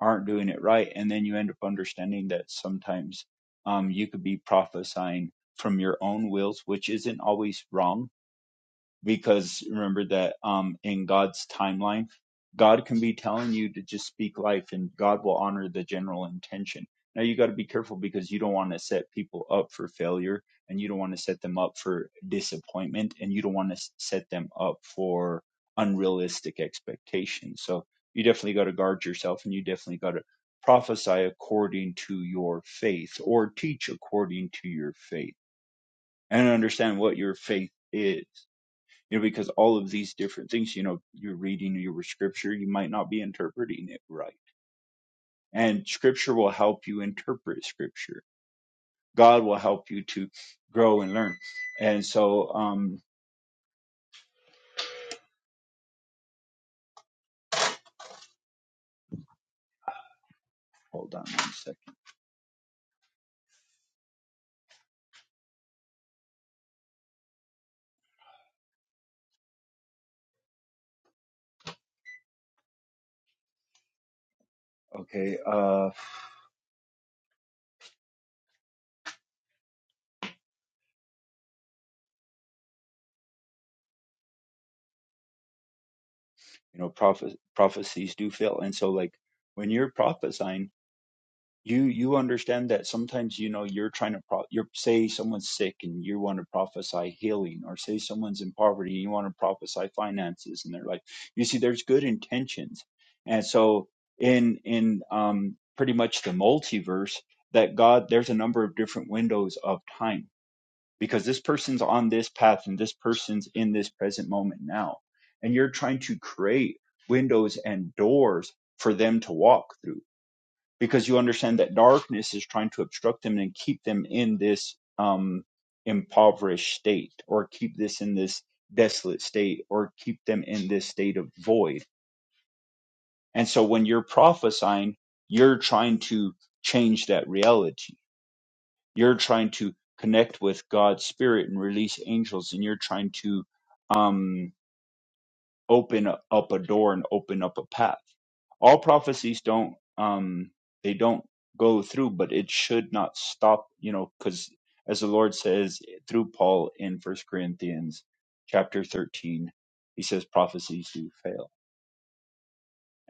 Speaker 1: aren't doing it right. And then you end up understanding that sometimes um, you could be prophesying from your own wills, which isn't always wrong because remember that um in God's timeline, God can be telling you to just speak life and God will honor the general intention. Now you got to be careful because you don't want to set people up for failure and you don't want to set them up for disappointment and you don't want to set them up for unrealistic expectations. So you definitely got to guard yourself and you definitely got to prophesy according to your faith or teach according to your faith and understand what your faith is you know because all of these different things you know you're reading your scripture you might not be interpreting it right and scripture will help you interpret scripture god will help you to grow and learn and so um hold on one second okay uh you know prophet prophecies do fail and so like when you're prophesying you you understand that sometimes you know you're trying to pro- you're say someone's sick and you want to prophesy healing or say someone's in poverty and you want to prophesy finances in their life you see there's good intentions and so in in um pretty much the multiverse that god there's a number of different windows of time because this person's on this path and this person's in this present moment now and you're trying to create windows and doors for them to walk through because you understand that darkness is trying to obstruct them and keep them in this um, impoverished state or keep this in this desolate state or keep them in this state of void and so when you're prophesying you're trying to change that reality you're trying to connect with god's spirit and release angels and you're trying to um, open up a door and open up a path. All prophecies don't um they don't go through, but it should not stop, you know, because as the Lord says through Paul in First Corinthians chapter thirteen, he says prophecies do fail.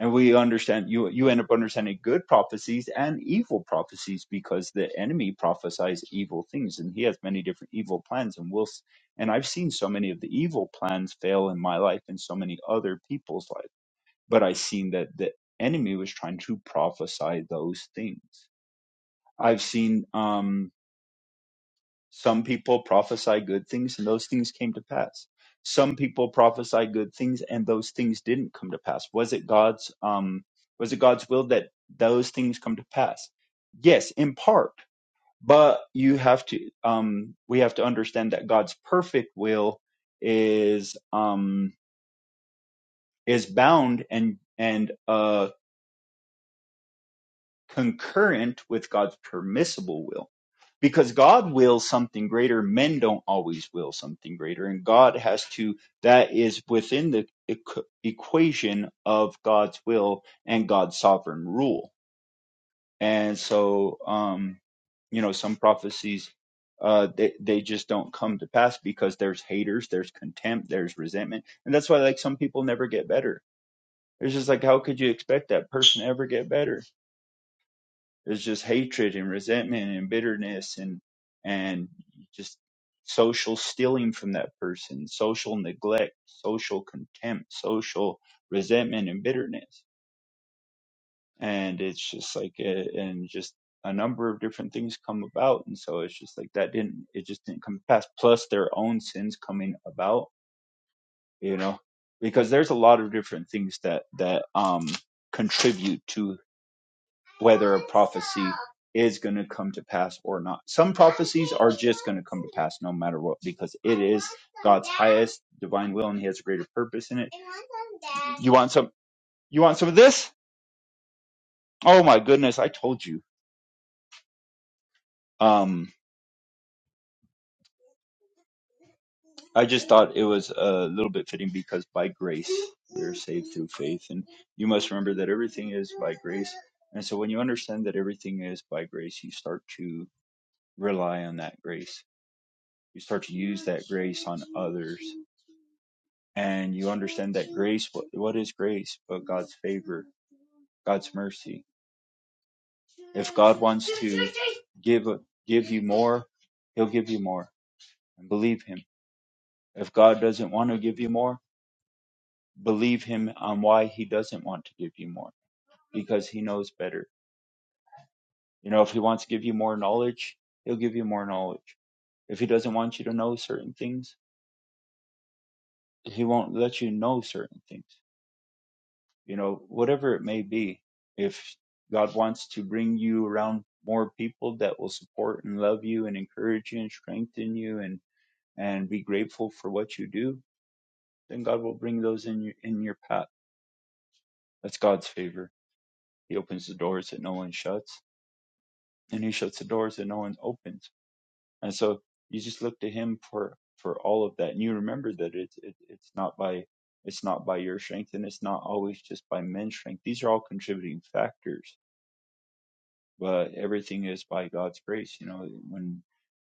Speaker 1: And we understand you you end up understanding good prophecies and evil prophecies because the enemy prophesies evil things and he has many different evil plans and will and I've seen so many of the evil plans fail in my life and so many other people's lives but I seen that the enemy was trying to prophesy those things. I've seen um, some people prophesy good things, and those things came to pass. Some people prophesy good things, and those things didn't come to pass. Was it God's um, was it God's will that those things come to pass? Yes, in part, but you have to um, we have to understand that God's perfect will is um, is bound and and uh, concurrent with God's permissible will. Because God wills something greater, men don't always will something greater, and God has to, that is within the equ- equation of God's will and God's sovereign rule. And so, um, you know, some prophecies, uh, they, they just don't come to pass because there's haters, there's contempt, there's resentment. And that's why, like, some people never get better. It's just like, how could you expect that person to ever get better? There's just hatred and resentment and bitterness and and just social stealing from that person, social neglect, social contempt, social resentment and bitterness. And it's just like uh and just a number of different things come about and so it's just like that didn't it just didn't come past plus their own sins coming about, you know because there's a lot of different things that that um contribute to whether a prophecy is going to come to pass or not. Some prophecies are just going to come to pass no matter what because it is God's highest divine will and he has a greater purpose in it. You want some you want some of this? Oh my goodness, I told you. Um I just thought it was a little bit fitting because by grace we are saved through faith. And you must remember that everything is by grace. And so when you understand that everything is by grace, you start to rely on that grace You start to use that grace on others. And you understand that grace, what, what is grace but God's favor, God's mercy? If God wants to give, give you more, He'll give you more and believe Him. If God doesn't want to give you more, believe Him on why He doesn't want to give you more because He knows better. You know, if He wants to give you more knowledge, He'll give you more knowledge if he doesn't want you to know certain things, he won't let you know certain things. you know, whatever it may be. If God wants to bring you around more people that will support and love you and encourage you and strengthen you and and be grateful for what you do, then God will bring those in your in your path. That's God's favor. He opens the doors that no one shuts, and He shuts the doors that no one opens. And so you just look to Him for for all of that, and you remember that it's it, it's not by it's not by your strength, and it's not always just by men's strength. These are all contributing factors but everything is by God's grace. You know, when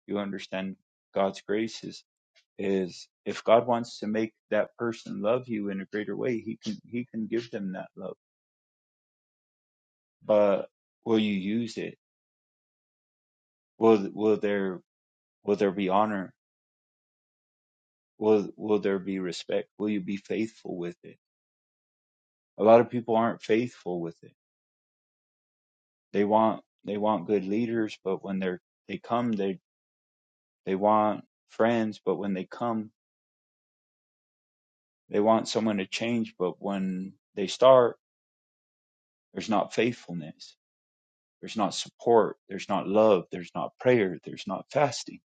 Speaker 1: you understand God's grace is is if God wants to make that person love you in a greater way, he can he can give them that love. But will you use it? Will will there will there be honor? Will will there be respect? Will you be faithful with it? A lot of people aren't faithful with it. They want they want good leaders, but when they're they come they they want friends, but when they come They want someone to change, but when they start, there's not faithfulness, there's not support, there's not love, there's not prayer, there's not fasting,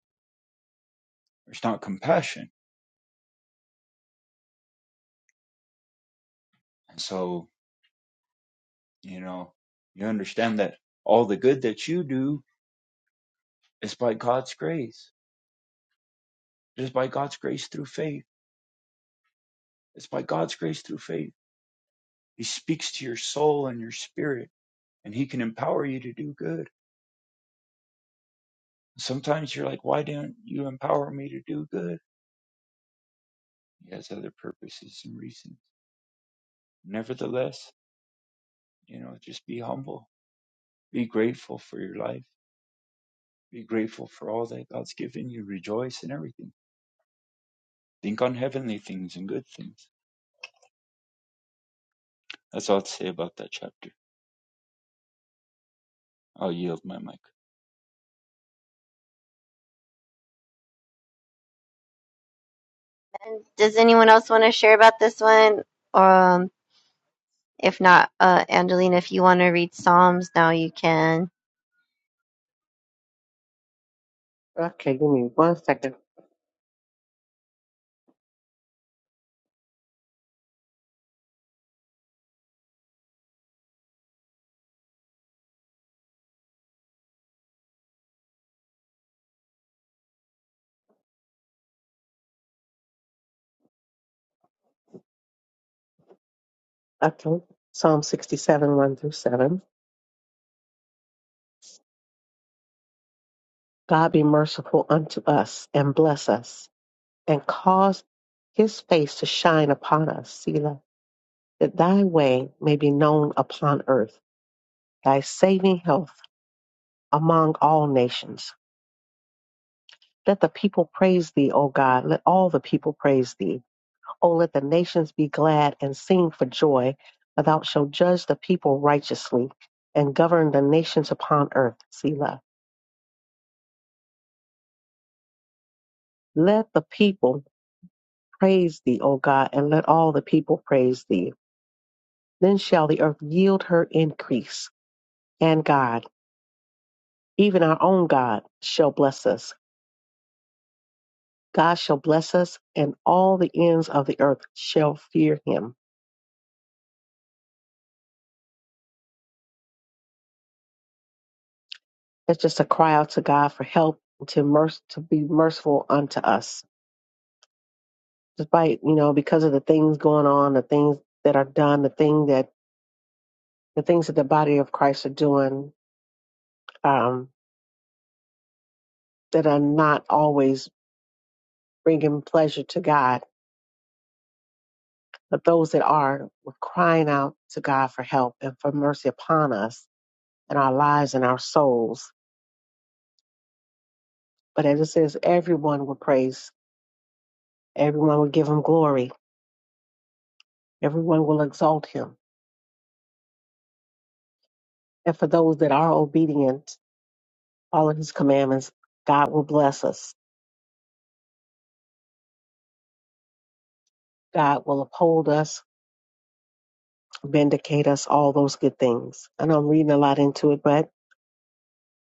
Speaker 1: there's not compassion. And so, you know, you understand that all the good that you do is by God's grace. It is by God's grace through faith. It's by God's grace through faith. He speaks to your soul and your spirit, and He can empower you to do good. Sometimes you're like, why didn't you empower me to do good? He has other purposes and reasons. Nevertheless, you know, just be humble, be grateful for your life, be grateful for all that God's given you, rejoice in everything. Think on heavenly things and good things. That's all I'd say about that chapter. I'll yield my mic.
Speaker 2: And does anyone else want to share about this one? Um, if not, uh, Angelina, if you want to read Psalms now, you can.
Speaker 5: Okay, give me one second. Okay. Psalm 67, 1 through 7. God be merciful unto us and bless us and cause his face to shine upon us, Selah, that thy way may be known upon earth, thy saving health among all nations. Let the people praise thee, O God. Let all the people praise thee. O let the nations be glad and sing for joy, for thou shalt judge the people righteously and govern the nations upon earth, Selah. Let the people praise thee, O God, and let all the people praise thee. Then shall the earth yield her increase, and God, even our own God, shall bless us. God shall bless us, and all the ends of the earth shall fear him. That's just a cry out to God for help to merc- to be merciful unto us. Despite, you know, because of the things going on, the things that are done, the thing that the things that the body of Christ are doing, um, that are not always bringing pleasure to God. But those that are, we're crying out to God for help and for mercy upon us and our lives and our souls. But as it says, everyone will praise, everyone will give him glory, everyone will exalt him. And for those that are obedient, follow his commandments, God will bless us. God will uphold us, vindicate us, all those good things. I know I'm reading a lot into it, but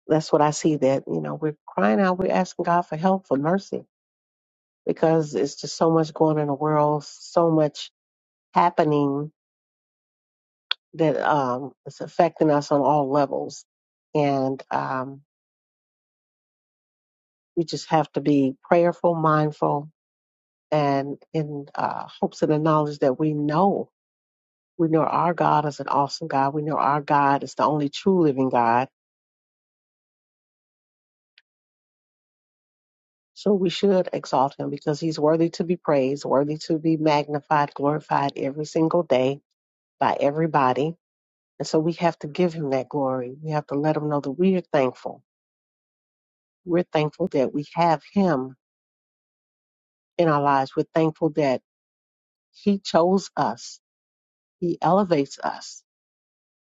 Speaker 5: that's what I see that, you know, we're crying out, we're asking God for help, for mercy because it's just so much going in the world, so much happening that um, it's affecting us on all levels. And um, we just have to be prayerful, mindful, and in uh, hopes and the knowledge that we know. We know our God is an awesome God. We know our God is the only true living God. So we should exalt him because he's worthy to be praised, worthy to be magnified, glorified every single day by everybody And so we have to give him that glory. We have to let him know that we are thankful. We're thankful that we have him in our lives. We're thankful that he chose us. He elevates us.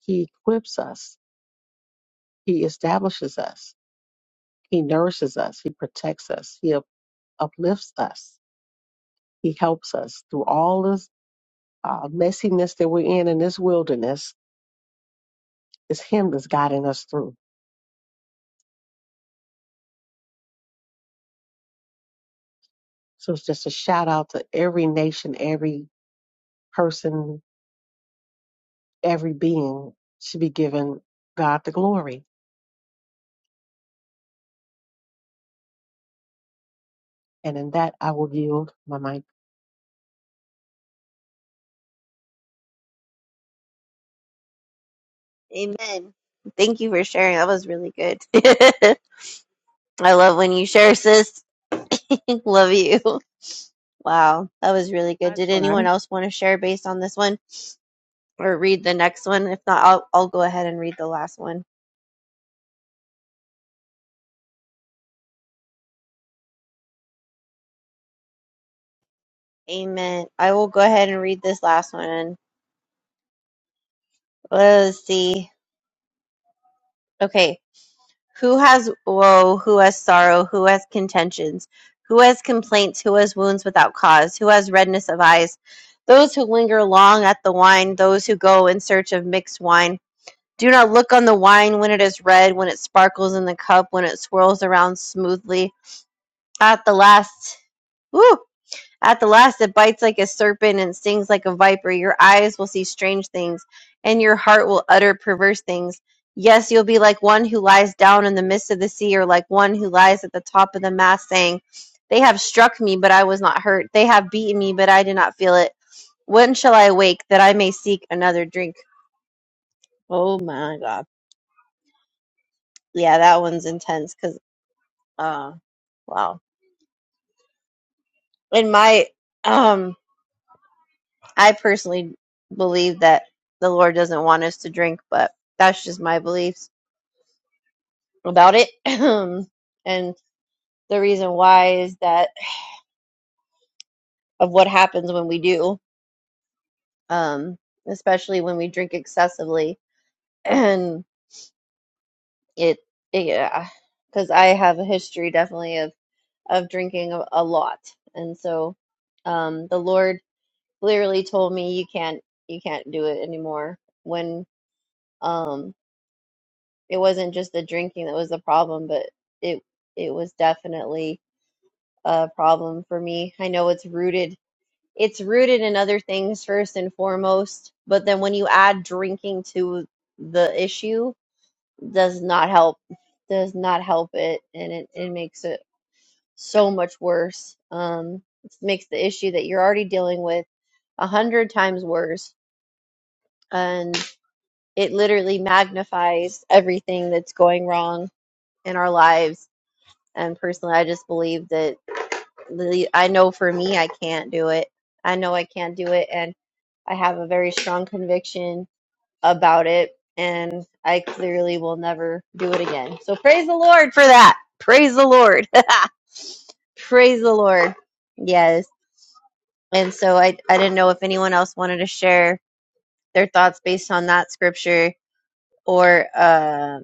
Speaker 5: He equips us. He establishes us. He nourishes us. He protects us. He up- uplifts us. He helps us through all this uh, messiness that we're in in this wilderness. It's him that's guiding us through. So it's just a shout out to every nation, every person, every being should be given God the glory. And in that, I will yield my mic.
Speaker 2: Amen. Thank you for sharing. That was really good. I love when you share, sis. love you. Wow, that was really good.
Speaker 5: I
Speaker 2: Did anyone
Speaker 5: try.
Speaker 2: else want to share based on this one or read the next one? If not, I'll, I'll go ahead and read the last one. Amen. I will go ahead and read this last one. Let's see. Okay. Who has woe? Who has sorrow? Who has contentions? Who has complaints? Who has wounds without cause? Who has redness of eyes? Those who linger long at the wine, those who go in search of mixed wine. Do not look on the wine when it is red, when it sparkles in the cup, when it swirls around smoothly. At the last, woo! At the last, it bites like a serpent and stings like a viper. Your eyes will see strange things, and your heart will utter perverse things. Yes, you'll be like one who lies down in the midst of the sea, or like one who lies at the top of the mast, saying, They have struck me, but I was not hurt. They have beaten me, but I did not feel it. When shall I awake that I may seek another drink? Oh my God. Yeah, that one's intense because, uh, wow. In my, um, I personally believe that the Lord doesn't want us to drink, but that's just my beliefs about it. and the reason why is that of what happens when we do, um, especially when we drink excessively. And it, yeah, because I have a history definitely of, of drinking a, a lot. And so um, the Lord clearly told me you can't, you can't do it anymore when. um, it wasn't just the drinking that was the problem, but it it was definitely a problem for me. I know it's rooted it's rooted in other things first and foremost, but then when you add drinking to the issue, does not help does not help it and it, it makes it so much worse. Um it makes the issue that you're already dealing with a hundred times worse. And it literally magnifies everything that's going wrong in our lives And personally, I just believe that the- I know for me, I can't do it. I know I can't do it. And I have a very strong conviction about it. And I clearly will never do it again. So praise the Lord for that. Praise the Lord. praise the Lord. Yes. And so I, I didn't know if anyone else wanted to share their thoughts based on that scripture or, um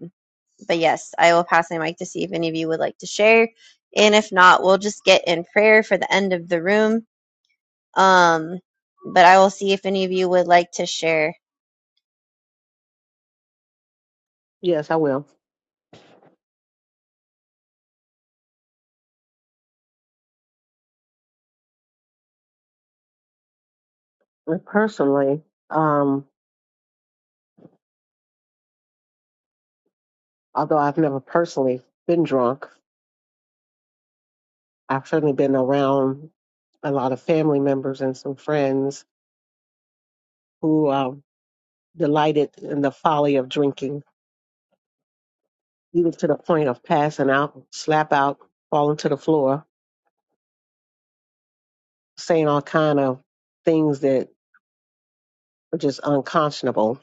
Speaker 2: but yes, I will pass my mic to see if any of you would like to share. And if not, we'll just get in prayer for the end of the room. Um, but I will see if any of you would like to share.
Speaker 5: Yes, I will. And personally, um, although I've never personally been drunk, I've certainly been around a lot of family members and some friends who um, delighted in the folly of drinking, even to the point of passing out, slap out, falling to the floor, saying all kind of things that are just unconscionable.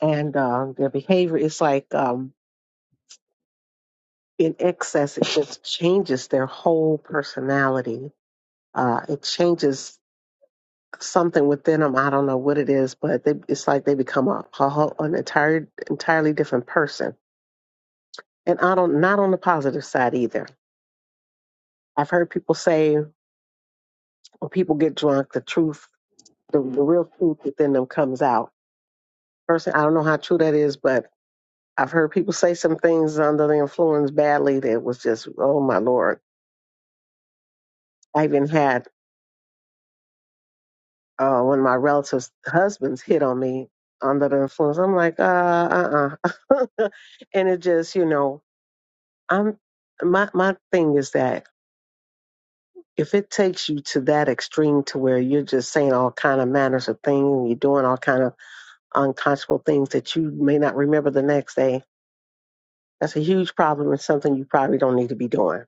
Speaker 5: And uh, their behavior is like um, in excess, it just changes their whole personality. Uh, it changes something within them. I don't know what it is, but they, it's like they become a, a whole, an entire, entirely different person. And I don't, not on the positive side either. I've heard people say when people get drunk, the truth, the, the real truth within them comes out. Personally, I don't know how true that is, but I've heard people say some things under the influence badly that was just, oh my lord. I even had uh, one of my relatives' husbands hit on me under the influence. I'm like, uh, uh, uh and it just, you know, I'm my my thing is that if it takes you to that extreme to where you're just saying all kind of manners of things, you're doing all kind of unconscionable things that you may not remember the next day, that's a huge problem and something you probably don't need to be doing.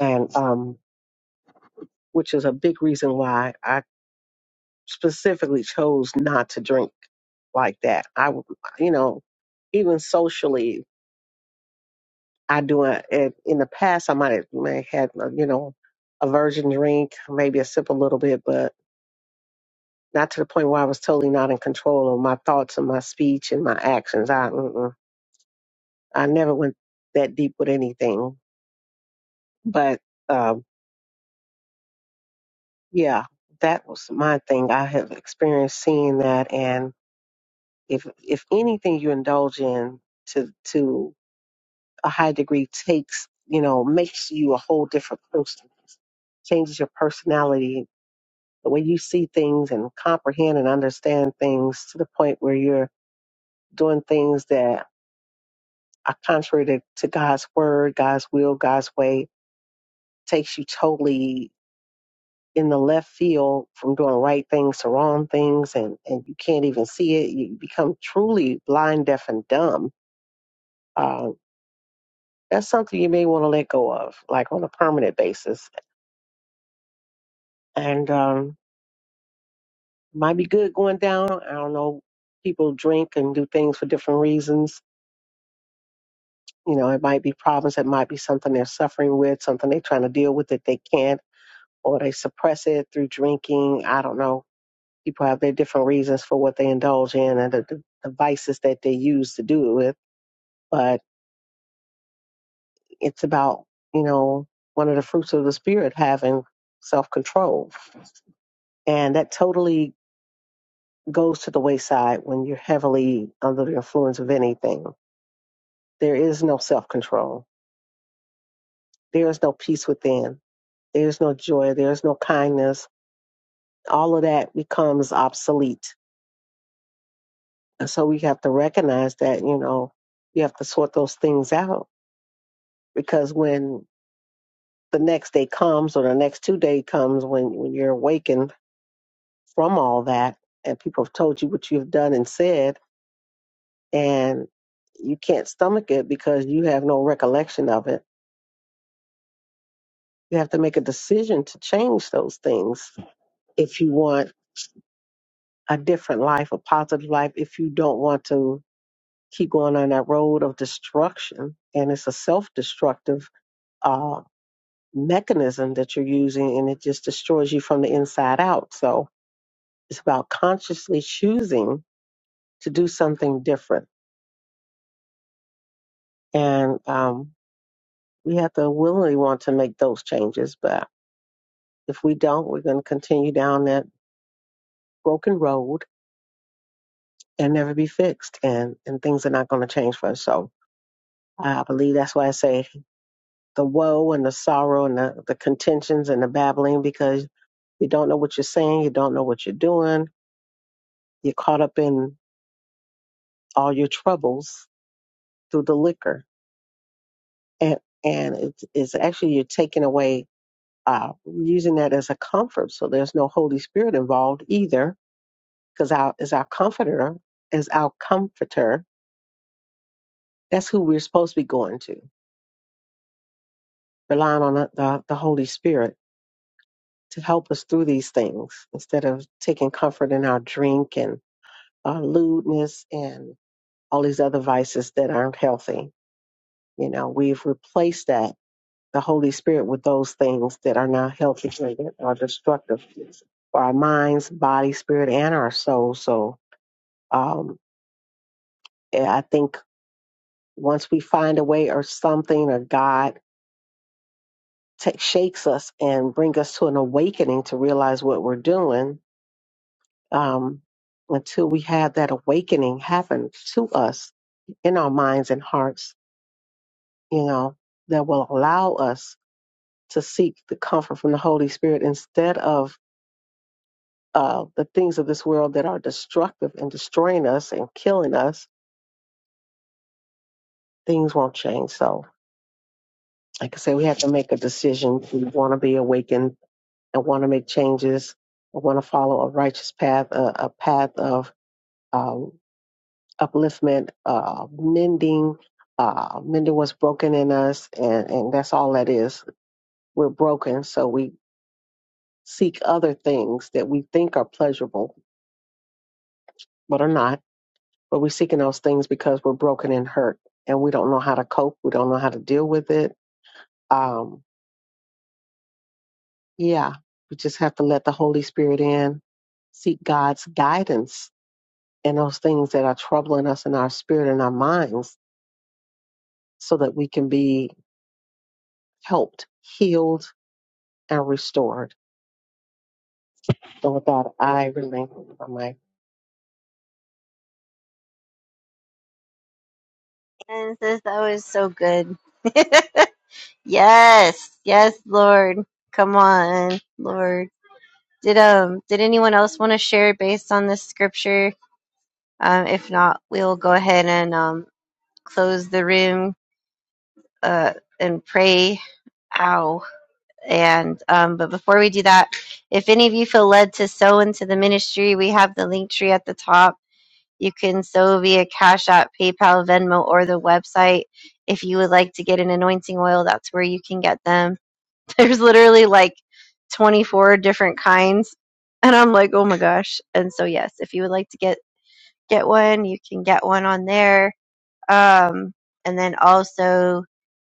Speaker 5: And um, which is a big reason why I specifically chose not to drink like that. I, w- you know, even socially, I do it. it- In the past, I might have may have had, uh, you know, a virgin drink, maybe a sip a little bit, but not to the point where I was totally not in control of my thoughts and my speech and my actions. I, mm-mm, I never went that deep with anything. But um, yeah, that was my thing. I have experienced seeing that, and if if anything you indulge in to to a high degree takes, you know, makes you a whole different person, changes your personality, the way you see things and comprehend and understand things to the point where you're doing things that are contrary to, to God's word, God's will, God's way, takes you totally in the left field from doing right things to wrong things and, and you can't even see it. You become truly blind, deaf, and dumb. Uh, that's something you may want to let go of, like on a permanent basis. And um, might be good going down. I don't know. People drink and do things for different reasons. You know, it might be problems. It might be something they're suffering with, something they're trying to deal with that they can't, or they suppress it through drinking. I don't know. People have their different reasons for what they indulge in and the, the, the vices that they use to do it with. But it's about, you know, one of the fruits of the spirit having self control. And that totally goes to the wayside when you're heavily under the influence of anything There is no self control. There is no peace within. There is no joy. There is no kindness. All of that becomes obsolete. And so we have to recognize that, you know, you have to sort those things out because when the next day comes or the next two day comes when, when you're awakened from all that and people have told you what you've done and said and you can't stomach it because you have no recollection of it. You have to make a decision to change those things if you want a different life, a positive life, if you don't want to keep going on that road of destruction. And it's a self destructive uh, mechanism that you're using, and it just destroys you from the inside out. So it's about consciously choosing to do something different. And um, we have to willingly want to make those changes. But if we don't, we're going to continue down that broken road and never be fixed. And, and things are not going to change for us. So I believe that's why I say the woe and the sorrow and the, the contentions and the babbling because you don't know what you're saying, you don't know what you're doing, you're caught up in all your troubles through the liquor, and and it's, it's actually you're taking away, uh, using that as a comfort. So there's no Holy Spirit involved either, because our is our comforter, is our comforter. That's who we're supposed to be going to, relying on the, the, the Holy Spirit to help us through these things instead of taking comfort in our drink and uh, lewdness and all these other vices that aren't healthy. You know, we've replaced that, the Holy Spirit, with those things that are not healthy and that are destructive for our minds, body, spirit, and our soul. So um, and I think once we find a way or something or God ta shakes us and bring us to an awakening to realize what we're doing, um, until we have that awakening happen to us in our minds and hearts, you know, that will allow us to seek the comfort from the Holy Spirit instead of uh, the things of this world that are destructive and destroying us and killing us, things won't change. So, like I say, we have to make a decision. We want to be awakened and want to make changes. I want to follow a righteous path, a, a path of um, upliftment, uh, mending, uh, mending what's broken in us. And, and that's all that is. We're broken. So we seek other things that we think are pleasurable, but are not. But we're seeking those things because we're broken and hurt and we don't know how to cope. We don't know how to deal with it. Um, yeah, we just have to let the Holy Spirit in, seek God's guidance in those things that are troubling us in our spirit and our minds so that we can be helped, healed, and restored. So with that, I relinquish my mic.
Speaker 2: And sis, that was so good. yes, yes, Lord. Come on, Lord. Did um did anyone else want to share based on this scripture? Um, if not, we'll go ahead and um close the room uh and pray. Ow And um, but before we do that, if any of you feel led to sow into the ministry, we have the link tree at the top. You can sow via Cash App, PayPal, Venmo, or the website. If you would like to get an anointing oil, that's where you can get them. There's literally like 24 different kinds, and I'm like, oh my gosh! And so yes, if you would like to get get one, you can get one on there um, and then also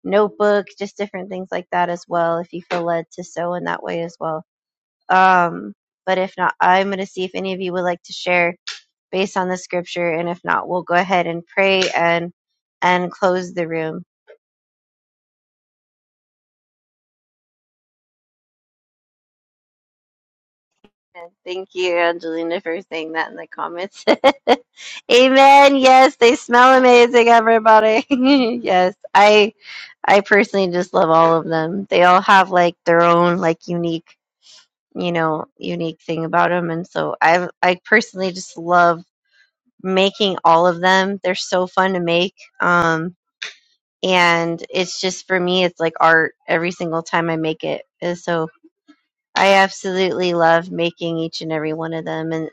Speaker 2: notebook, just different things like that as well, if you feel led to sew in that way as well. Um, but if not, I'm going to see if any of you would like to share based on the scripture. And if not, we'll go ahead and pray and and close the room. And thank you, Angelina, for saying that in the comments. Amen. Yes, they smell amazing, everybody. yes, I I personally just love all of them. They all have like their own like unique you know, unique thing about them. And so I I personally just love making all of them. They're so fun to make. Um and it's just for me it's like art every single time I make it. And so I absolutely love making each and every one of them and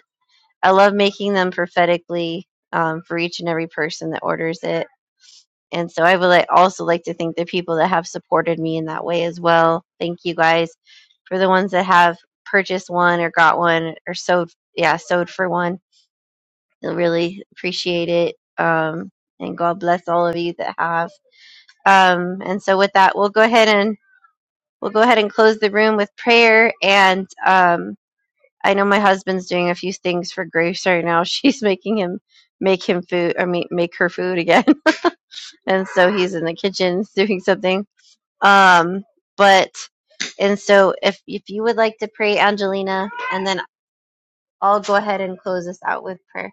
Speaker 2: I love making them prophetically um, for each and every person that orders it. And so I would like, also like to thank the people that have supported me in that way as well. Thank you guys for the ones that have purchased one or got one or sewed, yeah, sewed for one. I really appreciate it. Um, and God bless all of you that have. Um, and so with that, we'll go ahead and we'll go ahead and close the room with prayer. And um, I know my husband's doing a few things for Grace right now. She's making him make him food or make, make her food again. and so he's in the kitchen doing something um, but and so if if you would like to pray, Angelina, and then I'll go ahead and close this out with prayer.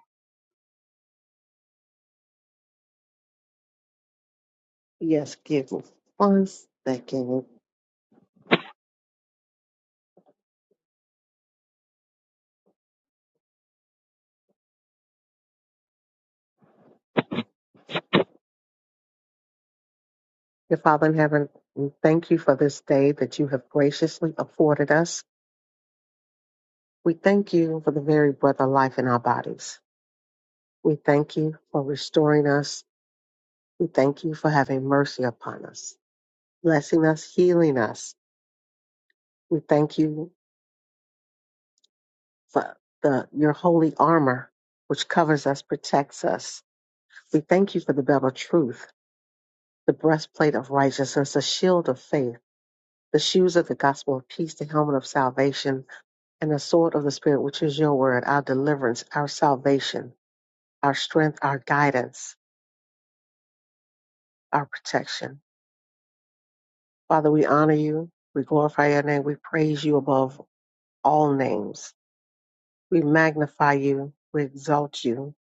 Speaker 5: Yes, give me one second. Dear Father in heaven, we thank you for this day that you have graciously afforded us. We thank you for the very breath of life in our bodies. We thank you for restoring us. We thank you for having mercy upon us, blessing us, healing us. We thank you for the, your holy armor, which covers us, protects us. We thank you for the belt of truth, the breastplate of righteousness, the shield of faith, the shoes of the gospel of peace, the helmet of salvation, and the sword of the Spirit, which is your word, our deliverance, our salvation, our strength, our guidance, our protection. Father, we honor you. We glorify your name. We praise you above all names. We magnify you. We exalt you.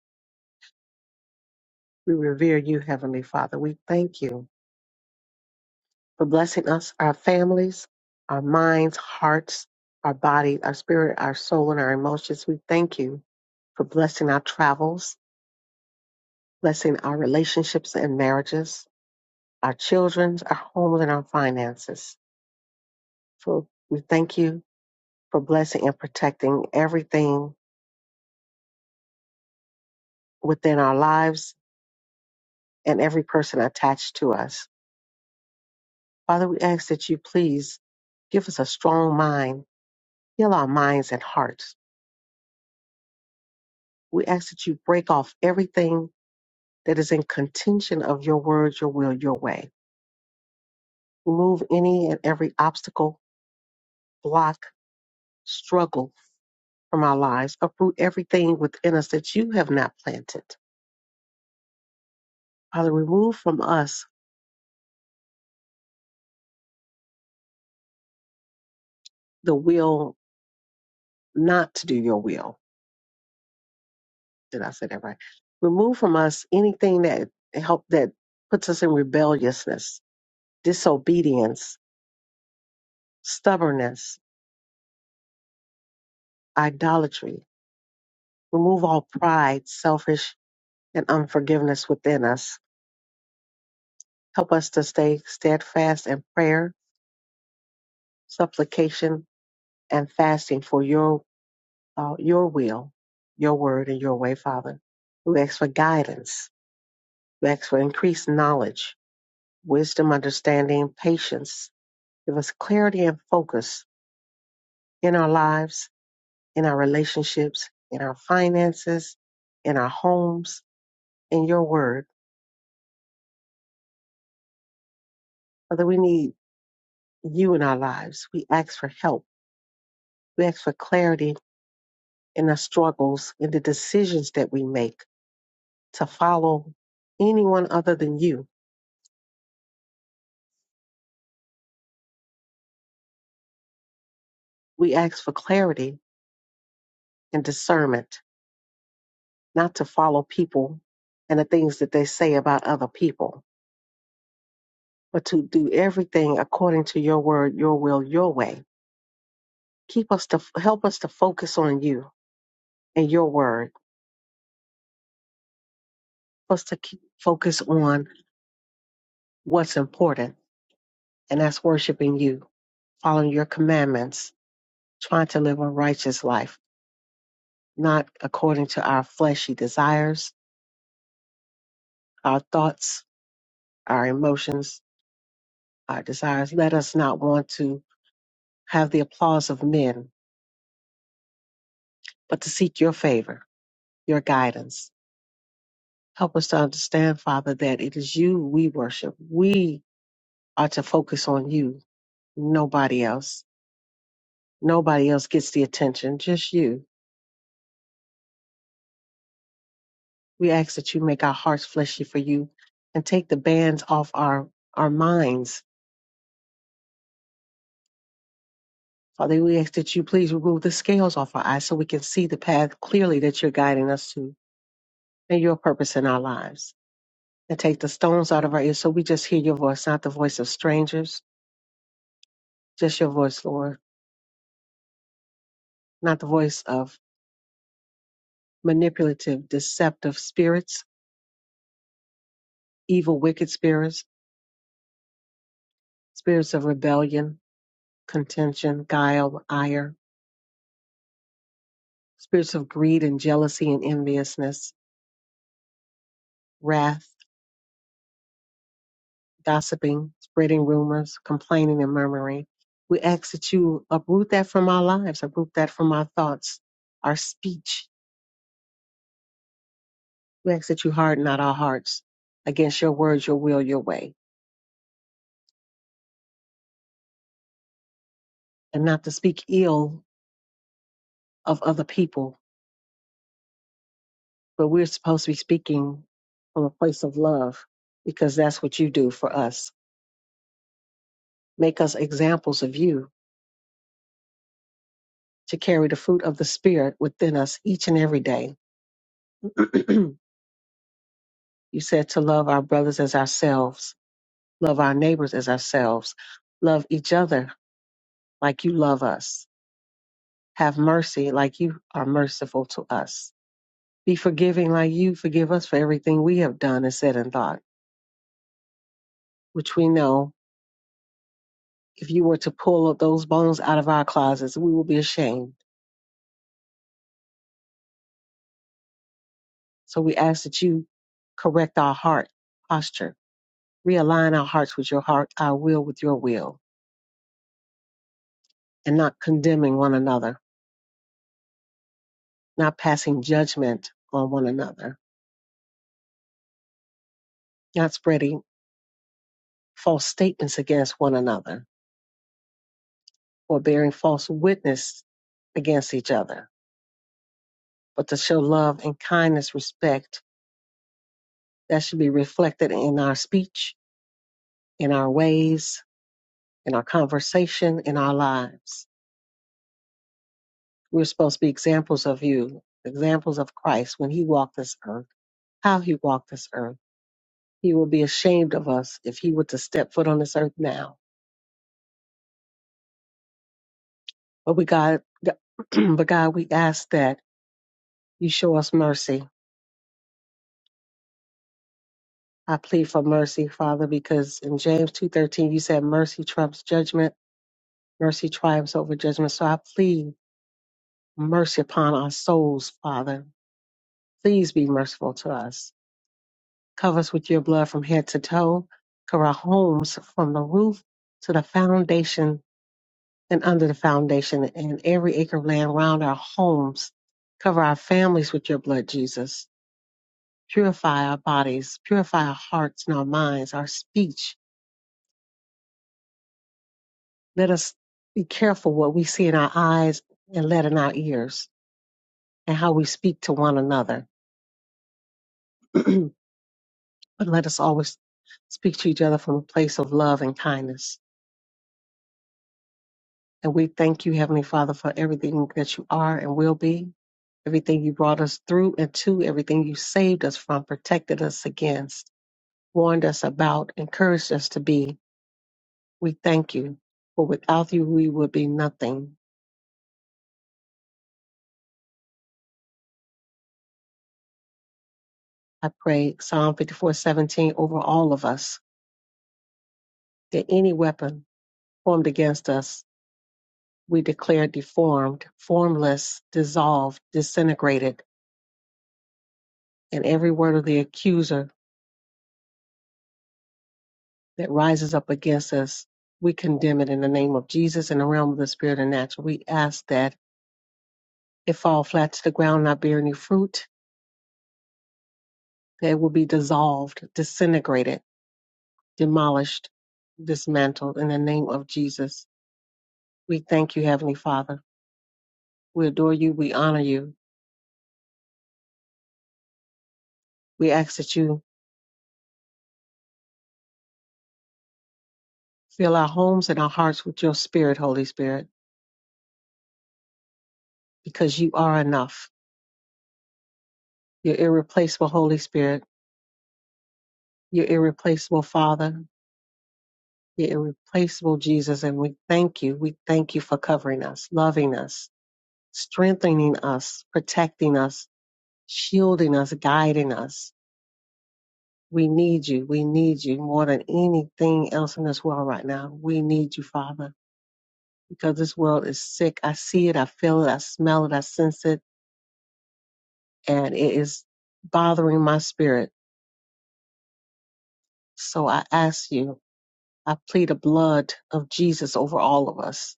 Speaker 5: We revere you, Heavenly Father. We thank you for blessing us, our families, our minds, hearts, our bodies, our spirit, our soul, and our emotions. We thank you for blessing our travels, blessing our relationships and marriages, our children, our homes, and our finances. So we thank you for blessing and protecting everything within our lives and every person attached to us. Father, we ask that you please give us a strong mind, heal our minds and hearts. We ask that you break off everything that is in contention of your word, your will, your way. Remove any and every obstacle, block, struggle from our lives. Uproot everything within us that you have not planted Father, remove from us the will not to do your will. Did I say that right? Remove from us anything that help that puts us in rebelliousness, disobedience, stubbornness, idolatry. Remove all pride, selfish, and unforgiveness within us. Help us to stay steadfast in prayer, supplication, and fasting for your uh, your will, your word, and your way, Father. We ask for guidance. We ask for increased knowledge Wisdom, understanding, patience give us clarity and focus in our lives, in our relationships, in our finances, in our homes, in your word. Father, we need you in our lives. We ask for help. We ask for clarity in our struggles, in the decisions that we make to follow anyone other than you. We ask for clarity and discernment, not to follow people and the things that they say about other people. but to do everything according to your word, your will, your way. Keep us to help us to focus on you and your word. Help us to keep focus on what's important, and that's worshiping you, following your commandments, trying to live a righteous life, not according to our fleshy desires, our thoughts, our emotions, our desires. Let us not want to have the applause of men, but to seek your favor, your guidance Help us to understand, Father, that it is you we worship. We are to focus on you, nobody else. Nobody else gets the attention, just you. We ask that you make our hearts fleshy for you and take the bands off our, our minds. Father, we ask that you please remove the scales off our eyes so we can see the path clearly that you're guiding us to and your purpose in our lives. And take the stones out of our ears so we just hear your voice, not the voice of strangers, just your voice, Lord, not the voice of manipulative, deceptive spirits, evil, wicked spirits, spirits of rebellion, contention, guile, ire, spirits of greed and jealousy and enviousness, wrath, gossiping, spreading rumors, complaining and murmuring. We ask that you uproot that from our lives, uproot that from our thoughts, our speech. We ask that you harden not our hearts against your words, your will, your way, and not to speak ill of other people but we're supposed to be speaking from a place of love because that's what you do for us. Make us examples of you to carry the fruit of the Spirit within us each and every day. you said to love our brothers as ourselves, love our neighbors as ourselves, love each other like you love us, have mercy like you are merciful to us, be forgiving like you forgive us for everything we have done and said and thought, which we know if you were to pull those bones out of our closets, we will be ashamed So we ask that you correct our heart posture, realign our hearts with your heart, our will with your will, and not condemning one another, not passing judgment on one another, not spreading false statements against one another or bearing false witness against each other, but to show love and kindness, respect that should be reflected in our speech, in our ways, in our conversation, in our lives We're supposed to be examples of you, examples of Christ when he walked this earth, how he walked this earth. He will be ashamed of us if he were to step foot on this earth now. But we God, but God, we ask that you show us mercy. I plead for mercy, Father, because in James 2.13, you said mercy trumps judgment. Mercy triumphs over judgment. So I plead mercy upon our souls, Father. Please be merciful to us. Cover us with your blood from head to toe, cover our homes from the roof to the foundation and under the foundation and every acre of land around our homes. Cover our families with your blood, Jesus. Purify our bodies, purify our hearts and our minds, our speech. Let us be careful what we see in our eyes and let in our ears and how we speak to one another. but let us always speak to each other from a place of love and kindness. And we thank you, Heavenly Father, for everything that you are and will be, everything you brought us through and to, everything you saved us from, protected us against, warned us about, encouraged us to be. We thank you, for without you, we would be nothing. I pray Psalm 54:17 over all of us, that any weapon formed against us, we declare deformed, formless, dissolved, disintegrated, and every word of the accuser that rises up against us, we condemn it in the name of Jesus in the realm of the spirit and natural. We ask that it fall flat to the ground, not bear any fruit, that it will be dissolved, disintegrated, demolished, dismantled in the name of Jesus. We thank you, Heavenly Father. We adore you. We honor you. We ask that you fill our homes and our hearts with your spirit, Holy Spirit, because you are enough. Your irreplaceable Holy Spirit, your irreplaceable Father, the irreplaceable Jesus, and we thank you. We thank you for covering us, loving us, strengthening us, protecting us, shielding us, guiding us. We need you. We need you more than anything else in this world right now. We need you, Father, because this world is sick. I see it. I feel it. I smell it. I sense it. And it is bothering my spirit. So I ask you, I plead the blood of Jesus over all of us.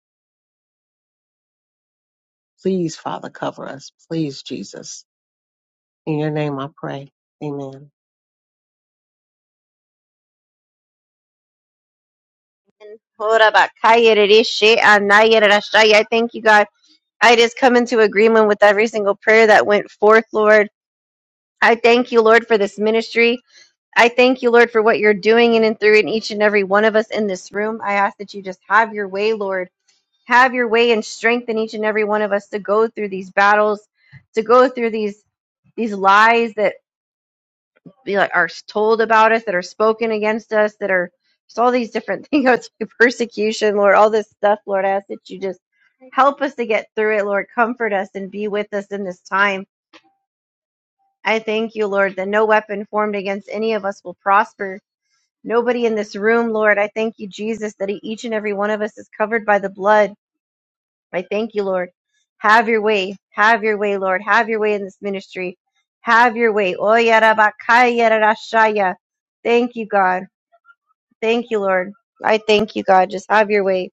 Speaker 5: Please, Father, cover us. Please, Jesus In your name I pray. Amen.
Speaker 2: I thank you, God. I just come into agreement with every single prayer that went forth, Lord. I thank you, Lord, for this ministry. I thank you, Lord, for what you're doing in and through in each and every one of us in this room. I ask that you just have your way, Lord. Have your way and strengthen each and every one of us to go through these battles, to go through these these lies that be like are told about us that are spoken against us that are just all these different things I was like, persecution lord all this stuff lord i ask that you just help us to get through it lord comfort us and be with us in this time i thank you lord that no weapon formed against any of us will prosper nobody in this room lord i thank you jesus that e-, each and every one of us is covered by the blood i thank you lord have your way have your way lord have your way in this ministry have your way Oy, yarabakaya, rarashaya. thank you god Thank you, Lord. I thank you, God. Just have your way.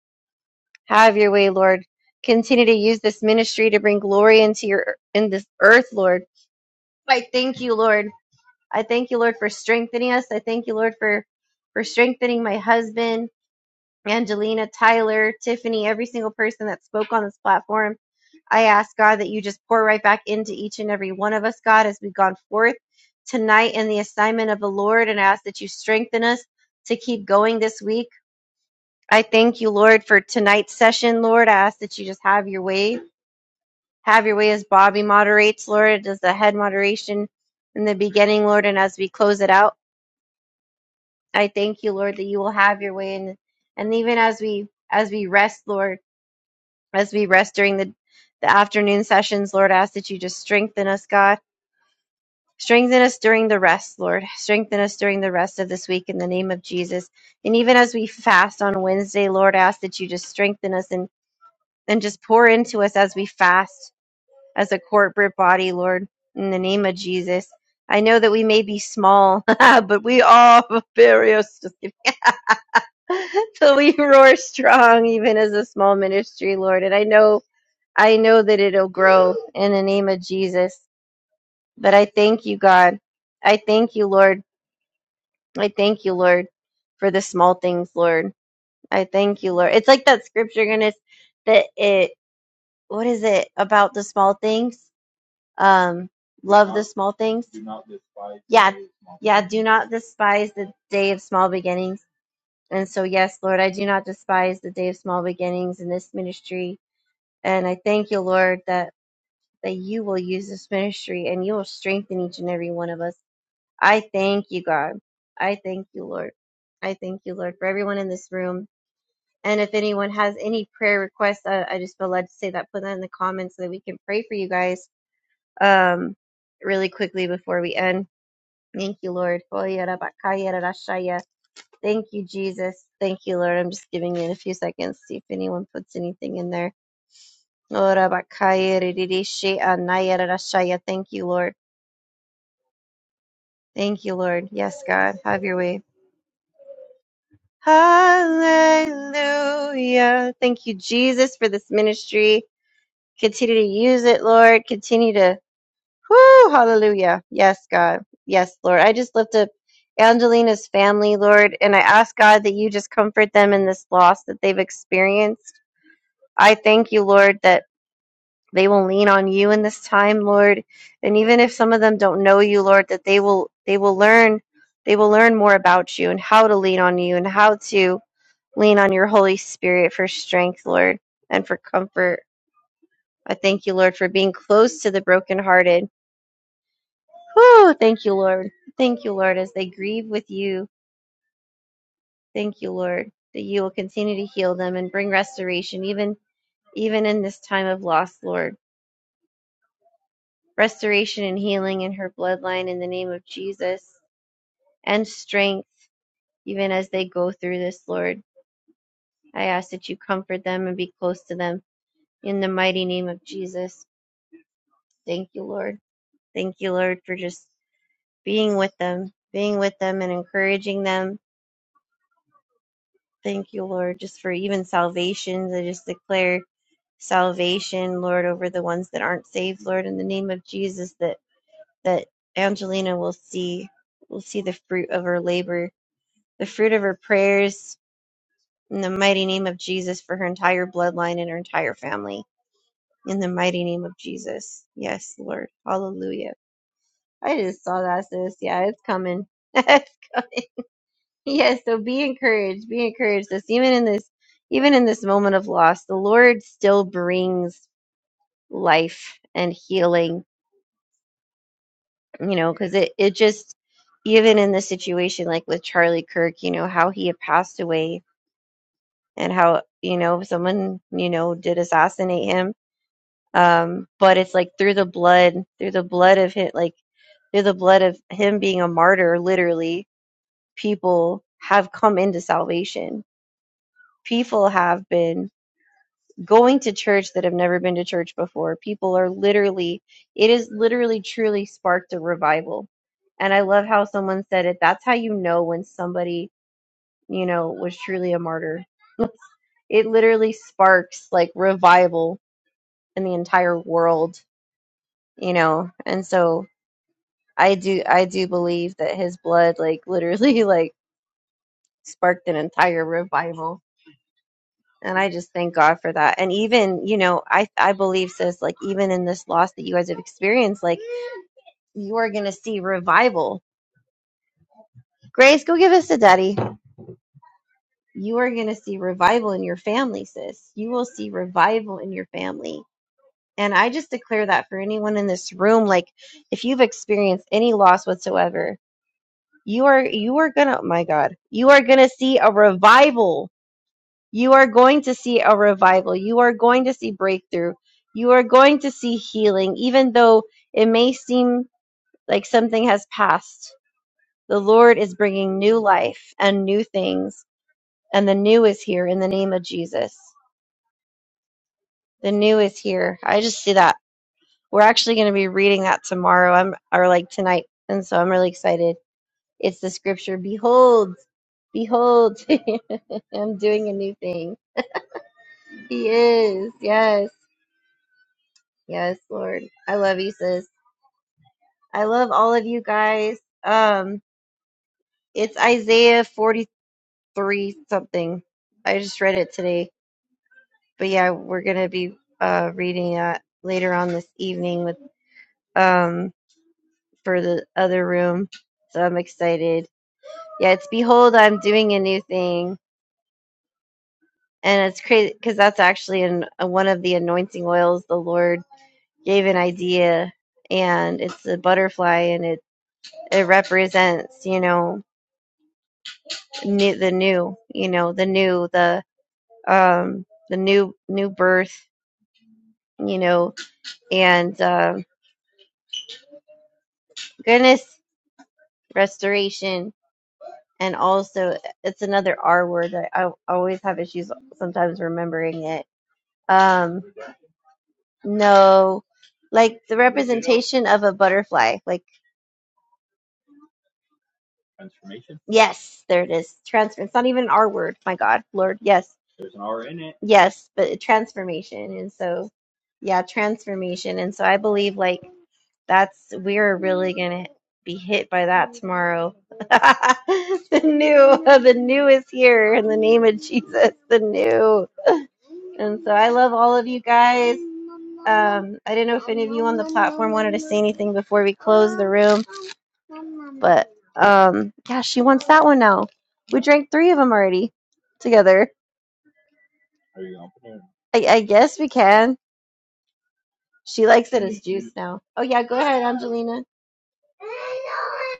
Speaker 2: Have your way, Lord. Continue to use this ministry to bring glory into your in this earth, Lord. I thank you, Lord. I thank you, Lord, for strengthening us. I thank you, Lord, for for strengthening my husband, Angelina, Tyler, Tiffany, every single person that spoke on this platform. I ask God that you just pour right back into each and every one of us, God, as we've gone forth tonight in the assignment of the Lord, and I ask that you strengthen us to keep going this week I thank you, Lord, for tonight's session, Lord. I ask that you just have your way. Have your way as Bobby moderates, Lord, does the head moderation in the beginning, Lord, and as we close it out. I thank you, Lord, that you will have your way and and even as we as we rest, Lord, as we rest during the, the afternoon sessions, Lord, I ask that you just strengthen us, God. Strengthen us during the rest, Lord. Strengthen us during the rest of this week in the name of Jesus. And even as we fast on Wednesday, Lord, I ask that you just strengthen us and. Then just pour into us as we fast as a corporate body, Lord, in the name of Jesus. I know that we may be small, but we are various. So we roar strong even as a small ministry, Lord. And I know I know that it'll grow in the name of Jesus. But I thank you, God. I thank you, Lord. I thank you, Lord, for the small things, Lord. I thank you, Lord. It's like that scripture, goodness, that it, what is it about the small things? Um, love the small things. Yeah, yeah. Do not despise the day of small beginnings. And so, yes, Lord, I do not despise the day of small beginnings in this ministry. And I thank you, Lord, that that you will use this ministry and you will strengthen each and every one of us. I thank you, God. I thank you, Lord. I thank you, Lord, for everyone in this room. And if anyone has any prayer requests, I, I just feel led to say that. Put that in the comments so that we can pray for you guys um, really quickly before we end. Thank you, Lord. Thank you, Jesus. Thank you, Lord. I'm just giving it a few seconds to see if anyone puts anything in there. Thank you, Lord. Thank you, Lord. Yes, God. Have your way. Hallelujah. Thank you, Jesus, for this ministry. Continue to use it, Lord. Continue to Woo, hallelujah. Yes, God. Yes, Lord. I just lift up Angelina's family, Lord, and I ask God that you just comfort them in this loss that they've experienced. I thank you, Lord, that they will lean on you in this time, Lord. And even if some of them don't know you, Lord, that they will they will learn they will learn more about you and how to lean on you and how to lean on your Holy Spirit for strength, Lord, and for comfort. I thank you, Lord, for being close to the brokenhearted Oh, thank you, Lord. Thank you, Lord, as they grieve with you. Thank you, Lord, that you will continue to heal them and bring restoration, even even in this time of loss, Lord. Restoration and healing in her bloodline in the name of Jesus, and strength, even as they go through this, Lord. I ask that you comfort them and be close to them in the mighty name of Jesus. Thank you, Lord. Thank you, Lord, for just being with them, being with them and encouraging them Thank you, Lord, just for even salvations. I just declare salvation, Lord, over the ones that aren't saved, Lord, in the name of Jesus, that that Angelina will see will see the fruit of her labor, the fruit of her prayers, in the mighty name of Jesus, for her entire bloodline and her entire family. In the mighty name of Jesus. Yes, Lord. Hallelujah. I just saw that, sis. Yeah, it's coming. It's coming. Yes, so be encouraged, be encouraged. This even in this even in this moment of loss, the Lord still brings life and healing, you know, because it, it just even in the situation like with Charlie Kirk, you know, how he had passed away and how, you know, someone, you know, did assassinate him. Um, but it's like through the blood, through the blood of him like through the blood of him being a martyr, literally, people have come into salvation. People have been going to church that have never been to church before. People are literally, it is literally truly sparked a revival. And I love how someone said it. That's how you know when somebody, you know, was truly a martyr. It literally sparks like revival in the entire world, you know. And so I do, I do believe that his blood, like, literally, like, sparked an entire revival And I just thank God for that. And even, you know, I I believe sis, like even in this loss that you guys have experienced, like you are gonna see revival. Grace, go give us a daddy. You are gonna see revival in your family, sis. You will see revival in your family. And I just declare that for anyone in this room, like if you've experienced any loss whatsoever, you are you are gonna oh my God, you are gonna see a revival You are going to see a revival. You are going to see breakthrough. You are going to see healing, even though it may seem like something has passed. The Lord is bringing new life and new things, and the new is here in the name of Jesus. The new is here. I just see that. We're actually going to be reading that tomorrow, I'm, or like tonight, and so I'm really excited. It's the scripture Behold, behold, I'm doing a new thing. He is, yes. Yes, Lord. I love you, sis. I love all of you guys. Um, it's Isaiah 43 something. I just read it today. But yeah, we're going to be uh reading that later on this evening with um for the other room. So I'm excited. Yeah, it's behold I'm doing a new thing. And it's crazy cuz that's actually in uh, one of the anointing oils the Lord gave an idea and it's a butterfly and it it represents, you know, new the new you know the new the um the new new birth you know and um goodness restoration and also it's another r word that i always have issues sometimes remembering it um no like the representation of a butterfly like yes there it is transfer it's not even an r word my god lord yes yes but transformation and so yeah transformation and so i believe like That's we're really gonna be hit by that tomorrow. the new, the new is here in the name of Jesus. The new, and so I love all of you guys. Um, I didn't know if any of you on the platform wanted to say anything before we close the room, but um, yeah, she wants that one now. We drank three of them already together. I, I guess we can. She likes it as juice now. Oh yeah, go ahead, Angelina.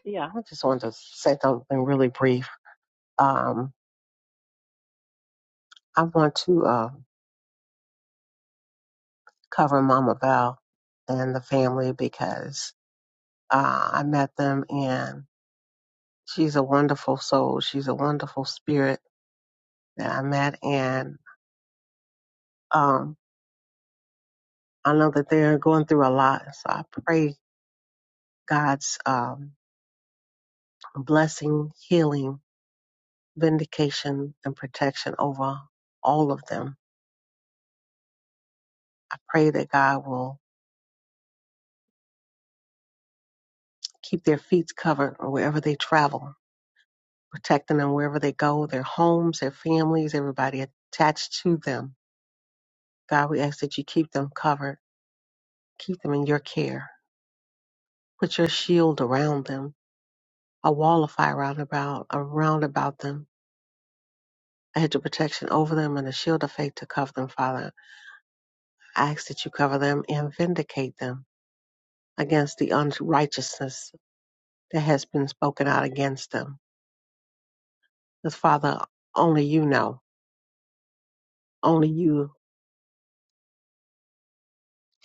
Speaker 5: Yeah, I just wanted to say something really brief. Um, I want to uh, cover Mama Bell and the family because uh, I met them and she's a wonderful soul. She's a wonderful spirit that I met. And um, I know that they're going through a lot. So I pray God's um, blessing, healing, vindication, and protection over all of them. I pray that God will keep their feet covered or wherever they travel, protecting them wherever they go, their homes, their families, everybody attached to them. God, we ask that you keep them covered, keep them in your care. Put your shield around them, a wall of fire round about, around about them, a hedge of protection over them, and a shield of faith to cover them, Father. I ask that you cover them and vindicate them against the unrighteousness that has been spoken out against them. Because, Father, only you know. Only you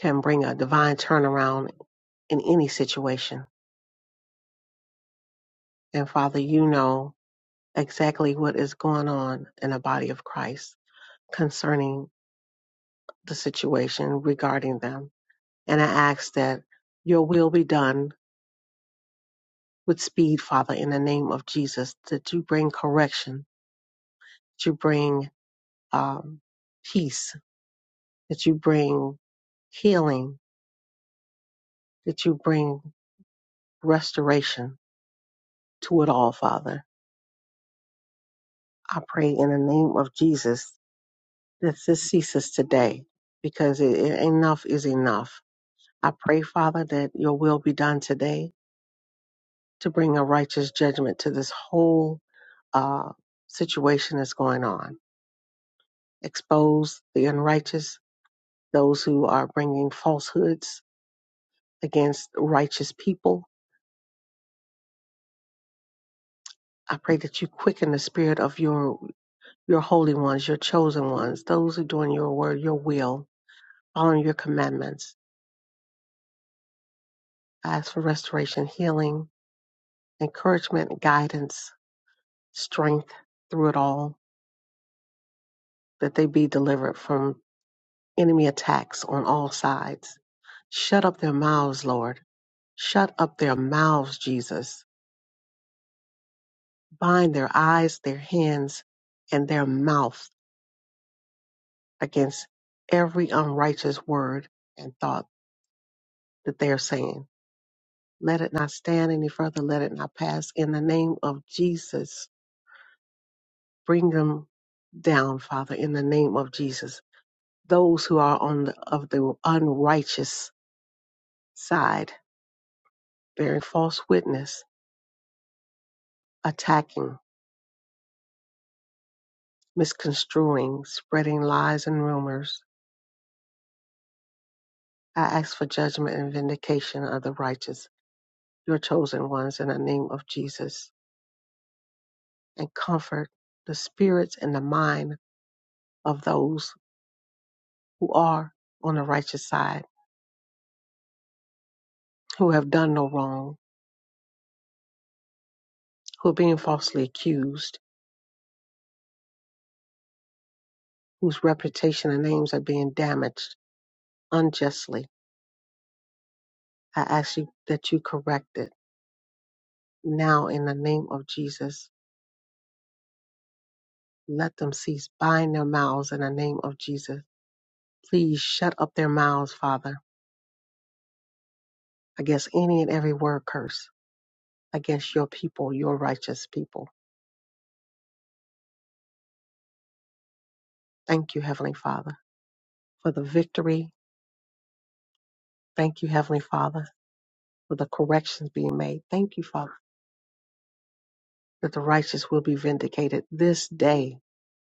Speaker 5: can bring a divine turnaround in any situation. And Father, you know exactly what is going on in the body of Christ concerning the situation regarding them. And I ask that your will be done with speed, Father, in the name of Jesus, that you bring correction, that you bring um, peace, that you bring healing, that you bring restoration to it all, Father. I pray in the name of Jesus that this ceases today because it, it- enough is enough. I pray, Father, that your will be done today to bring a righteous judgment to this whole uh, situation that's going on. Expose the unrighteous, those who are bringing falsehoods against righteous people. I pray that you quicken the spirit of your your holy ones, your chosen ones, those who are doing your word, your will, following your commandments. I ask for restoration, healing, encouragement, guidance strength through it all, that they be delivered from enemy attacks on all sides. Shut up their mouths, Lord. Shut up their mouths, Jesus. Bind their eyes, their hands, and their mouth against every unrighteous word and thought that they are saying. Let it not stand any further. Let it not pass. In the name of Jesus, bring them down, Father, in the name of Jesus. Those who are on the, of the unrighteous side bearing false witness, attacking, misconstruing, spreading lies and rumors. I ask for judgment and vindication of the righteous, your chosen ones, in the name of Jesus, and comfort the spirits and the mind of those who are on the righteous side, who have done no wrong, who are being falsely accused, whose reputation and names are being damaged unjustly. I ask you that you correct it now in the name of Jesus Let them cease buying their mouths in the name of Jesus. Please shut up their mouths, Father, against any and every word curse against your people, your righteous people. Thank you, Heavenly Father, for the victory. Thank you, Heavenly Father, for the corrections being made. Thank you, Father, that the righteous will be vindicated this day,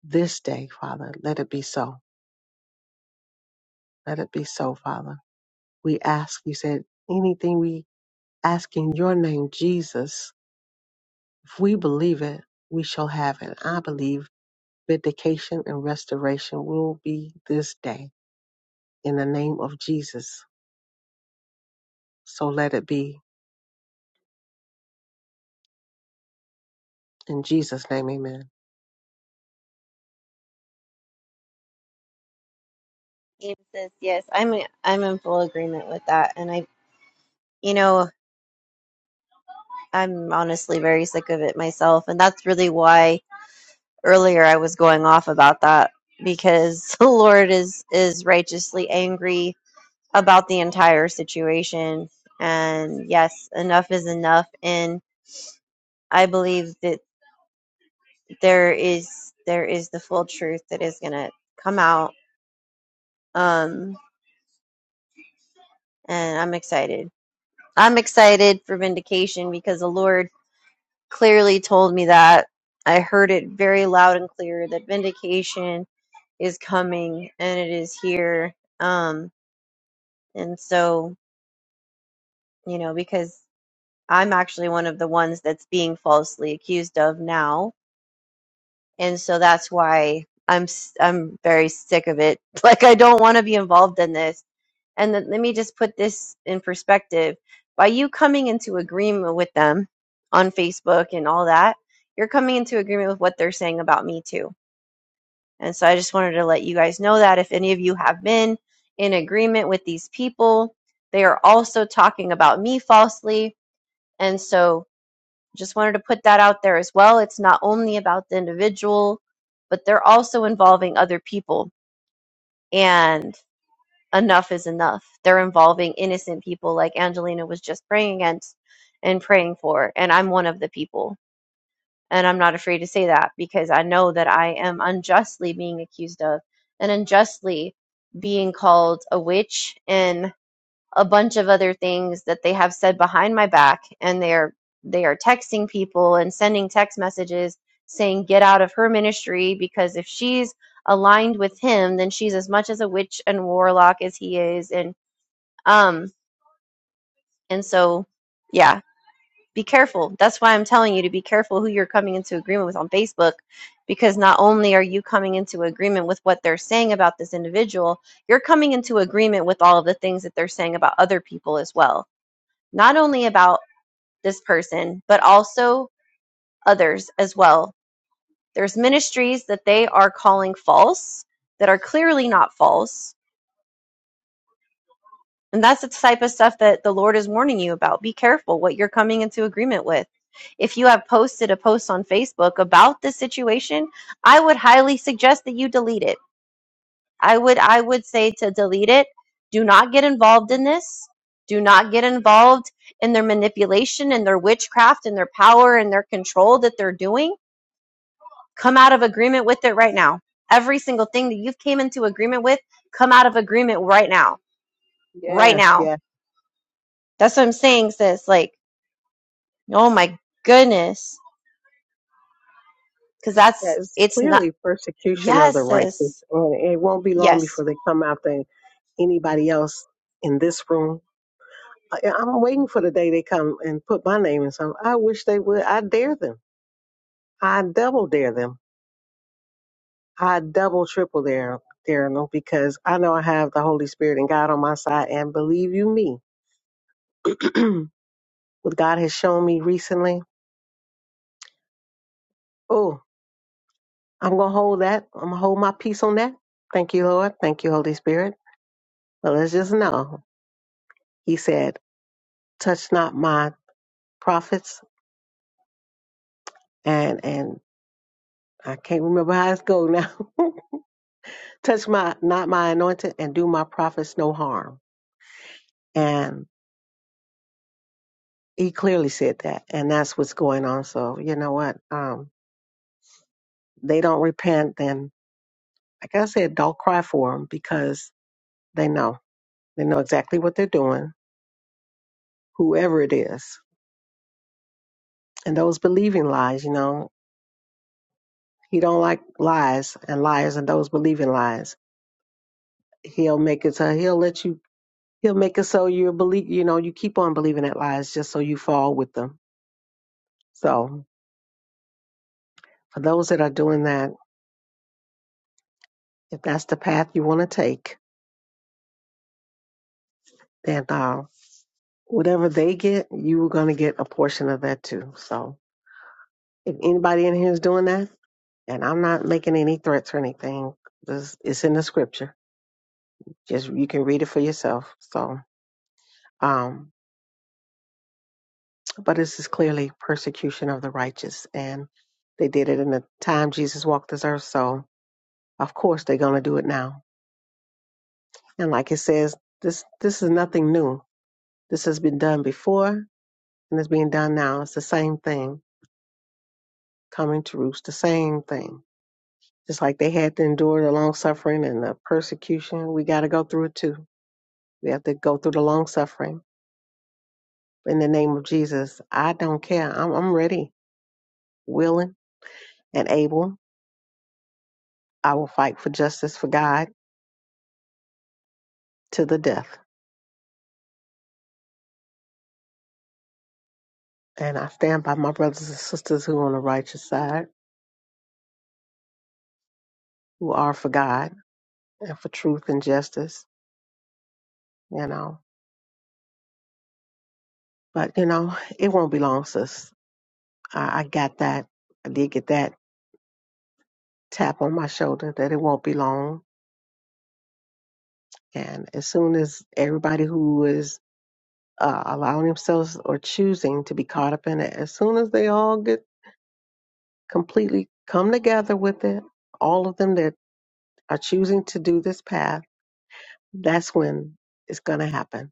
Speaker 5: this day, Father. Let it be so. Let it be so, Father. We ask, you said, anything we ask in your name, Jesus, if we believe it, we shall have it. I believe vindication and restoration will be this day in the name of Jesus. So let it be. In Jesus' name, amen.
Speaker 2: Gabe says yes. I'm I'm in full agreement with that, and I You know, I'm honestly very sick of it myself. And that's really why earlier I was going off about that because the Lord is, is righteously angry about the entire situation. And yes, enough is enough. And I believe that there is, there is the full truth that is going to come out. Um, and I'm excited. I'm excited for vindication because the Lord clearly told me that. I heard it very loud and clear that vindication is coming and it is here. Um, and so, you know, because I'm actually one of the ones that's being falsely accused of now. And so that's why I'm s- I'm very sick of it. Like I don't want to be involved in this. And then let me just put this in perspective. By you coming into agreement with them on Facebook and all that, you're coming into agreement with what they're saying about me too And so I just wanted to let you guys know that if any of you have been in agreement with these people, they are also talking about me falsely. And so just wanted to put that out there as well. It's not only about the individual, but they're also involving other people. And enough is enough. They're involving innocent people like Angelina was just praying against and praying for. And I'm one of the people. And I'm not afraid to say that because I know that I am unjustly being accused of and unjustly being called a witch and a bunch of other things that they have said behind my back and they're they are texting people and sending text messages saying get out of her ministry because if she's aligned with him then she's as much as a witch and warlock as he is and um and so yeah be careful. That's why I'm telling you to be careful who you're coming into agreement with on Facebook because not only are you coming into agreement with what they're saying about this individual, you're coming into agreement with all of the things that they're saying about other people as well. Not only about this person, but also others as well. There's ministries that they are calling false that are clearly not false And that's the type of stuff that the Lord is warning you about. Be careful what you're coming into agreement with. If you have posted a post on Facebook about this situation, I would highly suggest that you delete it. I would I would say to delete it. Do not get involved in this. Do not get involved in their manipulation and their witchcraft and their power and their control that they're doing. Come out of agreement with it right now. Every single thing that you've came into agreement with, come out of agreement right now. Right
Speaker 5: Yes,
Speaker 2: now.
Speaker 5: yes,
Speaker 2: That's what I'm saying, sis. Like Oh my goodness. Because that's,
Speaker 5: yes.
Speaker 2: it's not,
Speaker 5: Clearly, persecution of the
Speaker 2: yes,
Speaker 5: righteous.
Speaker 2: sis.
Speaker 5: And it won't be long
Speaker 2: Yes.
Speaker 5: before they come after anybody else in this room. I, I'm waiting for the day they come and put my name in some. I wish they would. I dare them. I double dare them. I double triple there, Darren, because I know I have the Holy Spirit and God on my side. And believe you me, what God has shown me recently, oh, I'm going to hold that. I'm going to hold my peace on that. Thank you, Lord. Thank you, Holy Spirit. But let's just know, He said, touch not my prophets and, and, I can't remember how it's go now. Touch my not my anointed and do my prophets no harm. And he clearly said that. And that's what's going on. So you know what? Um they don't repent, then, like I said, don't cry for them because they know. They know exactly what they're doing, whoever it is. And those believing lies, you know, he don't like lies and liars and those believing lies. He'll make it so he'll let you, he'll make it so you believe, you know, you keep on believing that lies just so you fall with them. So for those that are doing that, if that's the path you want to take, then uh, whatever they get, you are going to get a portion of that too. So if anybody in here is doing that, And I'm not making any threats or anything. This, it's in the scripture. Just you can read it for yourself. So, um, but this is clearly persecution of the righteous, and they did it in the time Jesus walked this earth. So, of course, they're going to do it now. And like it says, this this is nothing new. This has been done before, and it's being done now. It's the same thing coming to roost. The same thing. Just like they had to endure the long suffering and the persecution, we got to go through it too. We have to go through the long suffering in the name of Jesus, I don't care. I'm, I'm ready, willing, and able. I will fight for justice for God to the death. And I stand by my brothers and sisters who are on the righteous side, who are for God and for truth and justice, you know. But, you know, it won't be long, sis. I, I got that. I did get that tap on my shoulder that it won't be long. And as soon as everybody who is uh, allowing themselves or choosing to be caught up in it, as soon as they all get completely come together with it, all of them that are choosing to do this path, that's when it's going to happen.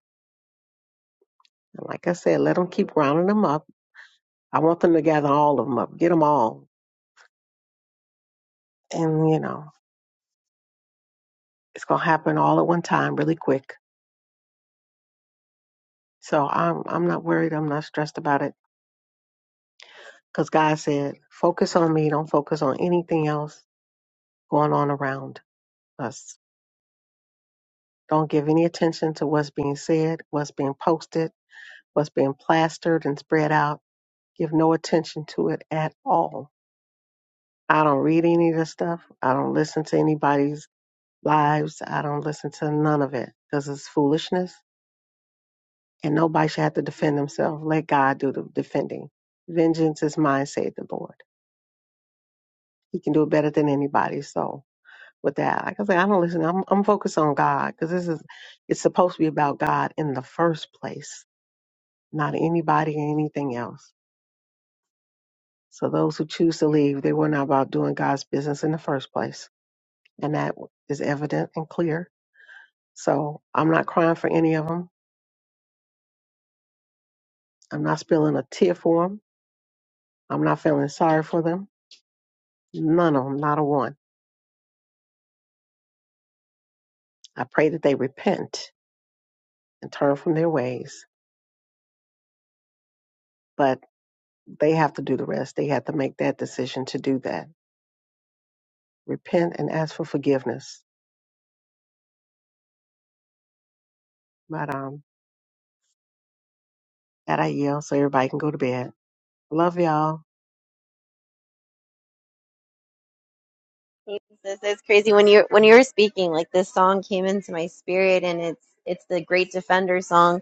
Speaker 5: And like I said, let them keep rounding them up. I want them to gather all of them up, get them all. And, you know, it's going to happen all at one time really quick. So I'm, I'm not worried. I'm not stressed about it because God said, focus on me. Don't focus on anything else going on around us. Don't give any attention to what's being said, what's being posted, what's being plastered and spread out give no attention to it at all. I don't read any of this stuff. I don't listen to anybody's lives. I don't listen to none of it because it's foolishness and nobody should have to defend themselves. Let God do the defending. Vengeance is mine, said the Lord. He can do it better than anybody. So with that, like I said, I don't listen. I'm, I'm focused on God because this is, it's supposed to be about God in the first place, not anybody or anything else. So those who choose to leave, they were not about doing God's business in the first place. and that is evident and clear. So I'm not crying for any of them. I'm not spilling a tear for them. I'm not feeling sorry for them. None of them, not a one. I pray that they repent and turn from their ways, but they have to do the rest. They have to make that decision to do that. Repent and ask for forgiveness. But um, that I yell so everybody can go to bed. Love y'all.
Speaker 2: This is crazy when you when you were speaking like this song came into my spirit and it's it's the great defender song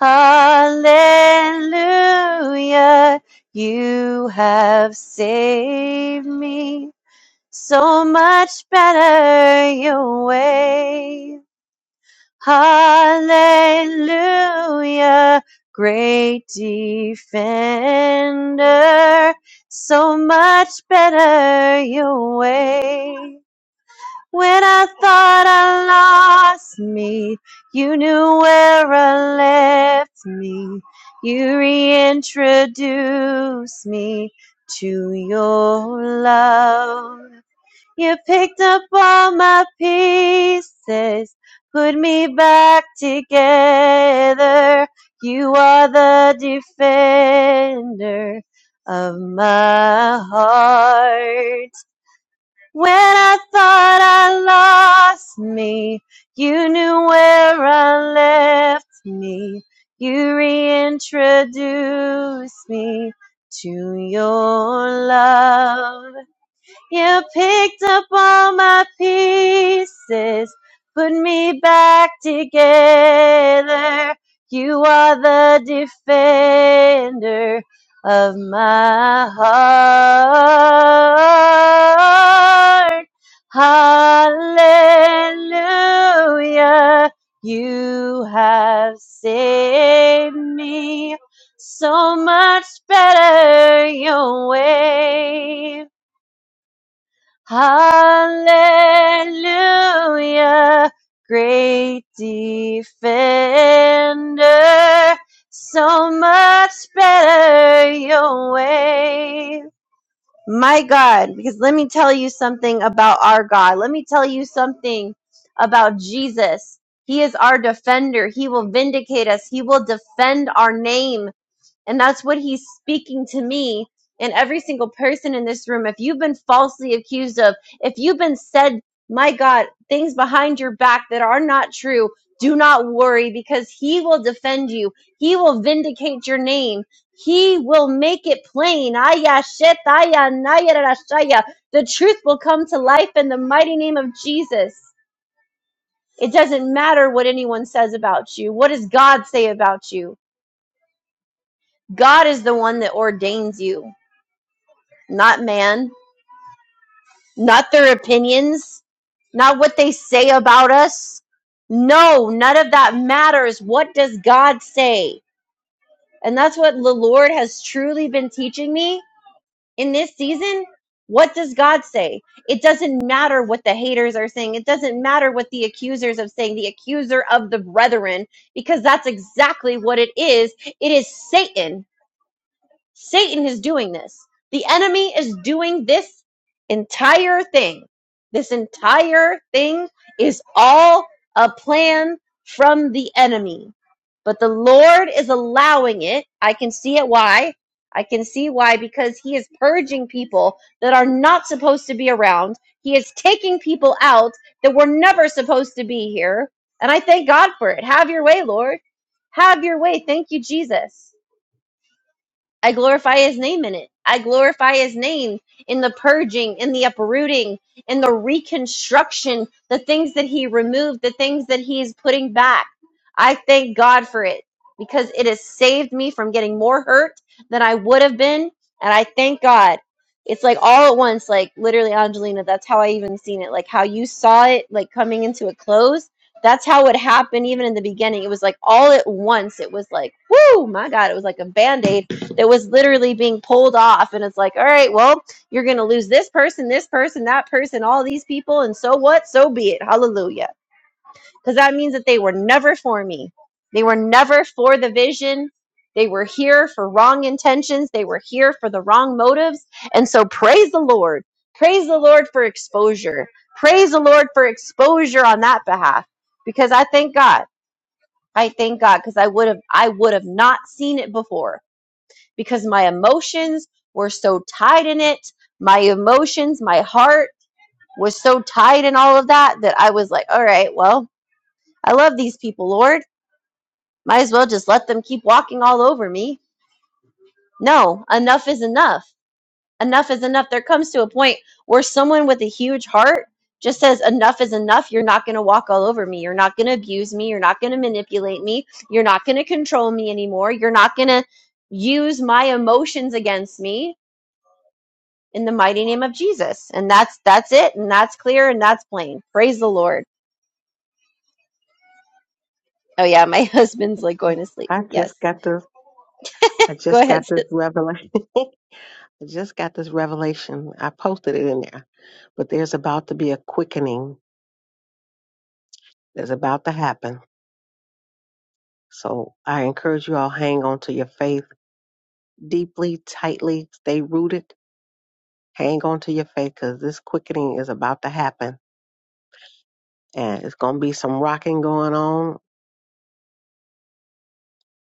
Speaker 2: Hallelujah you have saved me so much better your way. Hallelujah, great defender, so much better your way. When I thought I lost me, you knew where I left me. You reintroduced me to your love. You picked up all my pieces, put me back together. You are the defender of my heart. When I thought I lost me, you knew where I left me. You reintroduced me to your love. You picked up all my pieces, put me back together. You are the defender of my heart. Hallelujah. You have saved me so much better your way. Hallelujah, great defender, so much better your way. My God, because let me tell you something about our God. Let me tell you something about Jesus. He is our defender. He will vindicate us. He will defend our name. And that's what he's speaking to me and every single person in this room. If you've been falsely accused of, if you've been said, my God, things behind your back that are not true, do not worry because he will defend you. He will vindicate your name. He will make it plain. Aya shetaya naya rashaya. The truth will come to life in the mighty name of Jesus. It doesn't matter what anyone says about you. What does God say about you? God is the one that ordains you. not man, not their opinions, not what they say about us. No, none of that matters. What does God say? And that's what the Lord has truly been teaching me in this season. What does God say? It doesn't matter what the haters are saying. It doesn't matter what the accusers are saying, the accuser of the brethren, because that's exactly what it is. It is Satan Satan is doing this. The enemy is doing this entire thing. This entire thing is all a plan from the enemy. But the Lord is allowing it. I can see it why. I can see why because he is purging people that are not supposed to be around. He is taking people out that were never supposed to be here. And I thank God for it. Have your way, Lord. Have your way. Thank you, Jesus. I glorify his name in it. I glorify his name in the purging, in the uprooting, in the reconstruction, the things that he removed, the things that he is putting back. I thank God for it because it has saved me from getting more hurt than I would have been. And I thank God. It's like all at once, like literally, Angelina, that's how I even seen it. Like how you saw it, like coming into a close. That's how it happened, even in the beginning. It was like all at once. It was like, whoo, my God. It was like a band aid that was literally being pulled off and it's like all right well you're going to lose this person this person that person all these people and so what so be it hallelujah because that means that they were never for me they were never for the vision they were here for wrong intentions they were here for the wrong motives and so praise the lord praise the lord for exposure praise the lord for exposure on that behalf because i thank god i thank god because i would have i would have not seen it before because my emotions were so tied in it. My emotions, my heart was so tied in all of that that I was like, all right, well, I love these people, Lord. Might as well just let them keep walking all over me. No, enough is enough. Enough is enough. There comes to a point where someone with a huge heart just says, enough is enough. You're not going to walk all over me. You're not going to abuse me. You're not going to manipulate me. You're not going to control me anymore. You're not going to use my emotions against me in the mighty name of Jesus. And that's that's it, and that's clear, and that's plain. Praise the Lord. Oh yeah, my husband's like going to sleep.
Speaker 5: I
Speaker 2: Yes,
Speaker 5: just got this. I
Speaker 2: go
Speaker 5: just got
Speaker 2: ahead,
Speaker 5: this
Speaker 2: sis.
Speaker 5: revelation. I just got this revelation. I posted it in there but there's about to be a quickening that's about to happen. So I encourage you all hang on to your faith deeply, tightly, stay rooted, hang on to your faith because this quickening is about to happen and it's gonna be some rocking going on.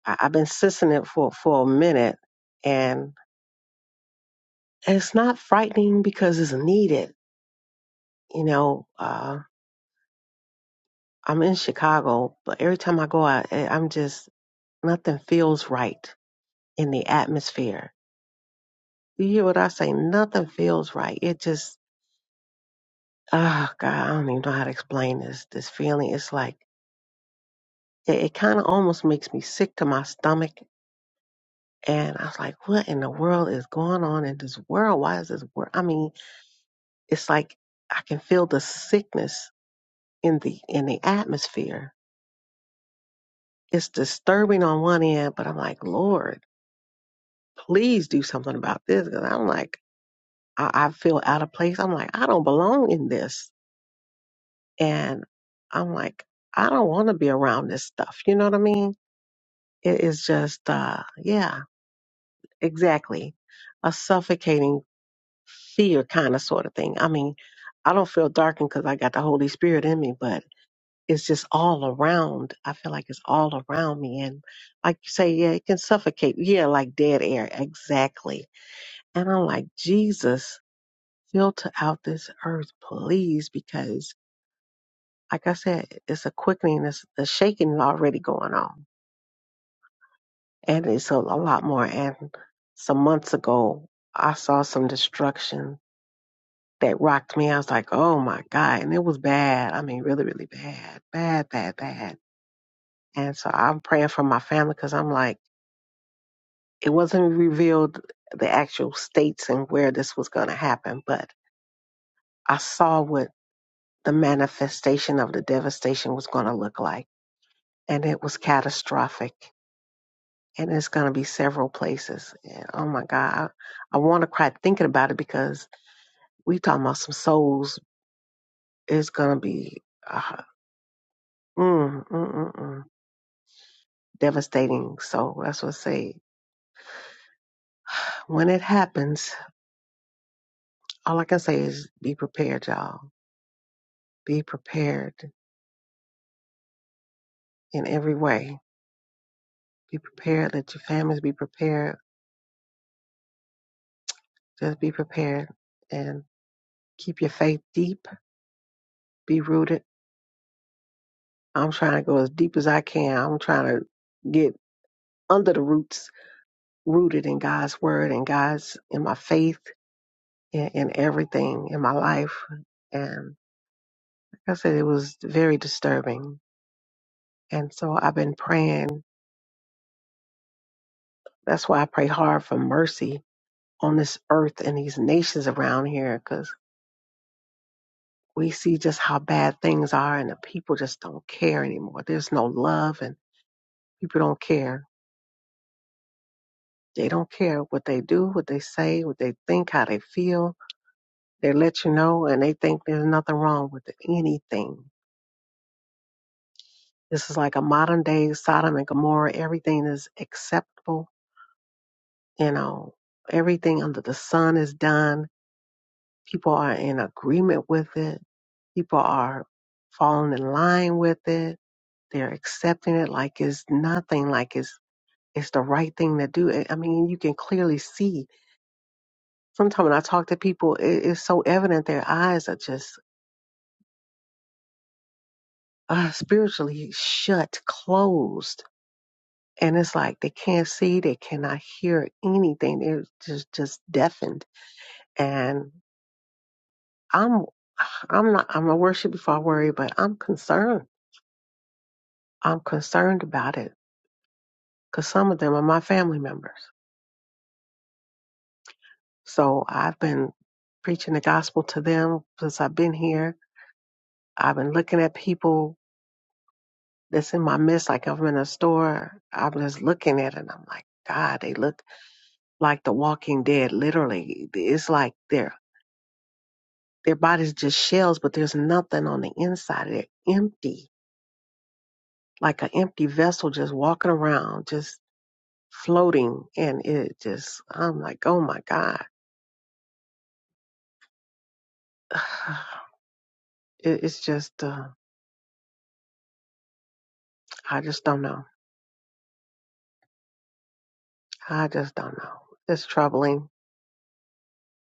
Speaker 5: I- I've been sissing it for, for a minute and it's not frightening because it's needed. You know, uh, I'm in Chicago, but every time I go out, eh, I'm just, nothing feels right in the atmosphere You hear what I say? Nothing feels right. It just, oh God, I don't even know how to explain this this feeling. It's like it, it kind of almost makes me sick to my stomach. And I was like, what in the world is going on in this world? Why is this world? I mean, it's like I can feel the sickness in the in the atmosphere. It's disturbing on one end, but I'm like, Lord, please do something about this. Because I'm like, I, I feel out of place. I'm like, I don't belong in this And I'm like, I don't want to be around this stuff. You know what I mean? It is just, uh, yeah, exactly. A suffocating fear kind of sort of thing. I mean, I don't feel darkened because I got the Holy Spirit in me, but it's just all around. I feel like it's all around me. And like you say, yeah, it can suffocate. Yeah, like dead air. Exactly. And I'm like, Jesus, filter out this earth, please, because like I said, it's a quickening, it's the shaking is already going on. And it's a, a lot more. And some months ago, I saw some destruction that rocked me. I was like, oh my God. And it was bad. I mean, really, really bad, bad, bad, bad. And so I'm praying for my family because I'm like, it wasn't revealed the actual states and where this was going to happen, but I saw what the manifestation of the devastation was going to look like. And it was catastrophic and it's going to be several places. And oh my God, I, I want to cry thinking about it because we talking about some souls. It's going to be uh, mm, mm, mm, mm, devastating. So that's what I say. When it happens, all I can say is be prepared, y'all. Be prepared in every way. Be prepared. Let your families be prepared. Just be prepared and keep your faith deep. Be rooted. I'm trying to go as deep as I can. I'm trying to get under the roots rooted in God's word and God's in my faith in, in everything in my life. And like I said, it was very disturbing. And so I've been praying. That's why I pray hard for mercy on this earth and these nations around here because we see just how bad things are and the people just don't care anymore. There's no love and people don't care. They don't care what they do, what they say, what they think, how they feel. They let you know and they think there's nothing wrong with anything This is like a modern day Sodom and Gomorrah. Everything is acceptable. You know, everything under the sun is done. People are in agreement with it. People are falling in line with it. They're accepting it like it's nothing, like it's it's the right thing to do. I I mean, you can clearly see. Sometimes when I talk to people, it, it's so evident their eyes are just uh, spiritually shut, closed and it's like they can't see, they cannot hear anything. They're just just deafened. And I'm I'm not I'm a worship before I worry, but I'm concerned. I'm concerned about it because some of them are my family members. So I've been preaching the gospel to them since I've been here. I've been looking at people that's in my midst, like I'm in a store. I'm just looking at it and I'm like, God, they look like the walking dead, literally. It's like they're Their body's just shells, but there's nothing on the inside. They're empty, like an empty vessel just walking around, just floating. And it just, I'm like, oh my God. It, it's just, uh, I just don't know. I just don't know. It's troubling,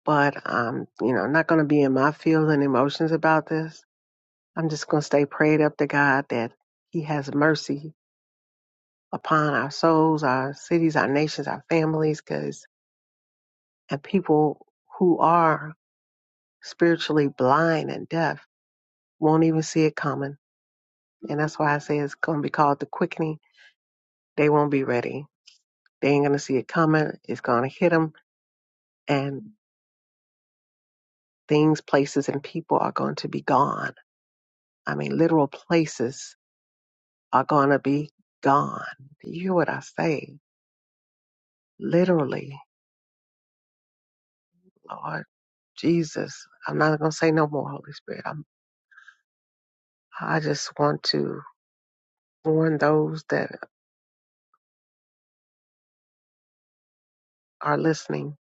Speaker 5: but I'm, you know, not going to be in my feelings and emotions about this. I'm just going to stay prayed up to God that He has mercy upon our souls, our cities, our nations, our families, because and people who are spiritually blind and deaf won't even see it coming. And that's why I say it's going to be called the quickening. They won't be ready. They ain't going to see it coming. It's going to hit them. And things, places, and people are going to be gone. I mean, literal places are going to be gone. Do You hear what I say? Literally, Lord Jesus. I'm not going to say no more, Holy Spirit. I'm, I just want to warn those that are listening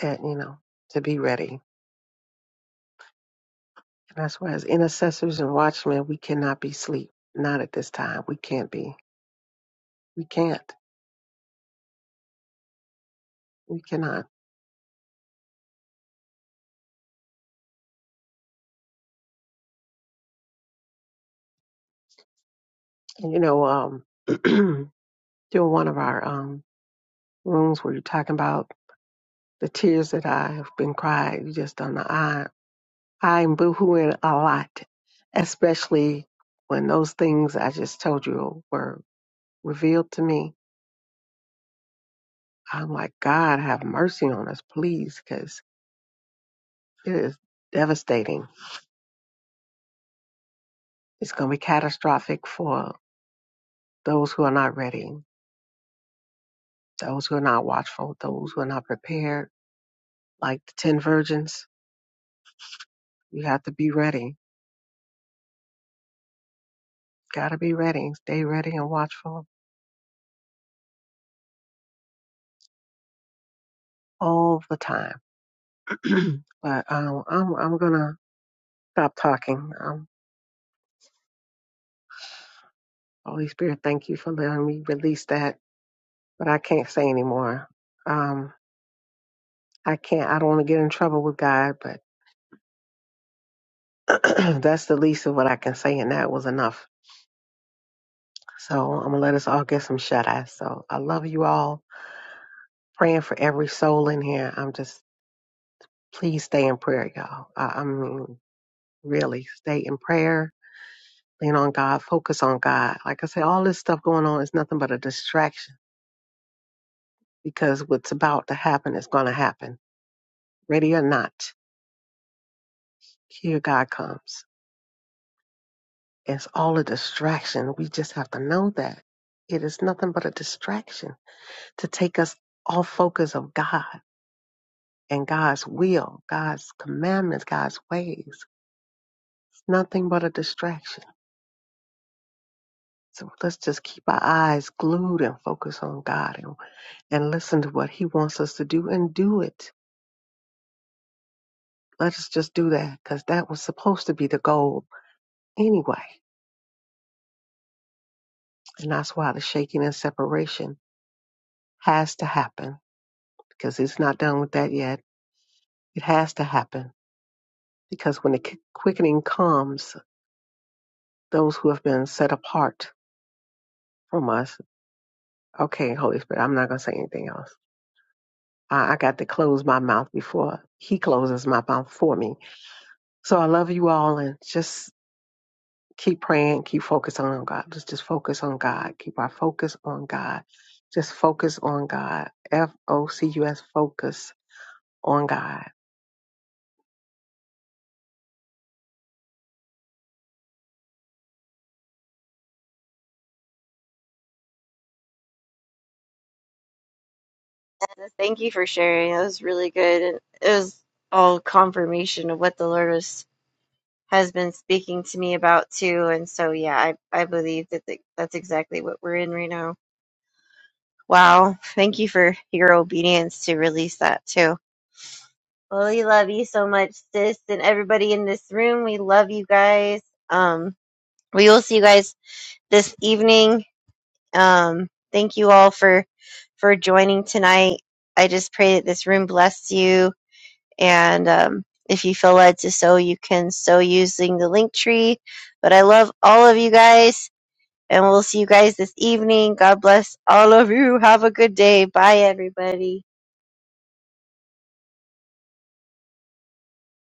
Speaker 5: that, you know, to be ready That's why, as intercessors and watchmen, we cannot be asleep. Not at this time. We can't be. We can't. We cannot. And, you know, um, during one of our um, rooms where you're talking about the tears that I have been cried, you just don't know. I, I'm boohooing a lot, especially when those things I just told you were revealed to me. I'm like, God, have mercy on us, please, because it is devastating. It's going to be catastrophic for those who are not ready, those who are not watchful, those who are not prepared, like the 10 virgins, you have to be ready. Got to be ready. Stay ready and watchful all the time. but um, I'm, I'm going to stop talking. Um, Holy Spirit, thank you for letting me release that, but I can't say anymore. Um, I can't, I don't want to get in trouble with God, but that's the least of what I can say, and that was enough. So I'm going to let us all get some shut eye. So I love you all. praying for every soul in here. I'm just, please stay in prayer, y'all. I, I mean, really, stay in prayer, lean on God, focus on God. Like I say, all this stuff going on is nothing but a distraction because what's about to happen is going to happen. Ready or not, here God comes. It's all a distraction. We just have to know that. It is nothing but a distraction to take us off focus of God and God's will, God's commandments, God's ways. It's nothing but a distraction. So let's just keep our eyes glued and focus on God and, and listen to what He wants us to do and do it. Let us just do that because that was supposed to be the goal anyway. And that's why the shaking and separation has to happen because He's not done with that yet. It has to happen because when the qui- quickening comes, those who have been set apart from us, okay, Holy Spirit, I'm not going to say anything else. I, I got to close my mouth before He closes my mouth for me. So I love you all and just keep praying, keep focusing on God. Let's just focus on God. Keep our focus on God. Just focus on God. F O C U S, focus focus on God.
Speaker 2: And Thank you for sharing. That was really good, and it was all confirmation of what the Lord was, has been speaking to me about too. And so yeah, I I believe that the, that's exactly what we're in right now. Wow, thank you for your obedience to release that too. Well, we love you so much, sis, and everybody in this room. We love you guys. Um, we will see you guys this evening. Um, thank you all for for joining tonight. I just pray that this room bless you, and um, if you feel led to sow, you can sow using the link tree. But I love all of you guys, and we'll see you guys this evening. God bless all of you. Have a good day. Bye, everybody.